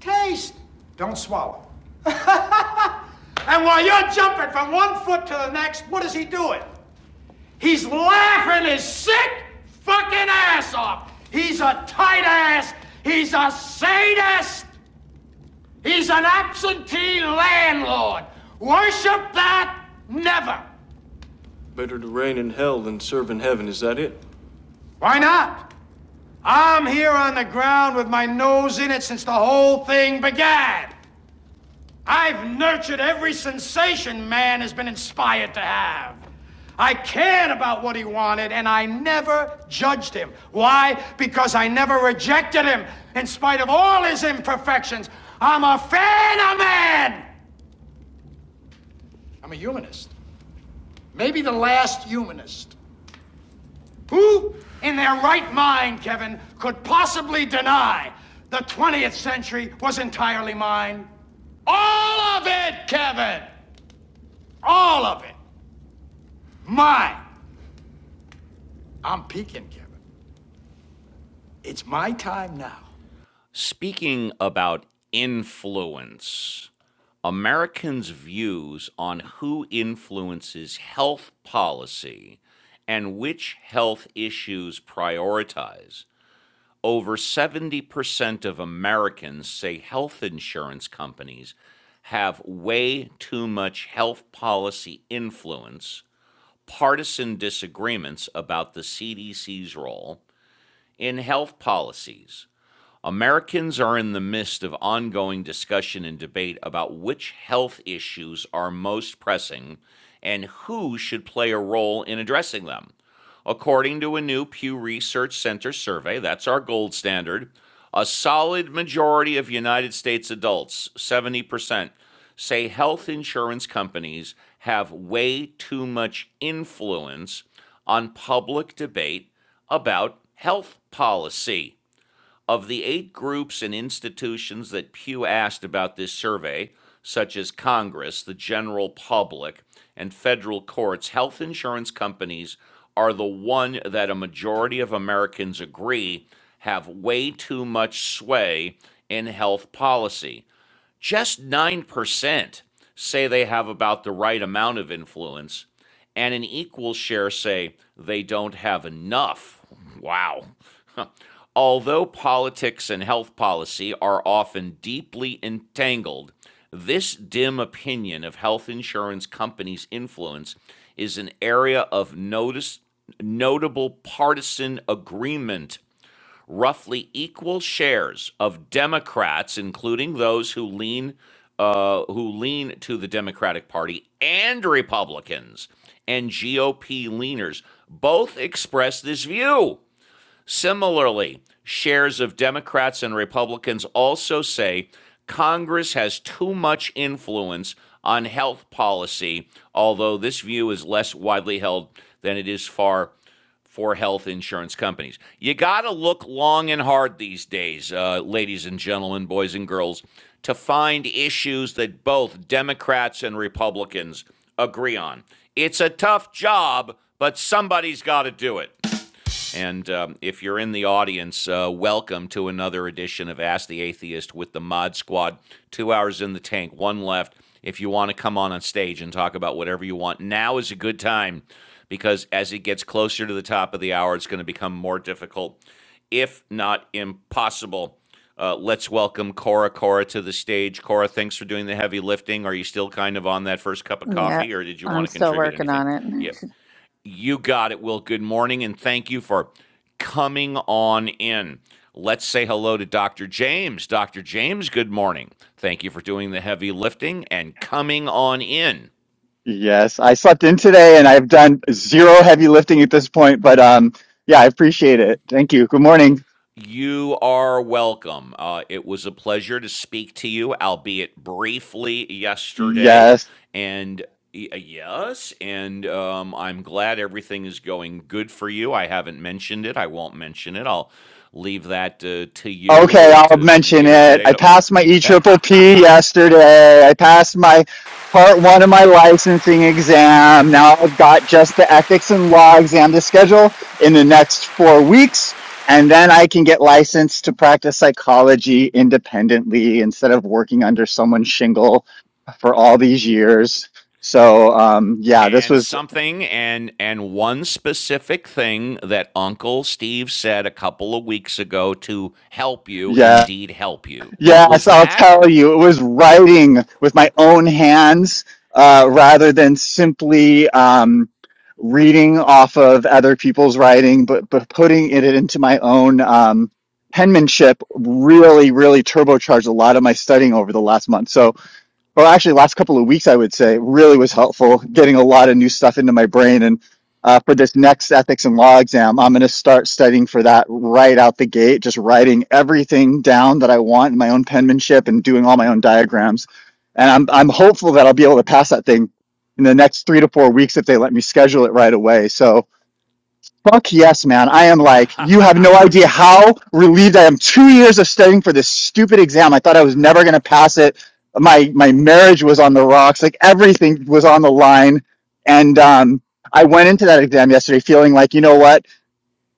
Taste. Don't swallow. And while you're jumping from one foot to the next, what is he doing? Dick an ass off. A sadist. man has been inspired to have. I cared about what he wanted and I never judged him. Why? Because I never rejected him in spite of all his imperfections. I'm a fan of man. I'm a humanist. Maybe the last humanist. Who in their right mind, Kevin, could possibly deny the 20th century was entirely mine? All of it, Kevin! All of it. Mine. I'm peaking, Kevin. It's my time now. Speaking about influence, Americans' views on who influences health policy and which health issues prioritize. Over 70% of Americans say health insurance companies have way too much health policy influence, partisan disagreements about the CDC's role, in health policies. Americans are in the midst of ongoing discussion and debate about which health issues are most pressing and who should play a role in addressing them. According to a new Pew Research Center survey, that's our gold standard, a solid majority of United States adults, 70%, say health insurance companies have way too much influence on public debate about health policy. Of the eight groups and institutions that Pew asked about this survey, such as Congress, the general public, and federal courts, health insurance companies are the one that a majority of Americans agree have way too much sway in health policy just 9% say they have about the right amount of influence, and an equal share say they don't have enough. Wow. Although politics and health policy are often deeply entangled, this dim opinion of health insurance companies' influence is an area of notice, notable partisan agreement roughly equal shares of Democrats, including those who lean uh, who lean to the Democratic Party and Republicans and GOP leaners, both express this view. Similarly, shares of Democrats and Republicans also say Congress has too much influence on health policy, although this view is less widely held than it is far for health insurance companies. You got to look long and hard these days, uh, ladies and gentlemen, boys and girls, to find issues that both Democrats and Republicans agree on. It's a tough job, but somebody's got to do it. And um, if you're in the audience, uh, welcome to another edition of Ask the Atheist with the Mod Squad. Two hours in the tank, one left. If you want to come on on stage and talk about whatever you want, now is a good time because as it gets closer to the top of the hour, it's going to become more difficult, if not impossible. Uh, let's welcome Cora Cora to the stage. Cora, thanks for doing the heavy lifting. Are you still kind of on that first cup of
Yep,
coffee, or did you
I'm
want to
still
contribute
working
anything?
on
Yeah,
it.
you got it, Will. Good morning, and thank you for coming on in. Let's say hello to Dr. James. Dr. James, good morning. Thank you for doing the heavy lifting and coming on in.
Yes, I slept in today and I've done zero heavy lifting at this point, but um yeah, I appreciate it. Thank you. Good morning.
You are welcome. Uh, it was a pleasure to speak to you, albeit briefly, yesterday.
Yes.
And y- uh, yes, and um, I'm glad everything is going good for you. I haven't mentioned it. I won't mention it. I'll leave that uh, to you
Okay,
uh,
I'll
to
mention
later
it.
today.
I
To-
passed my E triple P yesterday. I passed my part one of my licensing exam. Now I've got just the ethics and law exam to schedule in the next four weeks, and then I can get licensed to practice psychology independently instead of working under someone's shingle for all these years. So um, yeah, this
and
was
something and and one specific thing that uncle steve said a couple of weeks ago to help you
yeah
indeed help you what
yes
was
I'll
that
tell you it was writing with my own hands uh, rather than simply um, reading off of other people's writing, but but putting it into my own um, penmanship really really turbocharged a lot of my studying over the last month. So or actually last couple of weeks, I would say, really was helpful getting a lot of new stuff into my brain. And uh, for this next ethics and law exam, I'm going to start studying for that right out the gate, just writing everything down that I want in my own penmanship and doing all my own diagrams. And I'm, I'm hopeful that I'll be able to pass that thing in the next three to four weeks if they let me schedule it right away. So Fuck yes, man. I am like, you have no idea how relieved I am. Two years of studying for this stupid exam. I thought I was never gonna pass it. My my marriage was on the rocks. Like everything was on the line. And um, I went into that exam yesterday feeling like, you know what?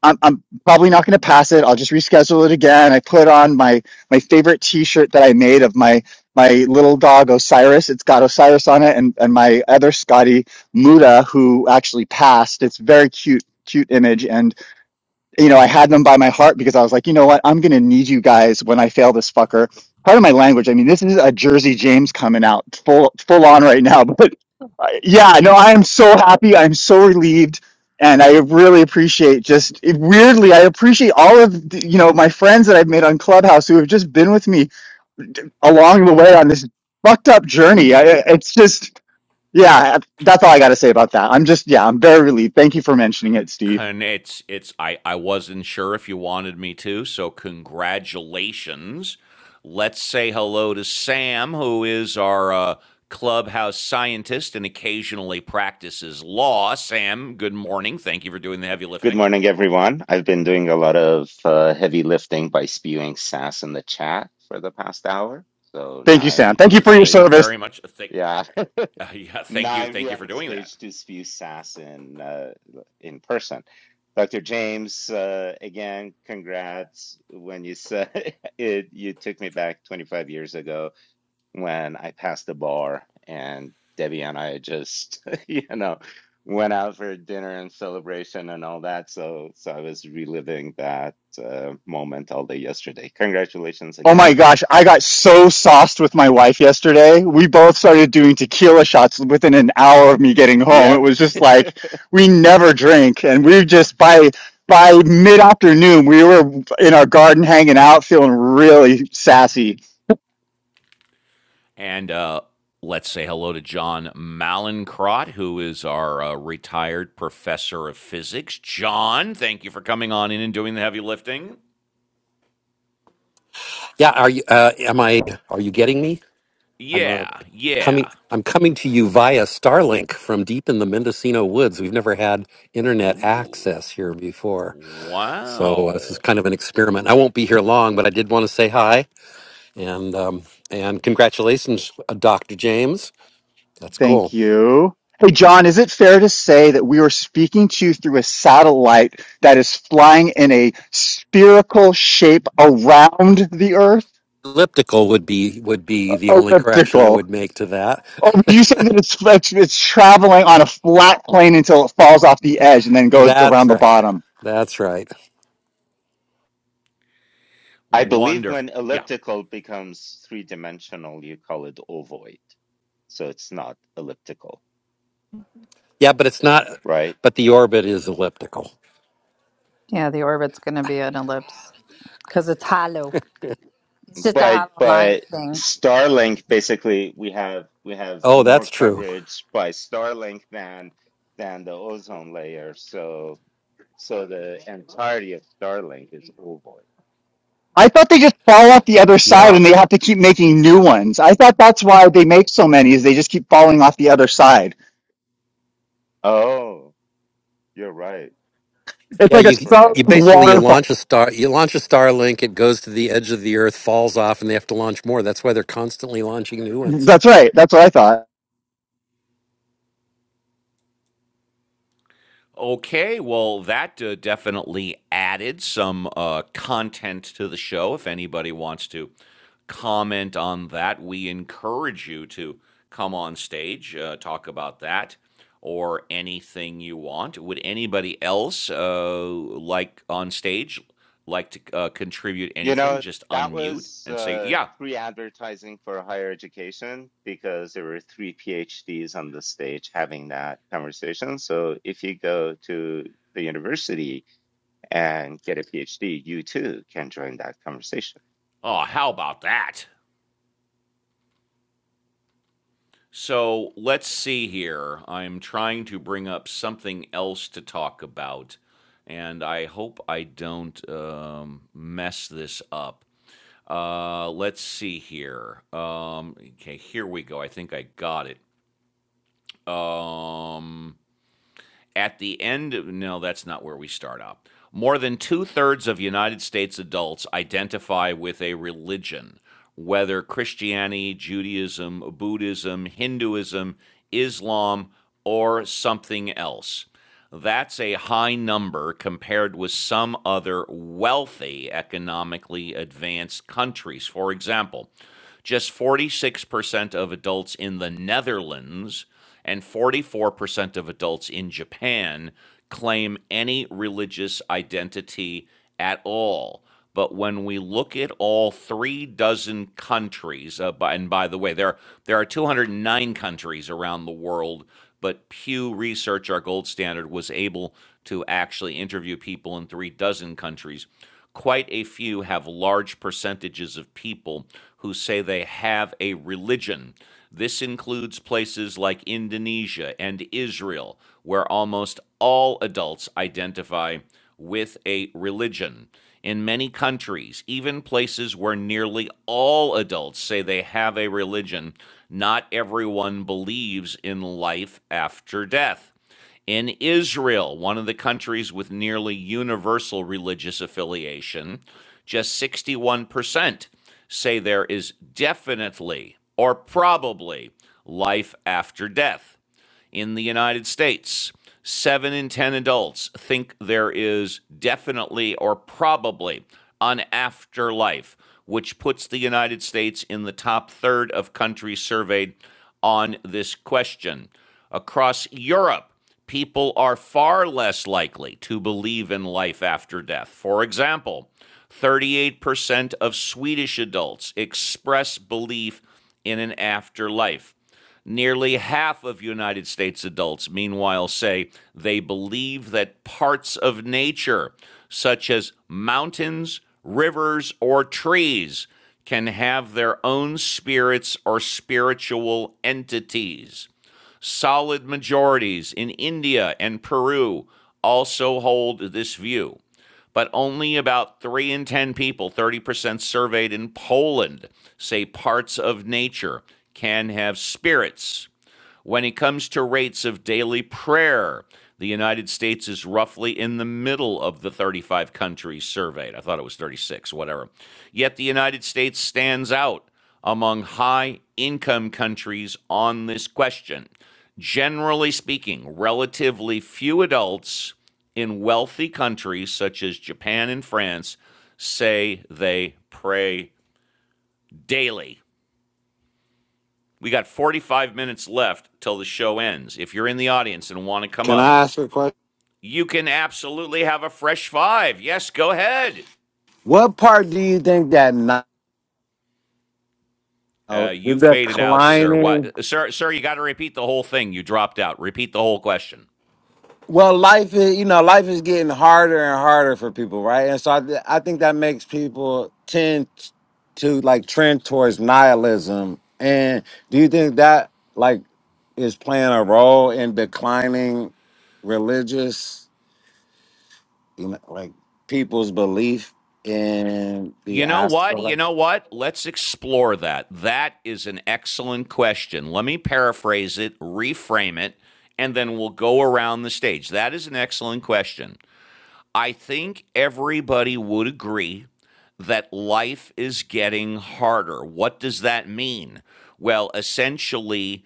I'm, I'm probably not going to pass it. I'll just reschedule it again. I put on my my favorite T-shirt that I made of my my little dog Osiris. It's got Osiris on it, and and my other Scotty Muda, who actually passed. It's very cute, cute image, and you know I had them by my heart because I was like, you know what, I'm going to need you guys when I fail this fucker. Part of my language. I mean, this is a Jersey James coming out full full on right now, but yeah, no, I am so happy. I'm so relieved. And I really appreciate just it- weirdly, I appreciate all of the, you know my friends that I've made on Clubhouse who have just been with me along the way on this fucked up journey. I, I- it's just yeah, that's all I got to say about that. I'm just yeah, I'm very relieved. Thank you for mentioning it, Steve.
Con it's it's I I wasn't sure if you wanted me to, so congratulations. Let's say hello to Sam, who is our uh, clubhouse scientist and occasionally practices law. Sam, good morning. Thank you for doing the heavy
Good
lifting.
morning, everyone. I've been doing a lot of uh, heavy lifting by spewing sass in the chat for the past hour. So now
Thank you,
I'm
Sam. Thank
on
you
the
for your
Thank you
stage.
service.
very much. Uh, Thank,
Yeah,
uh, yeah, thank
now
you,
I'm
thank you
here
for
on
doing that.
stage to spew sass in uh, in person. Dr. James, uh, again, congrats. When you said it, you took me back 25 years ago when I passed the bar and Debbie and I just, you know, went out for dinner and celebration and all that. So, so I was reliving that uh, moment all day yesterday. Congratulations
Oh my
again.
gosh, I got so sauced with my wife yesterday. We both started doing tequila shots within an hour of me getting home. It
Yep.
was just like we never drink and we just by by mid-afternoon we were in our garden hanging out feeling really sassy.
And uh, let's say hello to John Malincrot, who is our uh, retired professor of physics. John, thank you for coming on in and doing the heavy lifting.
Yeah, are you? Uh, am I? Are you getting me? I'm uh,
Yeah,
coming.
yeah.
I'm coming to you via Starlink from deep in the Mendocino woods. We've never had internet
Ooh,
access here before, so uh, this is
wow.
kind of an experiment. I won't be here long, but I did want to say hi and um, and congratulations, uh, Dr. James. That's
Thank
cool.
you. Hey John, is it fair to say that we are speaking to you through a satellite that is flying in a spherical shape around the earth?
Elliptical would be would be the only correction I
Elliptical.
would make to that.
Oh, you say that it's it's it's traveling on a flat plane until it falls off the edge and then goes
That's
around the
right.
bottom.
That's right.
I believe
Wonderful.
when
Yeah.
elliptical becomes three dimensional, you call it ovoid. So it's not elliptical,
Yeah, but it's not.
right?
But the orbit is elliptical.
Yeah, the orbit's going to be an ellipse because it's hollow. It's just a
But
hollow line
but
thing.
Starlink basically we have we have
Oh,
more
that's true.
coverage by Starlink than than the ozone layer. So so the entirety of Starlink is ovoid.
I thought they just fall off the other side
Yeah,
and they have to keep making new ones. I thought that's why they make so many is they just keep falling off the other side.
Oh, you're right.
It's
yeah.
like a
You
Forgot
Starlink
you
about that.
basically you
waterfall.
launch a star, you launch a Starlink, it goes to the edge of the Earth, falls off, and they have to launch more. That's why they're constantly launching new ones.
That's right. That's what I thought.
Okay, well, that uh, definitely added some uh, content to the show. If anybody wants to comment on that, we encourage you to come on stage, uh, talk about that or anything you want. Would anybody else uh, like on stage like to uh, contribute
You
anything?
know,
Just
that
unmute
was
and say,
uh,
yeah.
free advertising for higher education because there were three PhDs on the stage having that conversation. So if you go to the university, and get a PhD, you too can join that conversation.
Oh, how about that? So let's see here. I'm trying to bring up something else to talk about, and I hope I don't um, mess this up. Uh, let's see here. Um, okay, here we go. I think I got it. Um, at the end, no, that's not where we start out. More than two thirds of United States adults identify with a religion, whether Christianity, Judaism, Buddhism, Hinduism, Islam, or something else. That's a high number compared with some other wealthy, economically advanced countries. For example, just 46% of adults in the Netherlands and 44% of adults in Japan claim any religious identity at all. But when we look at all three dozen countries, uh, by, and by the way, there there are 209 countries around the world, but Pew Research, our gold standard, was able to actually interview people in three dozen countries. Quite a few have large percentages of people who say they have a religion. This includes places like Indonesia and Israel, where almost all adults identify with a religion. In many countries, even places where nearly all adults say they have a religion, not everyone believes in life after death. In Israel, one of the countries with nearly universal religious affiliation, just 61% say there is definitely or probably life after death in the United States. Seven in 10 adults think there is definitely or probably an afterlife, which puts the United States in the top third of countries surveyed on this question. Across Europe, people are far less likely to believe in life after death. For example, 38% of Swedish adults express belief in an afterlife. Nearly half of United States adults, meanwhile, say they believe that parts of nature, such as mountains, rivers, or trees, can have their own spirits or spiritual entities solid majorities in India and Peru also hold this view. But only about 3 in 10 people, 30% surveyed in Poland, say parts of nature can have spirits. When it comes to rates of daily prayer, the United States is roughly in the middle of the 35 countries surveyed. I thought it was 36, whatever. Yet the United States stands out among high income countries on this question. Generally speaking, relatively few adults in wealthy countries such as Japan and France say they pray daily. We got 45 minutes left till the show ends. If you're in the audience and want to come
Can
up,
I ask a question?
you can absolutely have a fresh five. Yes, go ahead.
What part do you think that now
Uh,
the
you faded out, sir.
declining?
What, sir? Sir, you got to repeat the whole thing. You dropped out. Repeat the whole question.
Well, life is you know life is getting harder and harder for people, right? And so I, th- I think that makes people tend t- to like trend towards nihilism. And do you think that like is playing a role in declining religious, you know, like people's belief in the
You know what? You
afterlife?
know what? Let's explore that. That is an excellent question. Let me paraphrase it, reframe it, and then we'll go around the stage. That is an excellent question. I think everybody would agree that life is getting harder. What does that mean? Well, essentially,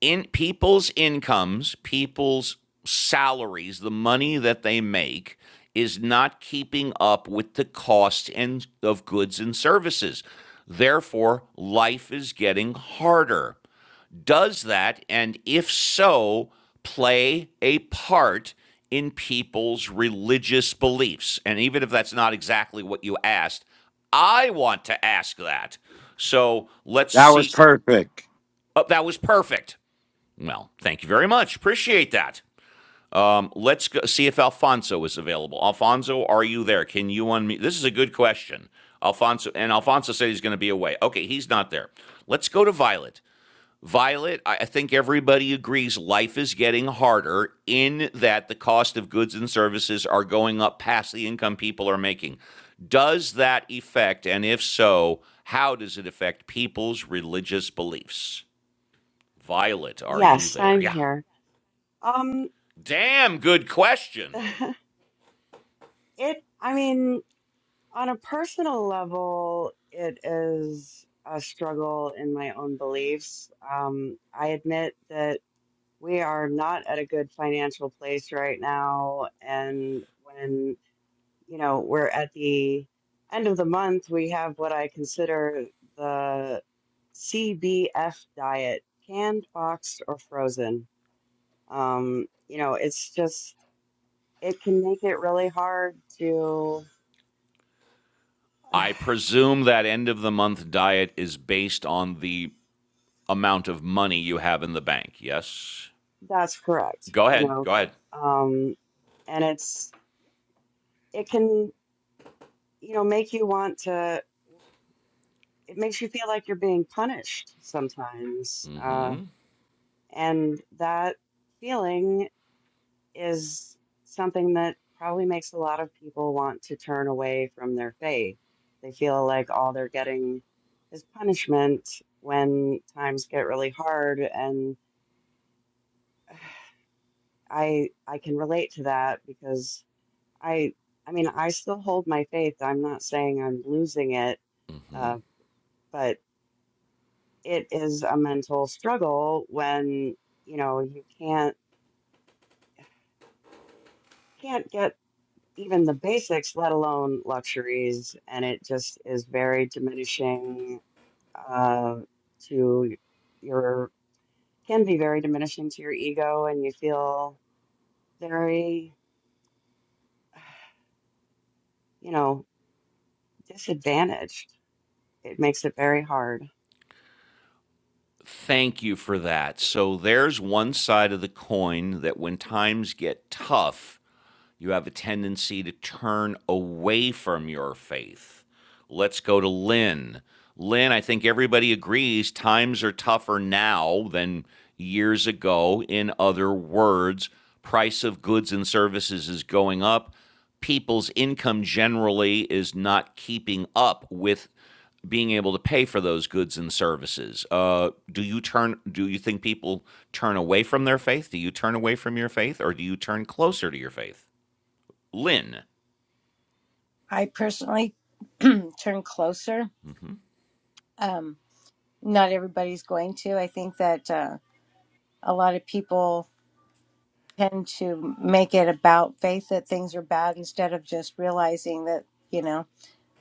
in people's incomes, people's salaries, the money that they make is not keeping up with the cost and of goods and services. Therefore, life is getting harder does that? And if so, play a part in people's religious beliefs. And even if that's not exactly what you asked, I want to ask that. So let's
That was
see.
perfect.
Oh, that was perfect. Well, thank you very much. Appreciate that. Um, let's go see if Alfonso is available. Alfonso, are you there? Can you unmute? This is a good question. Alfonso, and Alfonso said he's going to be away. Okay, he's not there. Let's go to Violet. Violet, I I think everybody agrees life is getting harder in that the cost of goods and services are going up past the income people are making. Does that affect, and if so, how does it affect people's religious beliefs? Violet, are you
Yes,
there?
I'm
Yeah.
here. Um
Damn good question.
it I mean, on a personal level, it is a struggle in my own beliefs. Um I admit that we are not at a good financial place right now and when you know, we're at the end of the month. We have what I consider the CBF diet, canned, boxed, or frozen. Um, you know, it's just, it can make it really hard to,
I presume that end of the month diet is based on the amount of money you have in the bank. Yes.
that's correct,
Go
you
ahead.
know,
Go ahead.
um, and it's, it can, you know, make you want to, it makes you feel like you're being punished sometimes. Uh, and that, feeling is something that probably makes a lot of people want to turn away from their faith. They feel like all they're getting is punishment when times get really hard and I I can relate to that because I I mean I still hold my faith. I'm not saying I'm losing it, uh, but it is a mental struggle when you know you can't can't get even the basics, let alone luxuries, and it just is very diminishing uh, to your can be very diminishing to your ego, and you feel very, you know, disadvantaged. It makes it very hard.
Thank you for that. So there's one side of the coin that when times get tough, you have a tendency to turn away from your faith. Let's go to Lynn. Lynn, I think everybody agrees times are tougher now than years ago. In other words, price of goods and services is going up. People's income generally is not keeping up with being able to pay for those goods and services. Uh, do you turn? Do you think people turn away from their faith? Do you turn away from your faith, or do you turn closer to your faith? Lynn.
I personally turn closer. Um, not everybody's going to. I think that uh, a lot of people tend to make it about faith that things are bad instead of just realizing that you know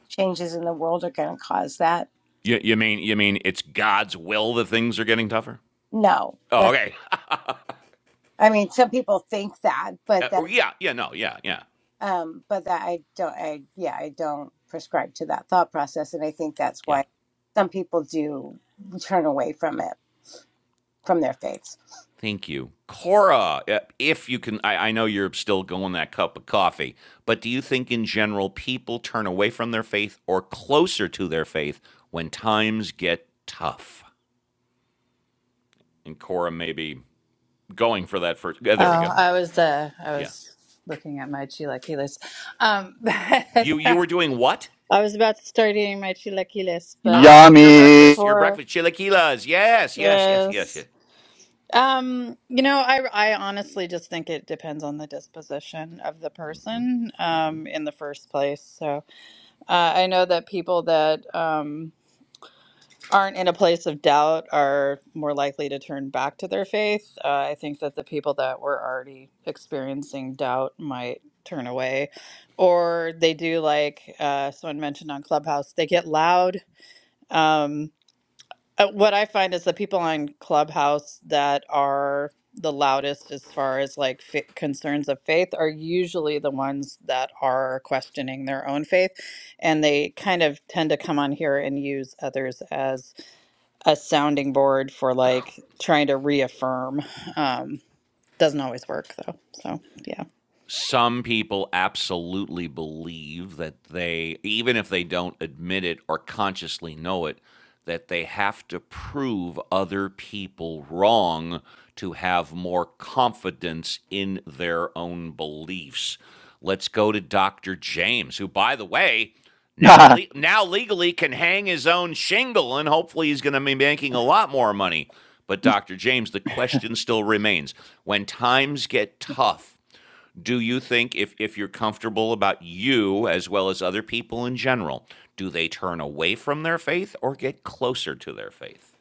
changes in the world are going to cause that
You, you mean you mean it's God's will that things are getting tougher?
no
Oh,
that's
okay.
i mean some people think that but
Yeah,
that's
yeah, yeah, no, yeah, yeah,
um but that i don't i yeah i don't prescribe to that thought process and i think that's
yeah.
why some people do turn away from it from their faiths
Thank you, Cora. uh, If you can, I, I know you're still going that cup of coffee, but do you think in general people turn away from their faith or closer to their faith when times get tough? And Cora maybe going for that first. yeah,
Oh,
there we go.
I was uh, I
Yeah.
was looking at my chilaquiles. Um,
You you
I
were doing what?
was about to start eating my chilaquiles, but I,
Oh, your
Yummy.
breakfast, your
for
breakfast chilaquiles. Yes, yes, yes, yes,
yes,
yes.
um, you know, I I honestly just think it depends on the disposition of the person, um, in the first place. So uh, I know that people that um. aren't in a place of doubt are more likely to turn back to their faith. Uh, I think that the people that were already experiencing doubt might turn away, or they do like uh, someone mentioned on Clubhouse, they get loud. Um, uh, what I find is the people on Clubhouse that are the loudest as far as like fa concerns of faith are usually the ones that are questioning their own faith and they kind of tend to come on here and use others as a sounding board for like trying to reaffirm. Um, doesn't always work though. So yeah.
some people absolutely believe that they, even if they don't admit it or consciously know it, that they have to prove other people wrong to have more confidence in their own beliefs. Let's go to Dr. James, who, by the way, now le- now legally can hang his own shingle, and hopefully he's going to be making a lot more money. But Dr. James, the question still remains: When times get tough, do you think if if you're comfortable about you as well as other people in general do they turn away from their faith or get closer to their faith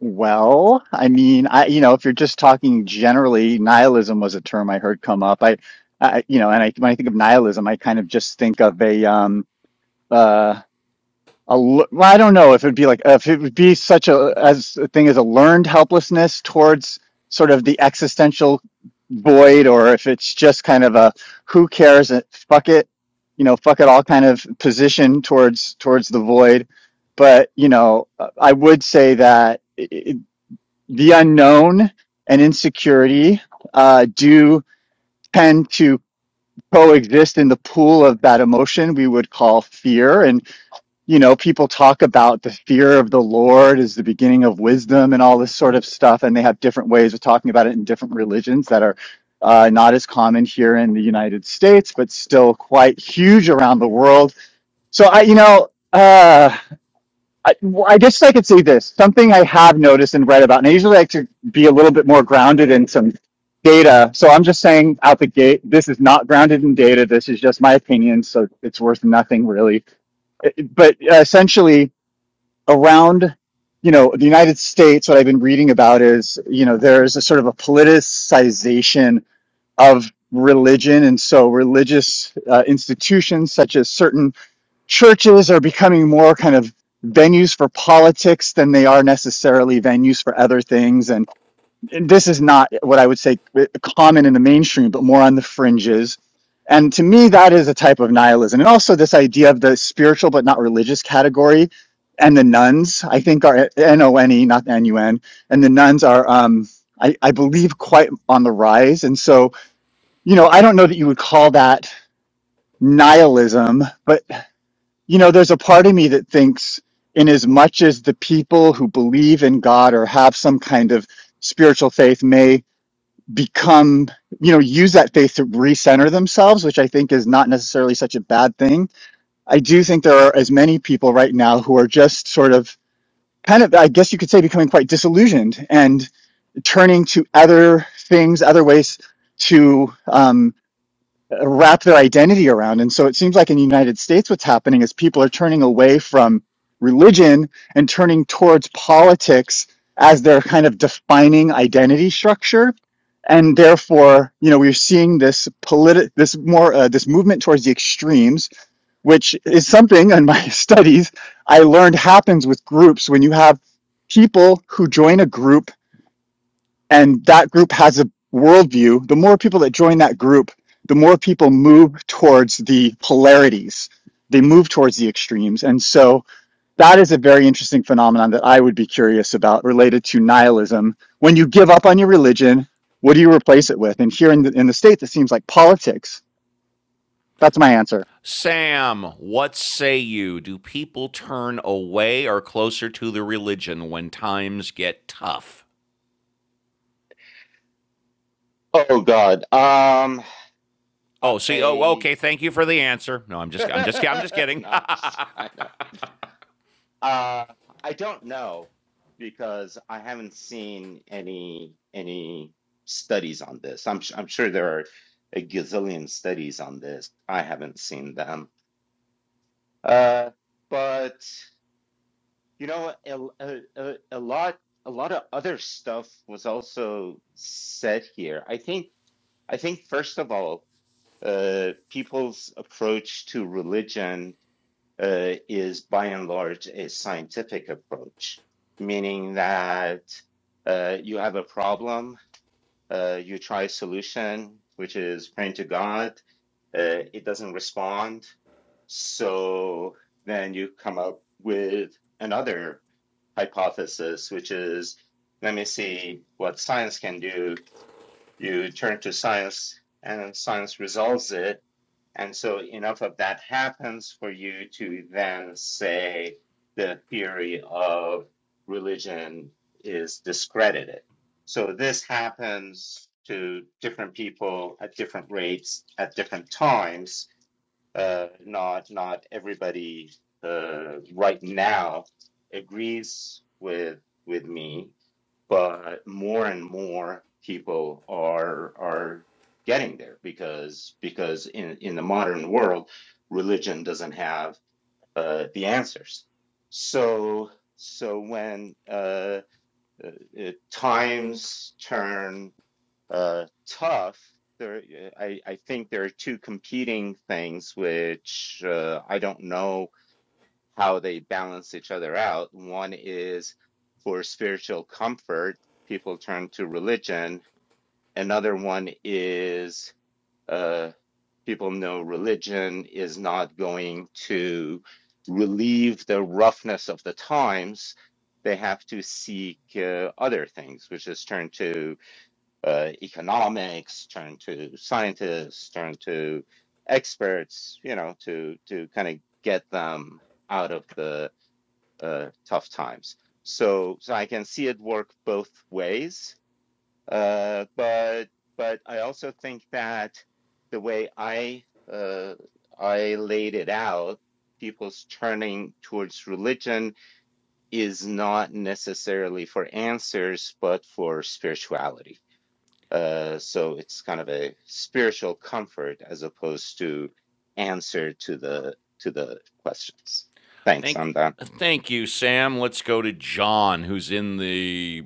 well, I mean, I you know, if you're just talking generally, nihilism was a term I heard come up. I, I you know, and I when I think of nihilism, I kind of just think of a um. uh, a l- well, I don't know if it'd be like if it would be such a as a thing as a learned helplessness towards sort of the existential void, or if it's just kind of a who cares, uh, fuck it, you know, fuck it all kind of position towards towards the void. But you know, uh, I would say that i i the unknown and insecurity uh, do tend to coexist in the pool of that emotion we would call fear and you know, people talk about the fear of the Lord is the beginning of wisdom and all this sort of stuff, and they have different ways of talking about it in different religions that are uh, not as common here in the United States, but still quite huge around the world. So I, you know, uh, I, well, I guess I could say this something I have noticed and read about, and I usually like to be a little bit more grounded in some data. So I'm just saying out the gate, this is not grounded in data. This is just my opinion, so it's worth nothing really. But uh, essentially around you know the united states what i've been reading about is you know there is a sort of a politicization of religion and so religious uh, institutions such as certain churches are becoming more kind of venues for politics than they are necessarily venues for other things and and this is not what I would say uh, common in the mainstream, but more on the fringes. And to me, that is a type of nihilism. And also this idea of the spiritual but not religious category and the nuns, I think are N-O-N-E, not N-U-N. And the nuns are, um, I, I believe, quite on the rise. And so, you know, I don't know that you would call that nihilism, but, you know, there's a part of me that thinks in as much as the people who believe in God or have some kind of spiritual faith may become, you know, use that faith to recenter themselves, which I think is not necessarily such a bad thing. I do think there are as many people right now who are just sort of kind of, I guess you could say, becoming quite disillusioned and turning to other things, other ways to um, wrap their identity around. And so it seems like in the United States, what's happening is people are turning away from religion and turning towards politics as their kind of defining identity structure. And therefore, you know, we're seeing this politi- this more, uh, this movement towards the extremes, which is something in my studies I learned happens with groups when you have people who join a group and that group has a worldview, the more people that join that group, the more people move towards the polarities. They move towards the extremes. And so that is a very interesting phenomenon that I would be curious about related to nihilism. When you give up on your religion, what do you replace it with? And here in the, in the States, it seems like politics. That's my answer.
sam what say you do people turn away or closer to the religion when times get tough
Oh God. Um,
oh see oh
I
okay thank you for the answer no i'm just i'm just i'm just kidding
no, I'm just- I know. Uh, I don't know because I haven't seen any any studies on this. I'm su- I'm sure there are a gazillion studies on this. I haven't seen them. Uh, but you know, a a a a lot a lot of other stuff was also said here. I think I think, first of all, uh, people's approach to religion uh, is by and large a scientific approach, meaning that uh, you have a problem, uh, you try a solution, which is praying to God, uh, it doesn't respond. So then you come up with another hypothesis, which is let me see what science can do you turn to science and science resolves it. And so enough of that happens for you to then say the theory of religion is discredited. So this happens to different people at different rates at different times. Uh, not not everybody uh, right now agrees with with me but more and more people are are getting there because because in in the modern world religion doesn't have uh, the answers so so when uh, uh, uh, times turn uh, tough there uh, I, I think there are two competing things which uh, I don't know how they balance each other out. One is for spiritual comfort, people turn to religion. Another one is uh, people know religion is not going to relieve the roughness of the times. They have to seek uh, other things, which is turn to uh, economics, turn to scientists, turn to experts, you know, to to kind of get them out of the uh, tough times. So, so I can see it work both ways. Uh, but but I also think that the way I uh, I laid it out, people's turning towards religion is not necessarily for answers, but for spirituality. Uh, so it's kind of a spiritual comfort as opposed to answer to the to the questions. Thanks,
thank
I'm done.
thank you sam let's go to john who's in the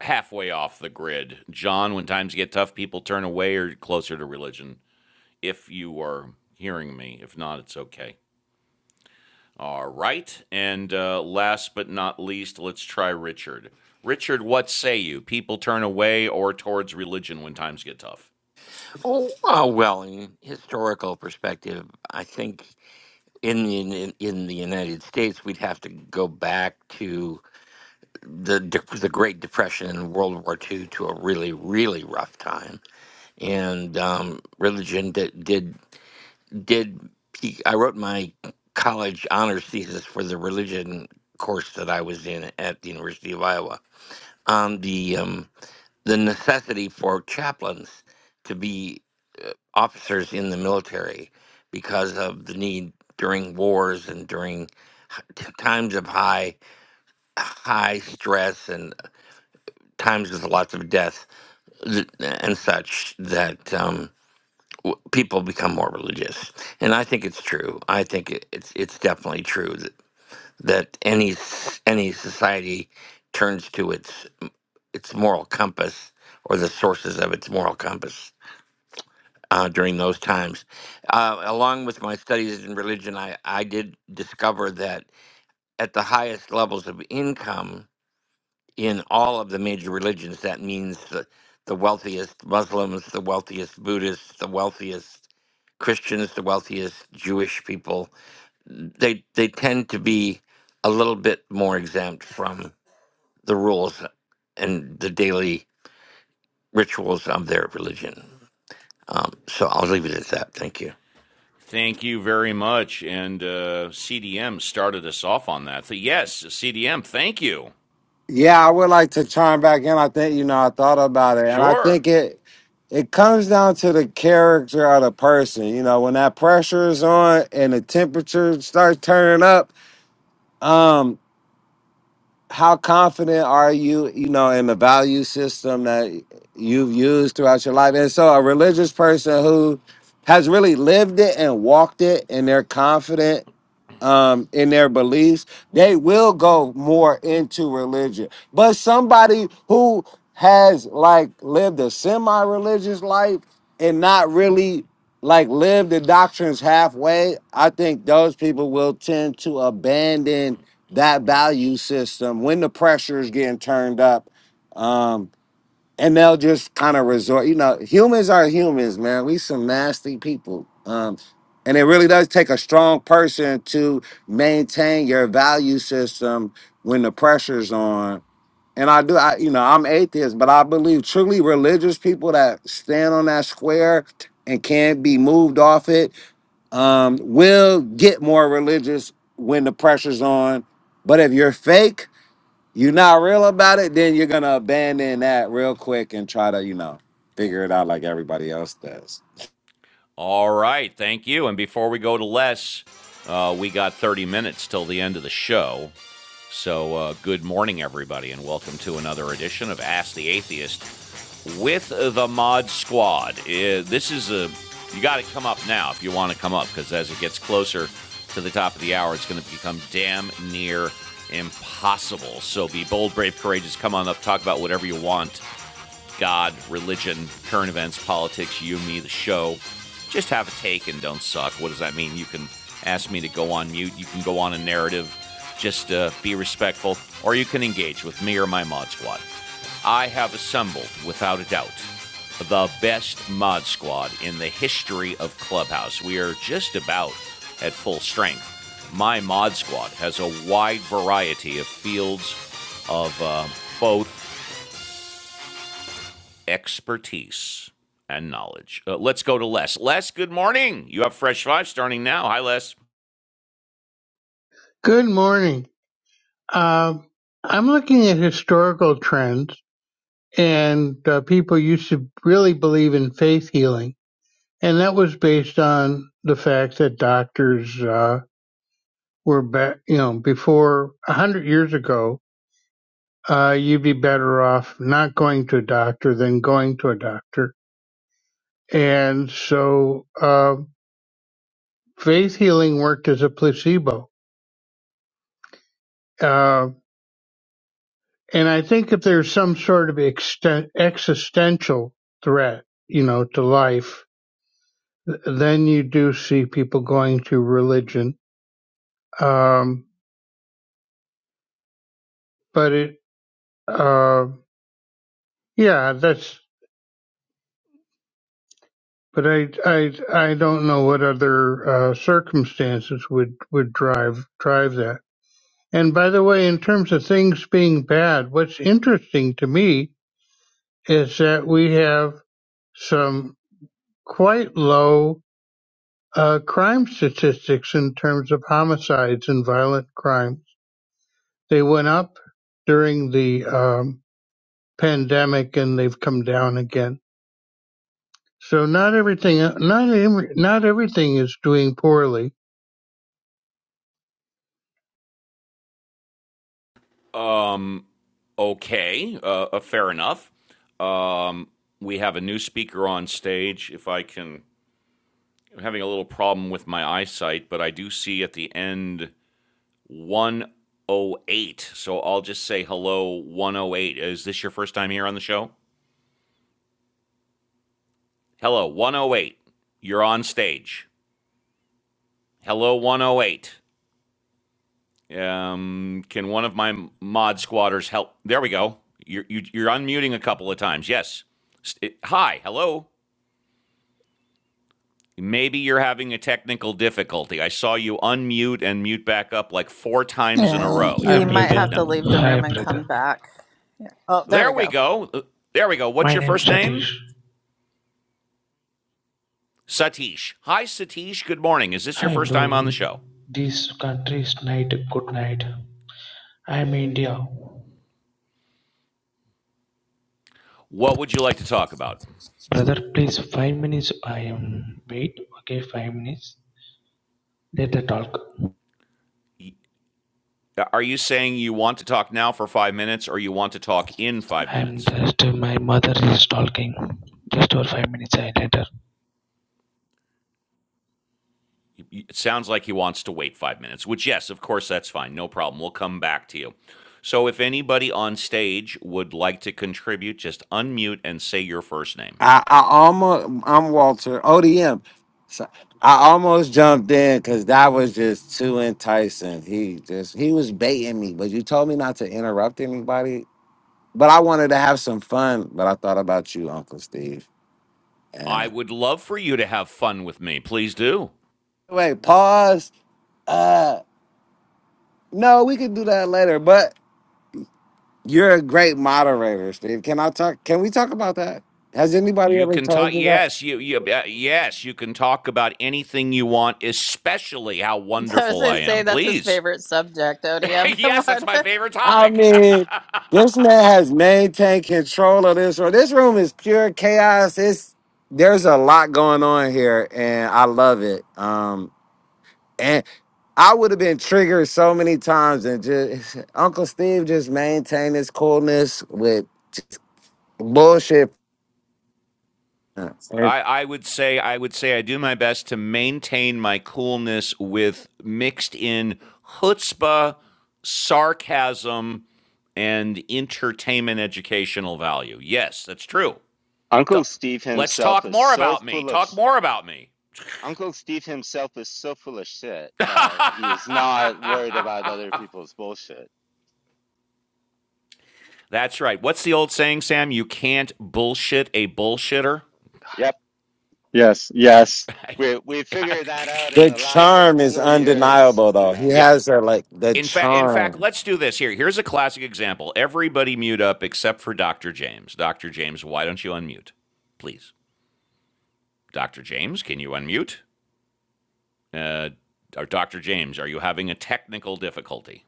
halfway off the grid john when times get tough people turn away or closer to religion if you are hearing me. If not, it's okay. All right. And uh, last but not least, let's try Richard. Richard, what say you? People turn away or towards religion when times get tough.
Oh, uh, well, in historical perspective, I think in the in, in the United States, we'd have to go back to the de- the Great Depression and World War II to a really really rough time, and um, religion did did did. peak- I wrote my college honors thesis for the religion course that I was in at the University of Iowa on the um, the necessity for chaplains to be uh, officers in the military because of the need during wars and during t- times of high high stress and times with lots of death th- and such that um, w- people become more religious and i think it's true i think it, it's it's definitely true that, that any s- any society turns to its its moral compass or the sources of its moral compass uh, during those times. Uh, along with my studies in religion, I, I did discover that at the highest levels of income in all of the major religions, that means the, the wealthiest Muslims, the wealthiest Buddhists, the wealthiest Christians, the wealthiest Jewish people, they, they tend to be a little bit more exempt from the rules and the daily rituals of their religion. Um, so I'll leave it at that. Thank you.
Thank you very much. And uh, CDM started us off on that. So yes, CDM, thank you.
Yeah, I would like to chime back in. I think you know I thought about it, and I
Sure.
think it it comes down to the character of the person. You know, when that pressure is on and the temperature starts turning up, um, how confident are you? You know, in the value system that you've used throughout your life, and so a religious person who has really lived it and walked it, and they're confident um in their beliefs they will go more into religion but somebody who has like lived a semi-religious life and not really like lived the doctrines halfway i think those people will tend to abandon that value system when the pressure is getting turned up um, and they'll just kind of resort. You know, humans are humans, man. We some nasty people. Um, and it really does take a strong person to maintain your value system when the pressure's on. And I do, I you know, I'm atheist, but I believe truly religious people that stand on that square and can't be moved off it um, will get more religious when the pressure's on. But if you're fake, you're not real about it, then you're gonna abandon that real quick and try to, you know, figure it out like everybody else does.
All right, thank you. And before we go to Les, uh, we got 30 minutes till the end of the show. So, uh, good morning, everybody, and welcome to another edition of Ask the Atheist with the Mod Squad. Uh, this is a, you got to come up now if you want to come up, because as it gets closer to the top of the hour, it's going to become damn near impossible. So, be bold, brave, courageous, come on up, talk about whatever you want. God, religion, current events, politics, you, me, the show. Just have a take and don't suck. What does that mean? You can ask me to go on mute. You can go on a narrative. Just uh, be respectful. Or you can engage with me or my mod squad. I have assembled, without a doubt, the best mod squad in the history of Clubhouse. We are just about at full strength. My mod squad has a wide variety of fields of uh, both expertise and knowledge. Uh, let's go to Les. Les, good morning. You have Fresh Five starting now. Hi, Les.
Good morning. Um, I'm looking at historical trends, and uh, people used to really believe in faith healing, and that was based on the fact that doctors uh, were, be- you know, before a hundred years ago, uh, you'd be better off not going to a doctor than going to a doctor, and so uh, faith healing worked as a placebo. Uh, And I think if there's some sort of exten- existential threat, you know, to life, th- then you do see people going to religion. Um, but it, uh, yeah, that's, but I, I, I don't know what other, uh, circumstances would, would drive, drive that. And by the way, in terms of things being bad, what's interesting to me is that we have some quite low uh, crime statistics in terms of homicides and violent crimes. They went up during the um, pandemic and they've come down again. So not everything, not every, not everything is doing poorly.
Um, okay, uh, uh, fair enough. Um, we have a new speaker on stage. If I can, I'm having a little problem with my eyesight, but I do see at the end 108. So I'll just say hello, 108. Is this your first time here on the show? Hello, 108. You're on stage. Hello, 108. Um, can one of my mod squatters help? There we go. You're, you, you're unmuting a couple of times. Yes. it- hi. Hello. Maybe you're having a technical difficulty. I saw you unmute and mute back up like four times in a
Yeah,
row.
Hi
You're
you might
brother,
muted
have to
now.
leave the
hi
room and
brother.
come back. Yeah. Oh, there
There
we
we
go.
go. Uh, There we go.
My
What's your
name
first name?
Satish.
Satish. Hi, Satish. Good morning. Is this your
Hi
first
bro.
time
In
on the show?
this country is night, good night. I am India.
What would you like to talk about?
Brother, please five minutes. I am wait. Okay, five minutes. Let the talk.
Are you saying you want to talk now for five minutes or you want to talk in five
I am
minutes?
just my mother is talking. Just for five minutes. I later.
It sounds like he wants to wait five minutes, which, yes, of course, that's fine. No problem. We'll come back to you. So, if anybody on stage would like to contribute, just unmute and say your first name.
I, I almost, I'm Walter ODM. So I almost jumped in because that was just too enticing. He just he was baiting me, but you told me not to interrupt anybody. But I wanted to have some fun. But I thought about you, Uncle Steve.
I
And
would love for you to have fun with me. Please do.
wait, pause. Uh, no, we could do that later. But You're a great moderator, Steve. Can I talk? Can we talk about that? Has anybody
You
ever
can
told
talk.
you that?
Yes, you. you uh, yes, you can talk about anything you want, especially how
I was
wonderful
going
I
to say
am.
that's his
Please.
favorite subject, ODM. Come
yes, that's
on.
my favorite
I
topic.
mean, this man has maintained control of this room. This room is pure chaos. It's there's a lot going on here, and I love it. Um, and I would have been triggered so many times, and just Uncle Steve just maintained his coolness with bullshit. And
I, I would say I would say I do my best to maintain my coolness with mixed in chutzpah, sarcasm, and entertainment educational value. Yes, that's true. T-
Uncle Steve
Let's
himself
talk
is
more
so
about me.
full of
Talk
sh-
more about me.
Uncle Steve himself is so full of shit that he is not worried about other people's bullshit.
That's right. What's the old saying, Sam? You can't bullshit a bullshitter.
Yep,
Yes, yes.
we we figured that out in
the
the last
charm is
four years.
undeniable, though. He
Yeah.
yeah.
has a like the
In fact, in fact,
charm.
let's do this here. Here's a classic example. Everybody mute up except for Dr. James. Dr. James, why don't you unmute, please? Dr. James, can you unmute? Uh, or Dr. James, are you having a technical difficulty?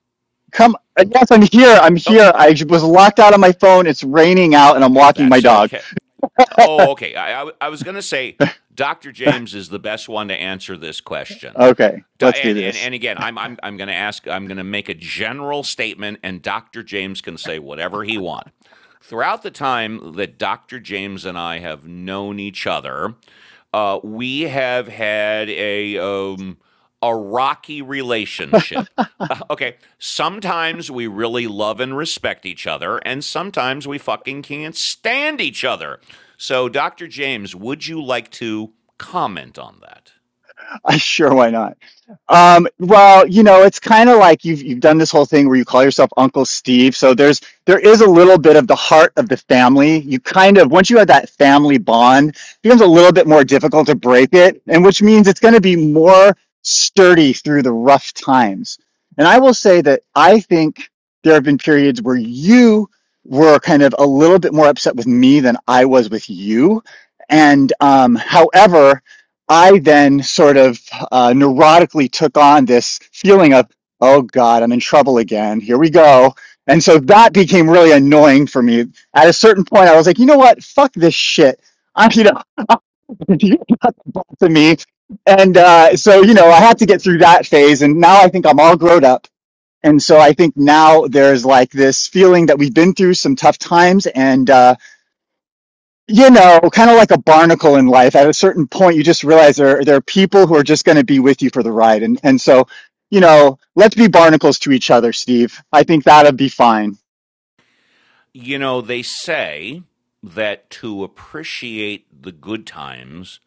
Come, yes, I'm here. I'm
Oh,
here. I was locked out of my phone. It's raining out and I'm walking my
that's
dog.
okay. Oh, okay. I I, I was going to say Dr. James is the best one to answer this question.
Okay,
Do-
let's do
And, and,
this.
and again, I'm, I'm, I'm going to ask, I'm going to make a general statement, and Dr. James can say whatever he wants. Throughout the time that Dr. James and I have known each other, uh, we have had a, um, a rocky relationship. Uh, Okay, sometimes we really love and respect each other, and sometimes we fucking can't stand each other. So, Dr. James, would you like to comment on that?
I sure, why not? Um, well, you know, it's kind of like you've you've done this whole thing where you call yourself Uncle Steve. So there's there is a little bit of the heart of the family. You kind of once you have that family bond, it becomes a little bit more difficult to break it, and which means it's going to be more sturdy through the rough times. And I will say that I think there have been periods where you were kind of a little bit more upset with me than I was with you. And um, however, I then sort of uh, neurotically took on this feeling of, oh God, I'm in trouble again. Here we go. And so that became really annoying for me. At a certain point, I was like, you know what? Fuck this shit. I'm, you know, to me. And uh, so, you know, I had to get through that phase. And now I think I'm all grown up. And so I think now there's like this feeling that we've been through some tough times. And, uh, you know, kind of like a barnacle in life. At a certain point, you just realize there there are people who are just going to be with you for the ride, and and so you know, let's be barnacles to each other, Steve. I think that'll be fine.
You know, they say that to appreciate the good times,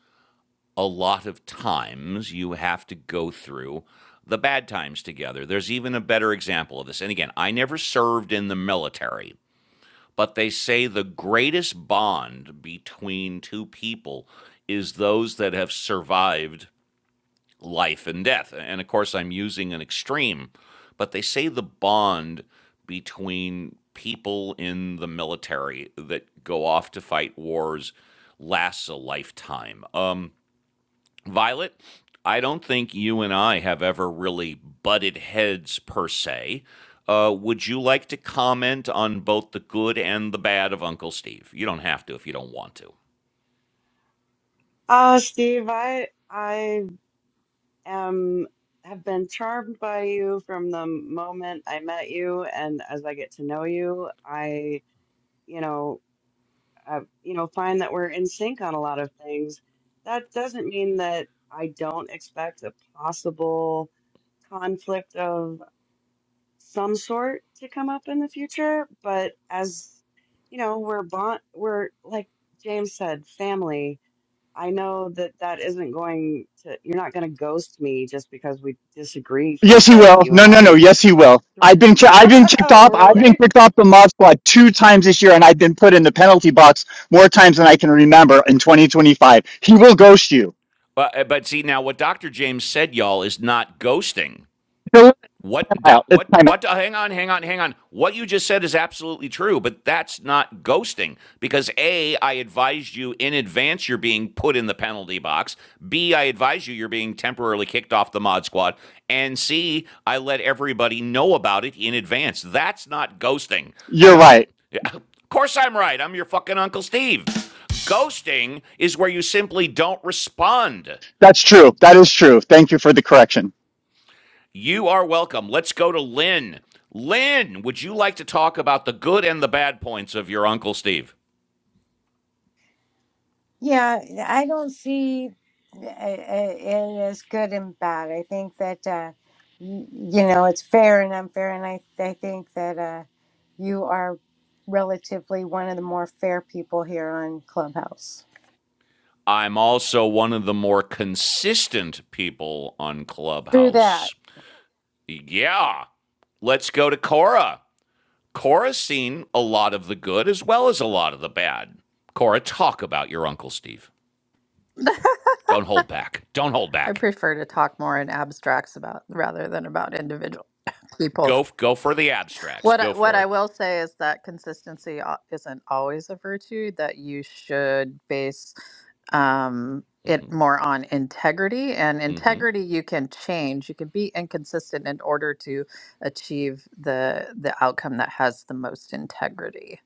a lot of times you have to go through the bad times together. There's even a better example of this. And again, I never served in the military, but they say the greatest bond between two people is those that have survived life and death. And of course, I'm using an extreme, but they say the bond between people in the military that go off to fight wars lasts a lifetime. Um, Violet, I don't think you and I have ever really butted heads per se. Uh, would you like to comment on both the good and the bad of Uncle Steve? You don't have to if you don't want to.
Uh, Steve, I I am have been charmed by you from the moment I met you, and as I get to know you, I you know uh, you know, find that we're in sync on a lot of things. That doesn't mean that I don't expect a possible conflict of some sort to come up in the future. But as you know, we're bond, we're like James said, family. I know that that isn't going to, you're not going to ghost me just because we disagree for
Yes,
a
he
bit.
will.
You
No,
and
no, no.
I
Yes,
can
he
work
will.
through.
I've been ki- I've been kicked
oh,
off. I've been
really?
kicked off the mod squad two times this year, and I've been put in the penalty box more times than I can remember in 2025. He will ghost you.
But, uh, but see, now what Dr. James said, y'all, is not ghosting.
He'll let him
What
out. It's
what
time. out.
what hang on, hang on, hang on. What you just said is absolutely true, but that's not ghosting because A, I advised you in advance you're being put in the penalty box. B, I advise you you're being temporarily kicked off the mod squad. And C, I let everybody know about it in advance. That's not ghosting.
You're
Ghost
right.
Yeah, Of course I'm right. I'm your fucking Uncle Steve. Ghosting is where you simply don't respond.
That's true. That is true. Thank you for the correction.
You are welcome. Let's go to Lynn. Lynn, would you like to talk about the good and the bad points of your Uncle Steve?
Yeah, I don't see uh, uh, it as good and bad. I think that uh, y- you know it's fair and unfair, and I I think that uh, you are relatively one of the more fair people here on Clubhouse.
I'm also one of the more consistent people on
Through that,
Clubhouse. Yeah. Let's go to Cora. Cora's seen a lot of the good as well as a lot of the bad. Cora, talk about your Uncle Steve. Don't hold back. Don't hold
I
back.
prefer to talk more in abstracts about rather than about individual people.
Go go for the abstracts.
What
Go
I, what
for
I
it.
will say is that consistency al- isn't always a virtue. That you should base um, it more on integrity, and integrity you can change. You can be inconsistent in order to achieve the the outcome that has the most integrity.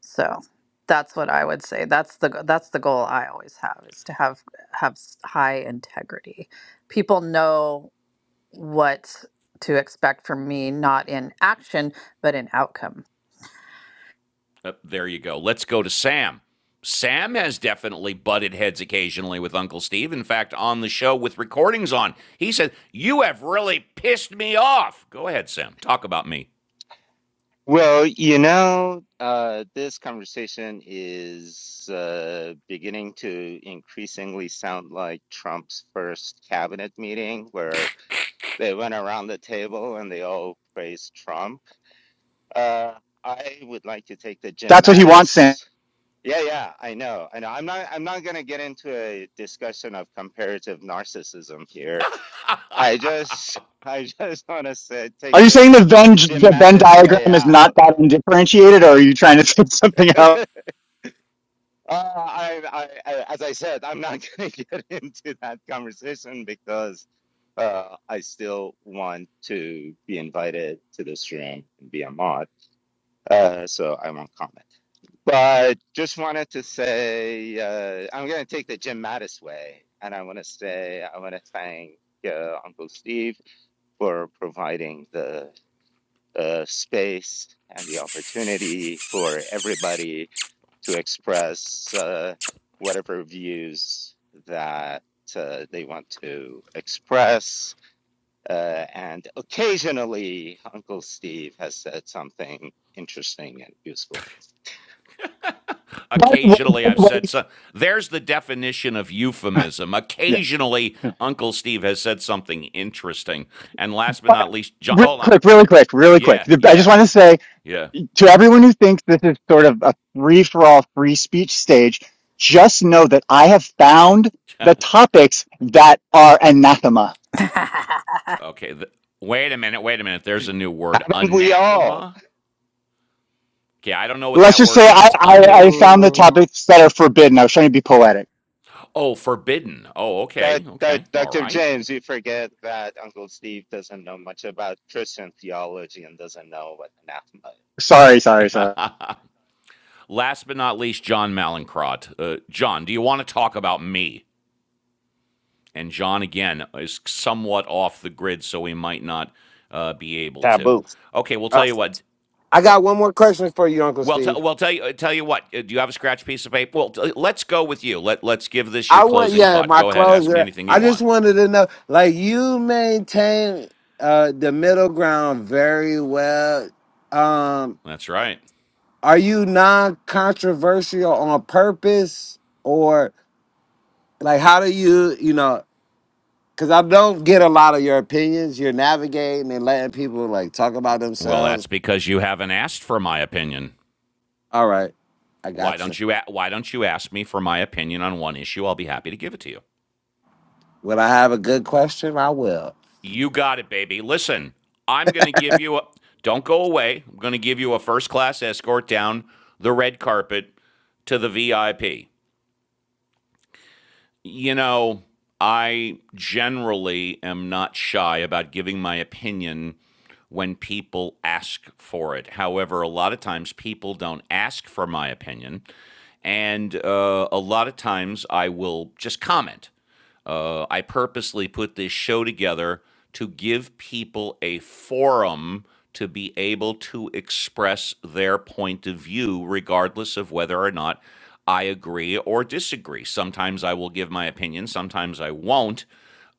So that's what I would say. That's the g- that's the goal I always have is to have have s- high integrity. People know what to expect from me, not in action, but in outcome.
Uh, there you go. Let's go to Sam. Sam has definitely butted heads occasionally with Uncle Steve. In fact, on the show with recordings on, he said, You have really pissed me off. Go ahead, Sam. Talk about me.
Well, you know, uh, this conversation is uh, beginning to increasingly sound like Trump's first cabinet meeting, where they went around the table and they all praised Trump. Uh, I would like to take the Jim
That's what he wants, Sam.
Mattis. Yeah, yeah, I know. I know. I'm not I'm not gonna get into a discussion of comparative narcissism here. I just I just want to say, take
Are you
the
saying the Venn
Jim
the Venn
Mattis way
diagram is not
out.
that undifferentiated, or are you trying to say something else?
Uh, I, I, I, as I said, I'm not going to get into that conversation because uh, I still want to be invited to this room and be a mod. uh, so I won't comment. But just wanted to say uh, I'm going to take the Jim Mattis way, and I want to say I want to thank uh, Uncle Steve for providing the uh, space and the opportunity for everybody to express uh, whatever views that uh, they want to express. Uh, and occasionally, Uncle Steve has said something interesting and useful.
By the way,
Occasionally,
by
I've
the
said so. There's the definition of
way,
euphemism.
yeah.
Occasionally, Uncle Steve has said something interesting. And last but
But
not least, John.
really
Oh,
quick, really quick, really quick.
yeah,
The- I just
yeah,
want to say
yeah.
to everyone who thinks this is sort of a free for all free speech stage, just know that I have found the topics that are anathema.
Okay. th- wait a minute. Wait a minute. There's a new word
Haven't we all?
anathema. Okay, I don't know what
Let's
that
just
word
say I,
means.
I, I found
Anathema.
the
Ooh.
topics that are forbidden. I was trying to be poetic.
Oh, forbidden. Oh,
Doc-
okay,
Doc-
okay, all
Dr.
right.
James, you forget that Uncle Steve doesn't know much about Christian theology and doesn't know what anathema is.
Sorry, sorry, sorry.
Last but not least, John Malincrot. Uh, John, do you want to talk about me? And John again is somewhat off the grid, so we might not uh, be able to.
Taboo.
Okay, we'll
Uh,
tell you what.
I got one more question for you, Uncle
Well, t-
Steve.
well, tell you, uh, tell you what. Uh, do you have a scratch piece of paper? Well, t- uh, let's go with you. Let Let's give this your
I want,
closing
yeah,
thought.
my
Go ahead. Ask me
closer.
anything
I
you
just
want.
wanted to know, like, you maintain uh, the middle ground very well. Um,
That's right.
are you non-controversial on purpose, or like, how do you, you know? Because I don't get a lot of your opinions. You're navigating and letting people like talk about
Well, that's
themselves.
because you haven't asked for my opinion.
All right, I
Why
got you.
don't you a- why don't you ask me for my opinion on one issue? I'll be happy to give it to you.
Will I have a good question? I will.
You got it, baby. Listen, I'm going to give you a don't go away. I'm going to give you a first class escort down the red carpet to the VIP. You know, I generally am not shy about giving my opinion when people ask for it. However, a lot of times people don't ask for my opinion. And uh, a lot of times I will just comment Uh, I purposely put this show together to give people a forum to be able to express their point of view, regardless of whether or not I agree or disagree. Sometimes I will give my opinion, sometimes I won't.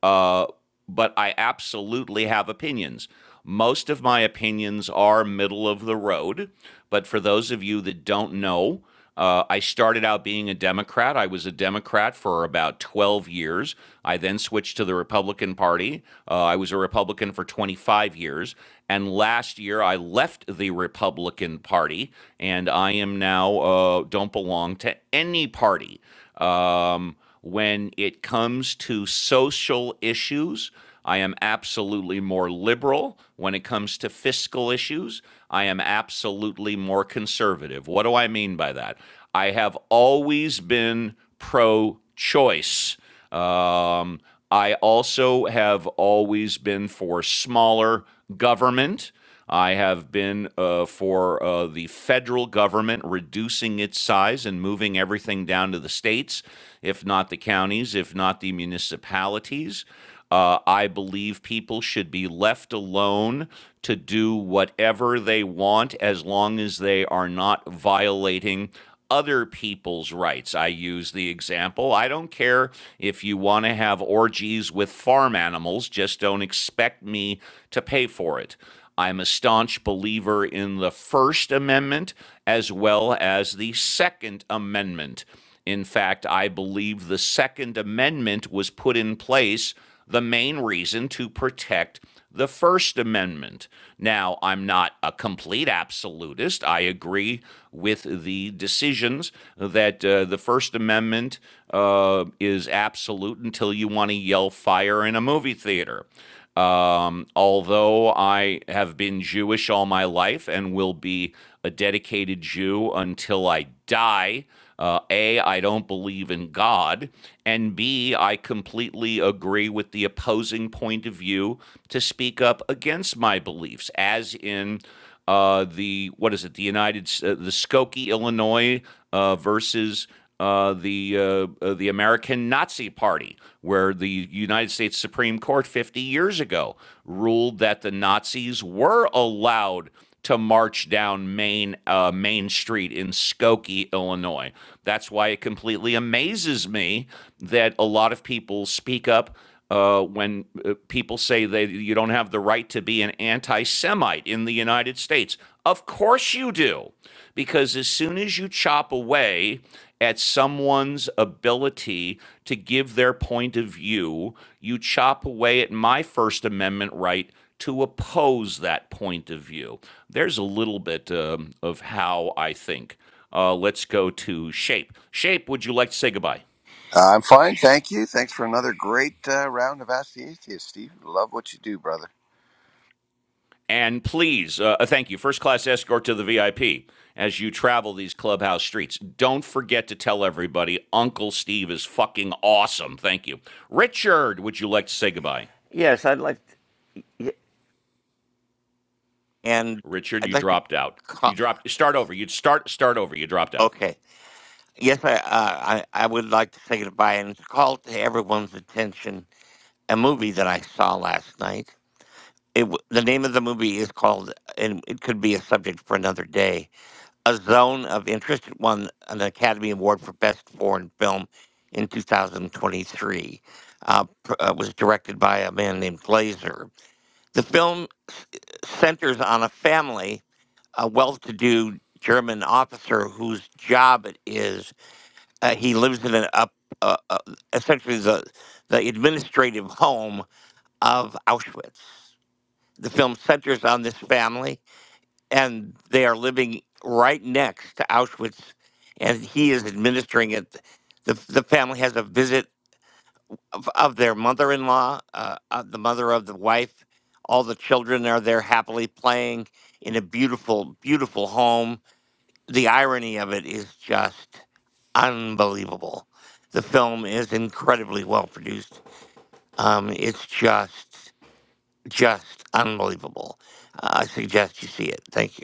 Uh, but I absolutely have opinions. Most of my opinions are middle of the road. But for those of you that don't know, uh, I started out being a Democrat. I was a Democrat for about 12 years. I then switched to the Republican Party. Uh, I was a Republican for 25 years. And last year, I left the Republican Party, and I am now uh, don't belong to any party. Um, when it comes to social issues, I am absolutely more liberal. When it comes to fiscal issues, I am absolutely more conservative. What do I mean by that? I have always been pro choice. Um, I also have always been for smaller government. I have been uh, for uh, the federal government reducing its size and moving everything down to the states, if not the counties, if not the municipalities. Uh, I believe people should be left alone to do whatever they want as long as they are not violating other people's rights. I use the example I don't care if you want to have orgies with farm animals, just don't expect me to pay for it. I'm a staunch believer in the First Amendment as well as the Second Amendment. In fact, I believe the Second Amendment was put in place the main reason to protect the First Amendment. Now, I'm not a complete absolutist. I agree with the decisions that uh, the First Amendment uh, is absolute until you want to yell fire in a movie theater. Um, although I have been Jewish all my life and will be a dedicated Jew until I die, uh, A, I don't believe in God, and B, I completely agree with the opposing point of view to speak up against my beliefs, as in uh, the what is it? The United uh, the Skokie, Illinois uh, versus uh, the uh, uh, the American Nazi Party, where the United States Supreme Court 50 years ago ruled that the Nazis were allowed to march down Main uh, Main Street in Skokie, Illinois. That's why it completely amazes me that a lot of people speak up uh, when uh, people say they you don't have the right to be an anti-Semite in the United States. Of course you do, because as soon as you chop away at someone's ability to give their point of view, you chop away at my First Amendment right to oppose that point of view. There's a little bit um, of how I think. Uh, let's go to Shape. Shape, would you like to say goodbye?
I'm fine, thank you. Thanks for another great uh, round of Ask the Atheist, Steve. Love what you do, brother.
And please, uh, uh, thank you, first class escort to the VIP as you travel these clubhouse streets. Don't forget to tell everybody Uncle Steve is fucking awesome. Thank you. Richard, would you like to say goodbye?
Yes, I'd like. Y- And
Richard,
I'd
you
like to
dropped out. You
call.
dropped, start over. You'd start, start over. You dropped out.
Okay. Yes, I, uh, I I would like to say goodbye and call to everyone's attention a movie that I saw last night. It, w- the name of the movie is called, and it could be a subject for another day. A Zone of Interest It won an Academy Award for Best Foreign Film in 2023. Uh, pr- uh, was directed by a man named Glazer. The film s- uh, centers on a family a well-to-do German officer whose job it is. Uh, he lives in an up, uh, uh, essentially the the administrative home of Auschwitz. The film centers on this family, and they are living right next to Auschwitz, and he is administering it. the The family has a visit of, of their mother-in-law, uh, uh, the mother of the wife. All the children are there happily playing in a beautiful, beautiful home the irony of it is just unbelievable. The film is incredibly well produced. Um, it's just, just unbelievable. Uh, I suggest you see it. Thank you.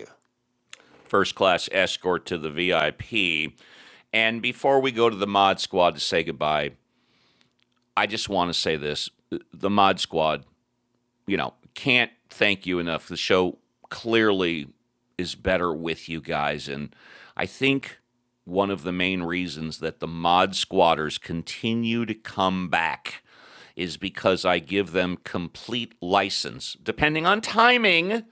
First class escort to the VIP. And before we go to the mod squad to say goodbye, I just want to say this the mod squad you know, can't thank you enough. The show clearly is better with you guys. And I think one of the main reasons that the mod squatters continue to come back is because I give them complete license, depending on timing,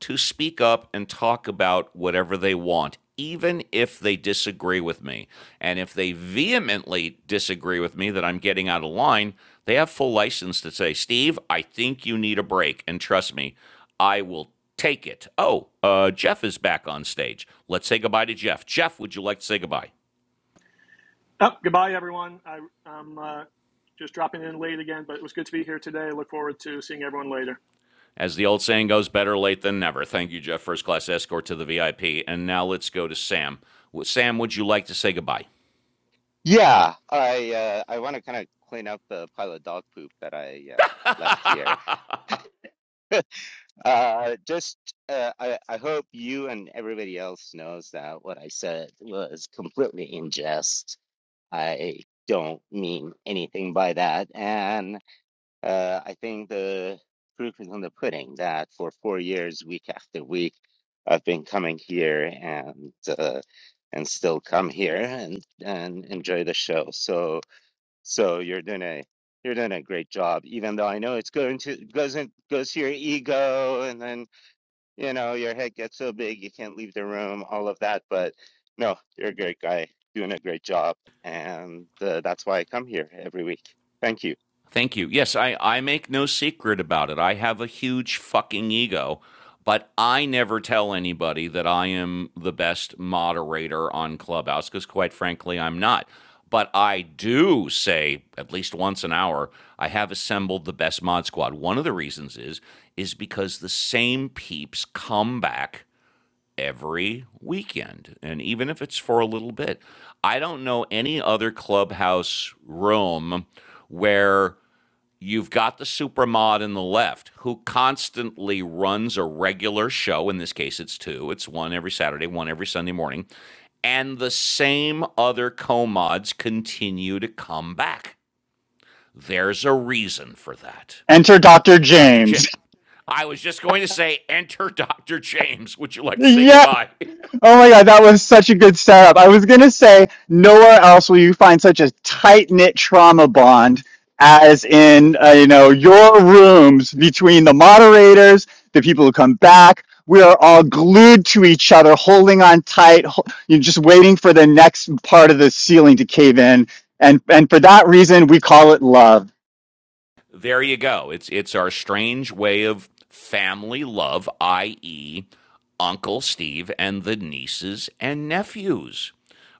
to speak up and talk about whatever they want, even if they disagree with me. And if they vehemently disagree with me that I'm getting out of line, they have full license to say, Steve, I think you need a break. And trust me, I will take it. Oh, uh, Jeff is back on stage. Let's say goodbye to Jeff. Jeff, would you like to say goodbye?
Oh, goodbye, everyone. I, I'm uh, just dropping in late again, but it was good to be here today. I look forward to seeing everyone later.
As the old saying goes, better late than never. Thank you, Jeff, first class escort to the VIP. And now let's go to Sam. Sam, would you like to say goodbye?
Yeah, I uh, I want to kind of clean up the pile of dog poop that I uh, left here. Uh, just uh, I I hope you and everybody else knows that what I said was completely in jest. I don't mean anything by that, and. Uh, I think the proof is in the pudding that for four years, week after week, I've been coming here and uh, and still come here and and enjoy the show. So so you're doing a you're doing a great job, even though I know it's going to goes in, goes to your ego, and then you know your head gets so big you can't leave the room, all of that. But no, you're a great guy, doing a great job, and uh, that's why I come here every week. Thank you.
Thank you. Yes, I, I make no secret about it. I have a huge fucking ego, but I never tell anybody that I am the best moderator on Clubhouse because, quite frankly, I'm not. But I do say at least once an hour, I have assembled the best mod squad. One of the reasons is is because the same peeps come back every weekend. And even if it's for a little bit, I don't know any other clubhouse room where You've got the supermod in the left who constantly runs a regular show. In this case, it's two. It's one every Saturday, one every Sunday morning. And the same other co-mods continue to come back. There's a reason for that.
Enter Dr.
Dr. J.
James.
I was just going to say, enter Dr. James. Would you like to say
Yes.
goodbye?
Oh my God, that was such a good setup. I was going to say, nowhere else will you find such a tight knit trauma bond as in, uh, you know, your rooms between the moderators, the people who come back. We are all glued to each other, holding on tight, ho- you're just waiting for the next part of the ceiling to cave in. And, and for that reason, we call it love.
There you go. It's it's our strange way of family love, i.e., Uncle Steve and the nieces and nephews.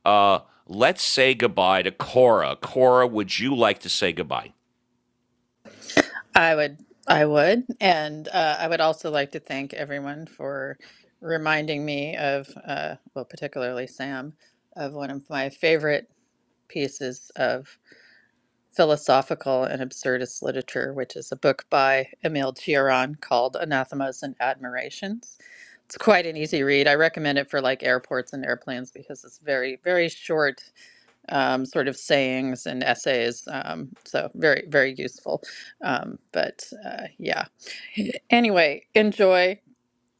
Uh, let's say goodbye to Cora. Cora, would you like to say goodbye?
I would, I would, and uh, I would also like to thank everyone for reminding me of, uh, well, particularly Sam, of one of my favorite pieces of philosophical and absurdist literature, which is a book by Emile Cioran called Anathemas and Admirations. It's quite an easy read. I recommend it for like airports and airplanes because it's very, very short, um, sort of sayings and essays. Um, so very, very useful. Um, but uh, yeah. Anyway, enjoy.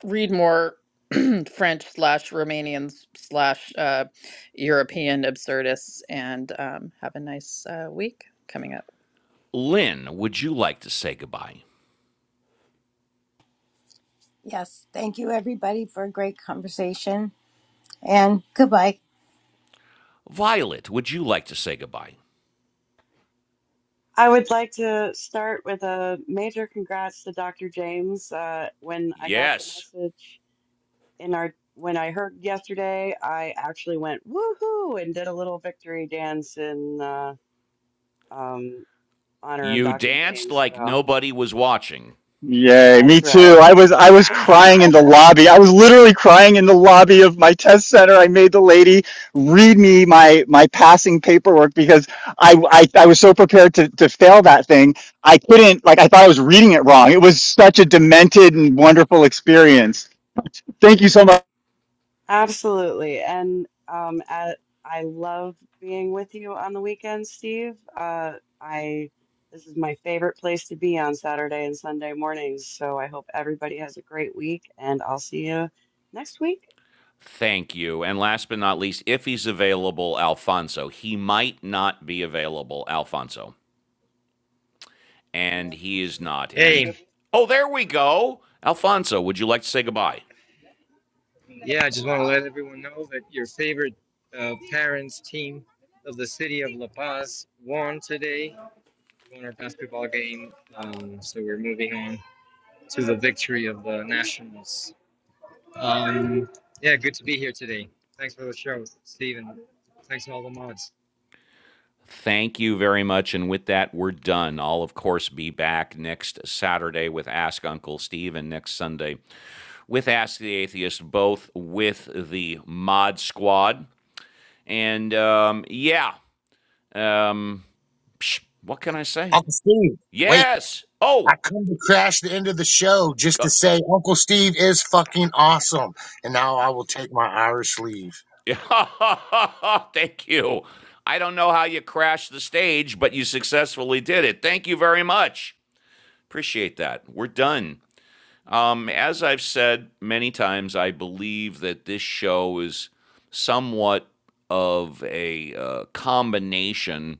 Read more French slash Romanian slash uh, European absurdists, and um, have a nice uh, week coming up.
Lynn, would you like to say goodbye?
yes, thank you everybody for a great conversation, and goodbye.
Violet, would you like to say goodbye?
I would like to start with a major congrats to Dr. James. Uh, when I got the
Yes.
message in our when I heard yesterday, I actually went woohoo and did a little victory dance in uh, um, honor of
You
Dr.
danced
James.
like
So
nobody was watching.
Yay, me
that's
too.
right.
I was I was crying
Ah,
in the lobby. I was literally crying in the lobby of my test center. I made the lady read me my my passing paperwork because I I, I was so prepared to, to fail that thing. I couldn't like I thought I was reading it wrong. It was such a demented and wonderful experience. Thank you so much.
Absolutely. And um, at, I love being with you on the weekend, Steve. Uh, I this is my favorite place to be on Saturday and Sunday mornings. So I hope everybody has a great week, and I'll see you next week.
Thank you. And last but not least, if he's available, Alfonso. He might not be available, Alfonso. And he is not. And
Hey,
oh, there we go. Alfonso, would you like to say goodbye?
yeah, I just want to let everyone know that your favorite uh, parents team of the city of La Paz won today. We won our basketball game, um, so we're moving on to the victory of the Nationals. Um, yeah, good to be here today. Thanks for the show, Steven. Thanks to all the mods.
Thank you very much. And with that, we're done. I'll, of course, be back next Saturday with Ask Uncle Steve and next Sunday with Ask the Atheist, both with the Mod Squad. And um, yeah, um, psh, what can I say?
Uncle Steve, wait.
Yes. Oh,
I come to crash the end of the show just to
go-
say Uncle Steve is fucking awesome. And now I will take my Irish leave.
Yeah. Thank you. I don't know how you crashed the stage, but you successfully did it. Thank you very much. Appreciate that. We're done. Um, as I've said many times, I believe that this show is somewhat of a uh, combination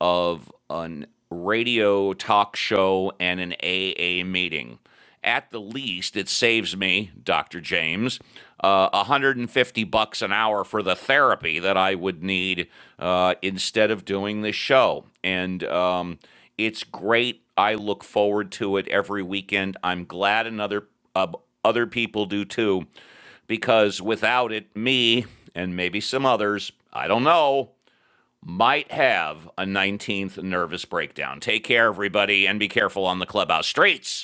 of an radio talk show and an AA meeting. At the least, it saves me, Dr. James, uh, 150 bucks an hour for the therapy that I would need uh, instead of doing this show. And um, it's great. I look forward to it every weekend. I'm glad another uh, other people do too, because without it, me and maybe some others, I don't know, might have a 19th nervous breakdown. Take care, everybody, and be careful on the clubhouse streets.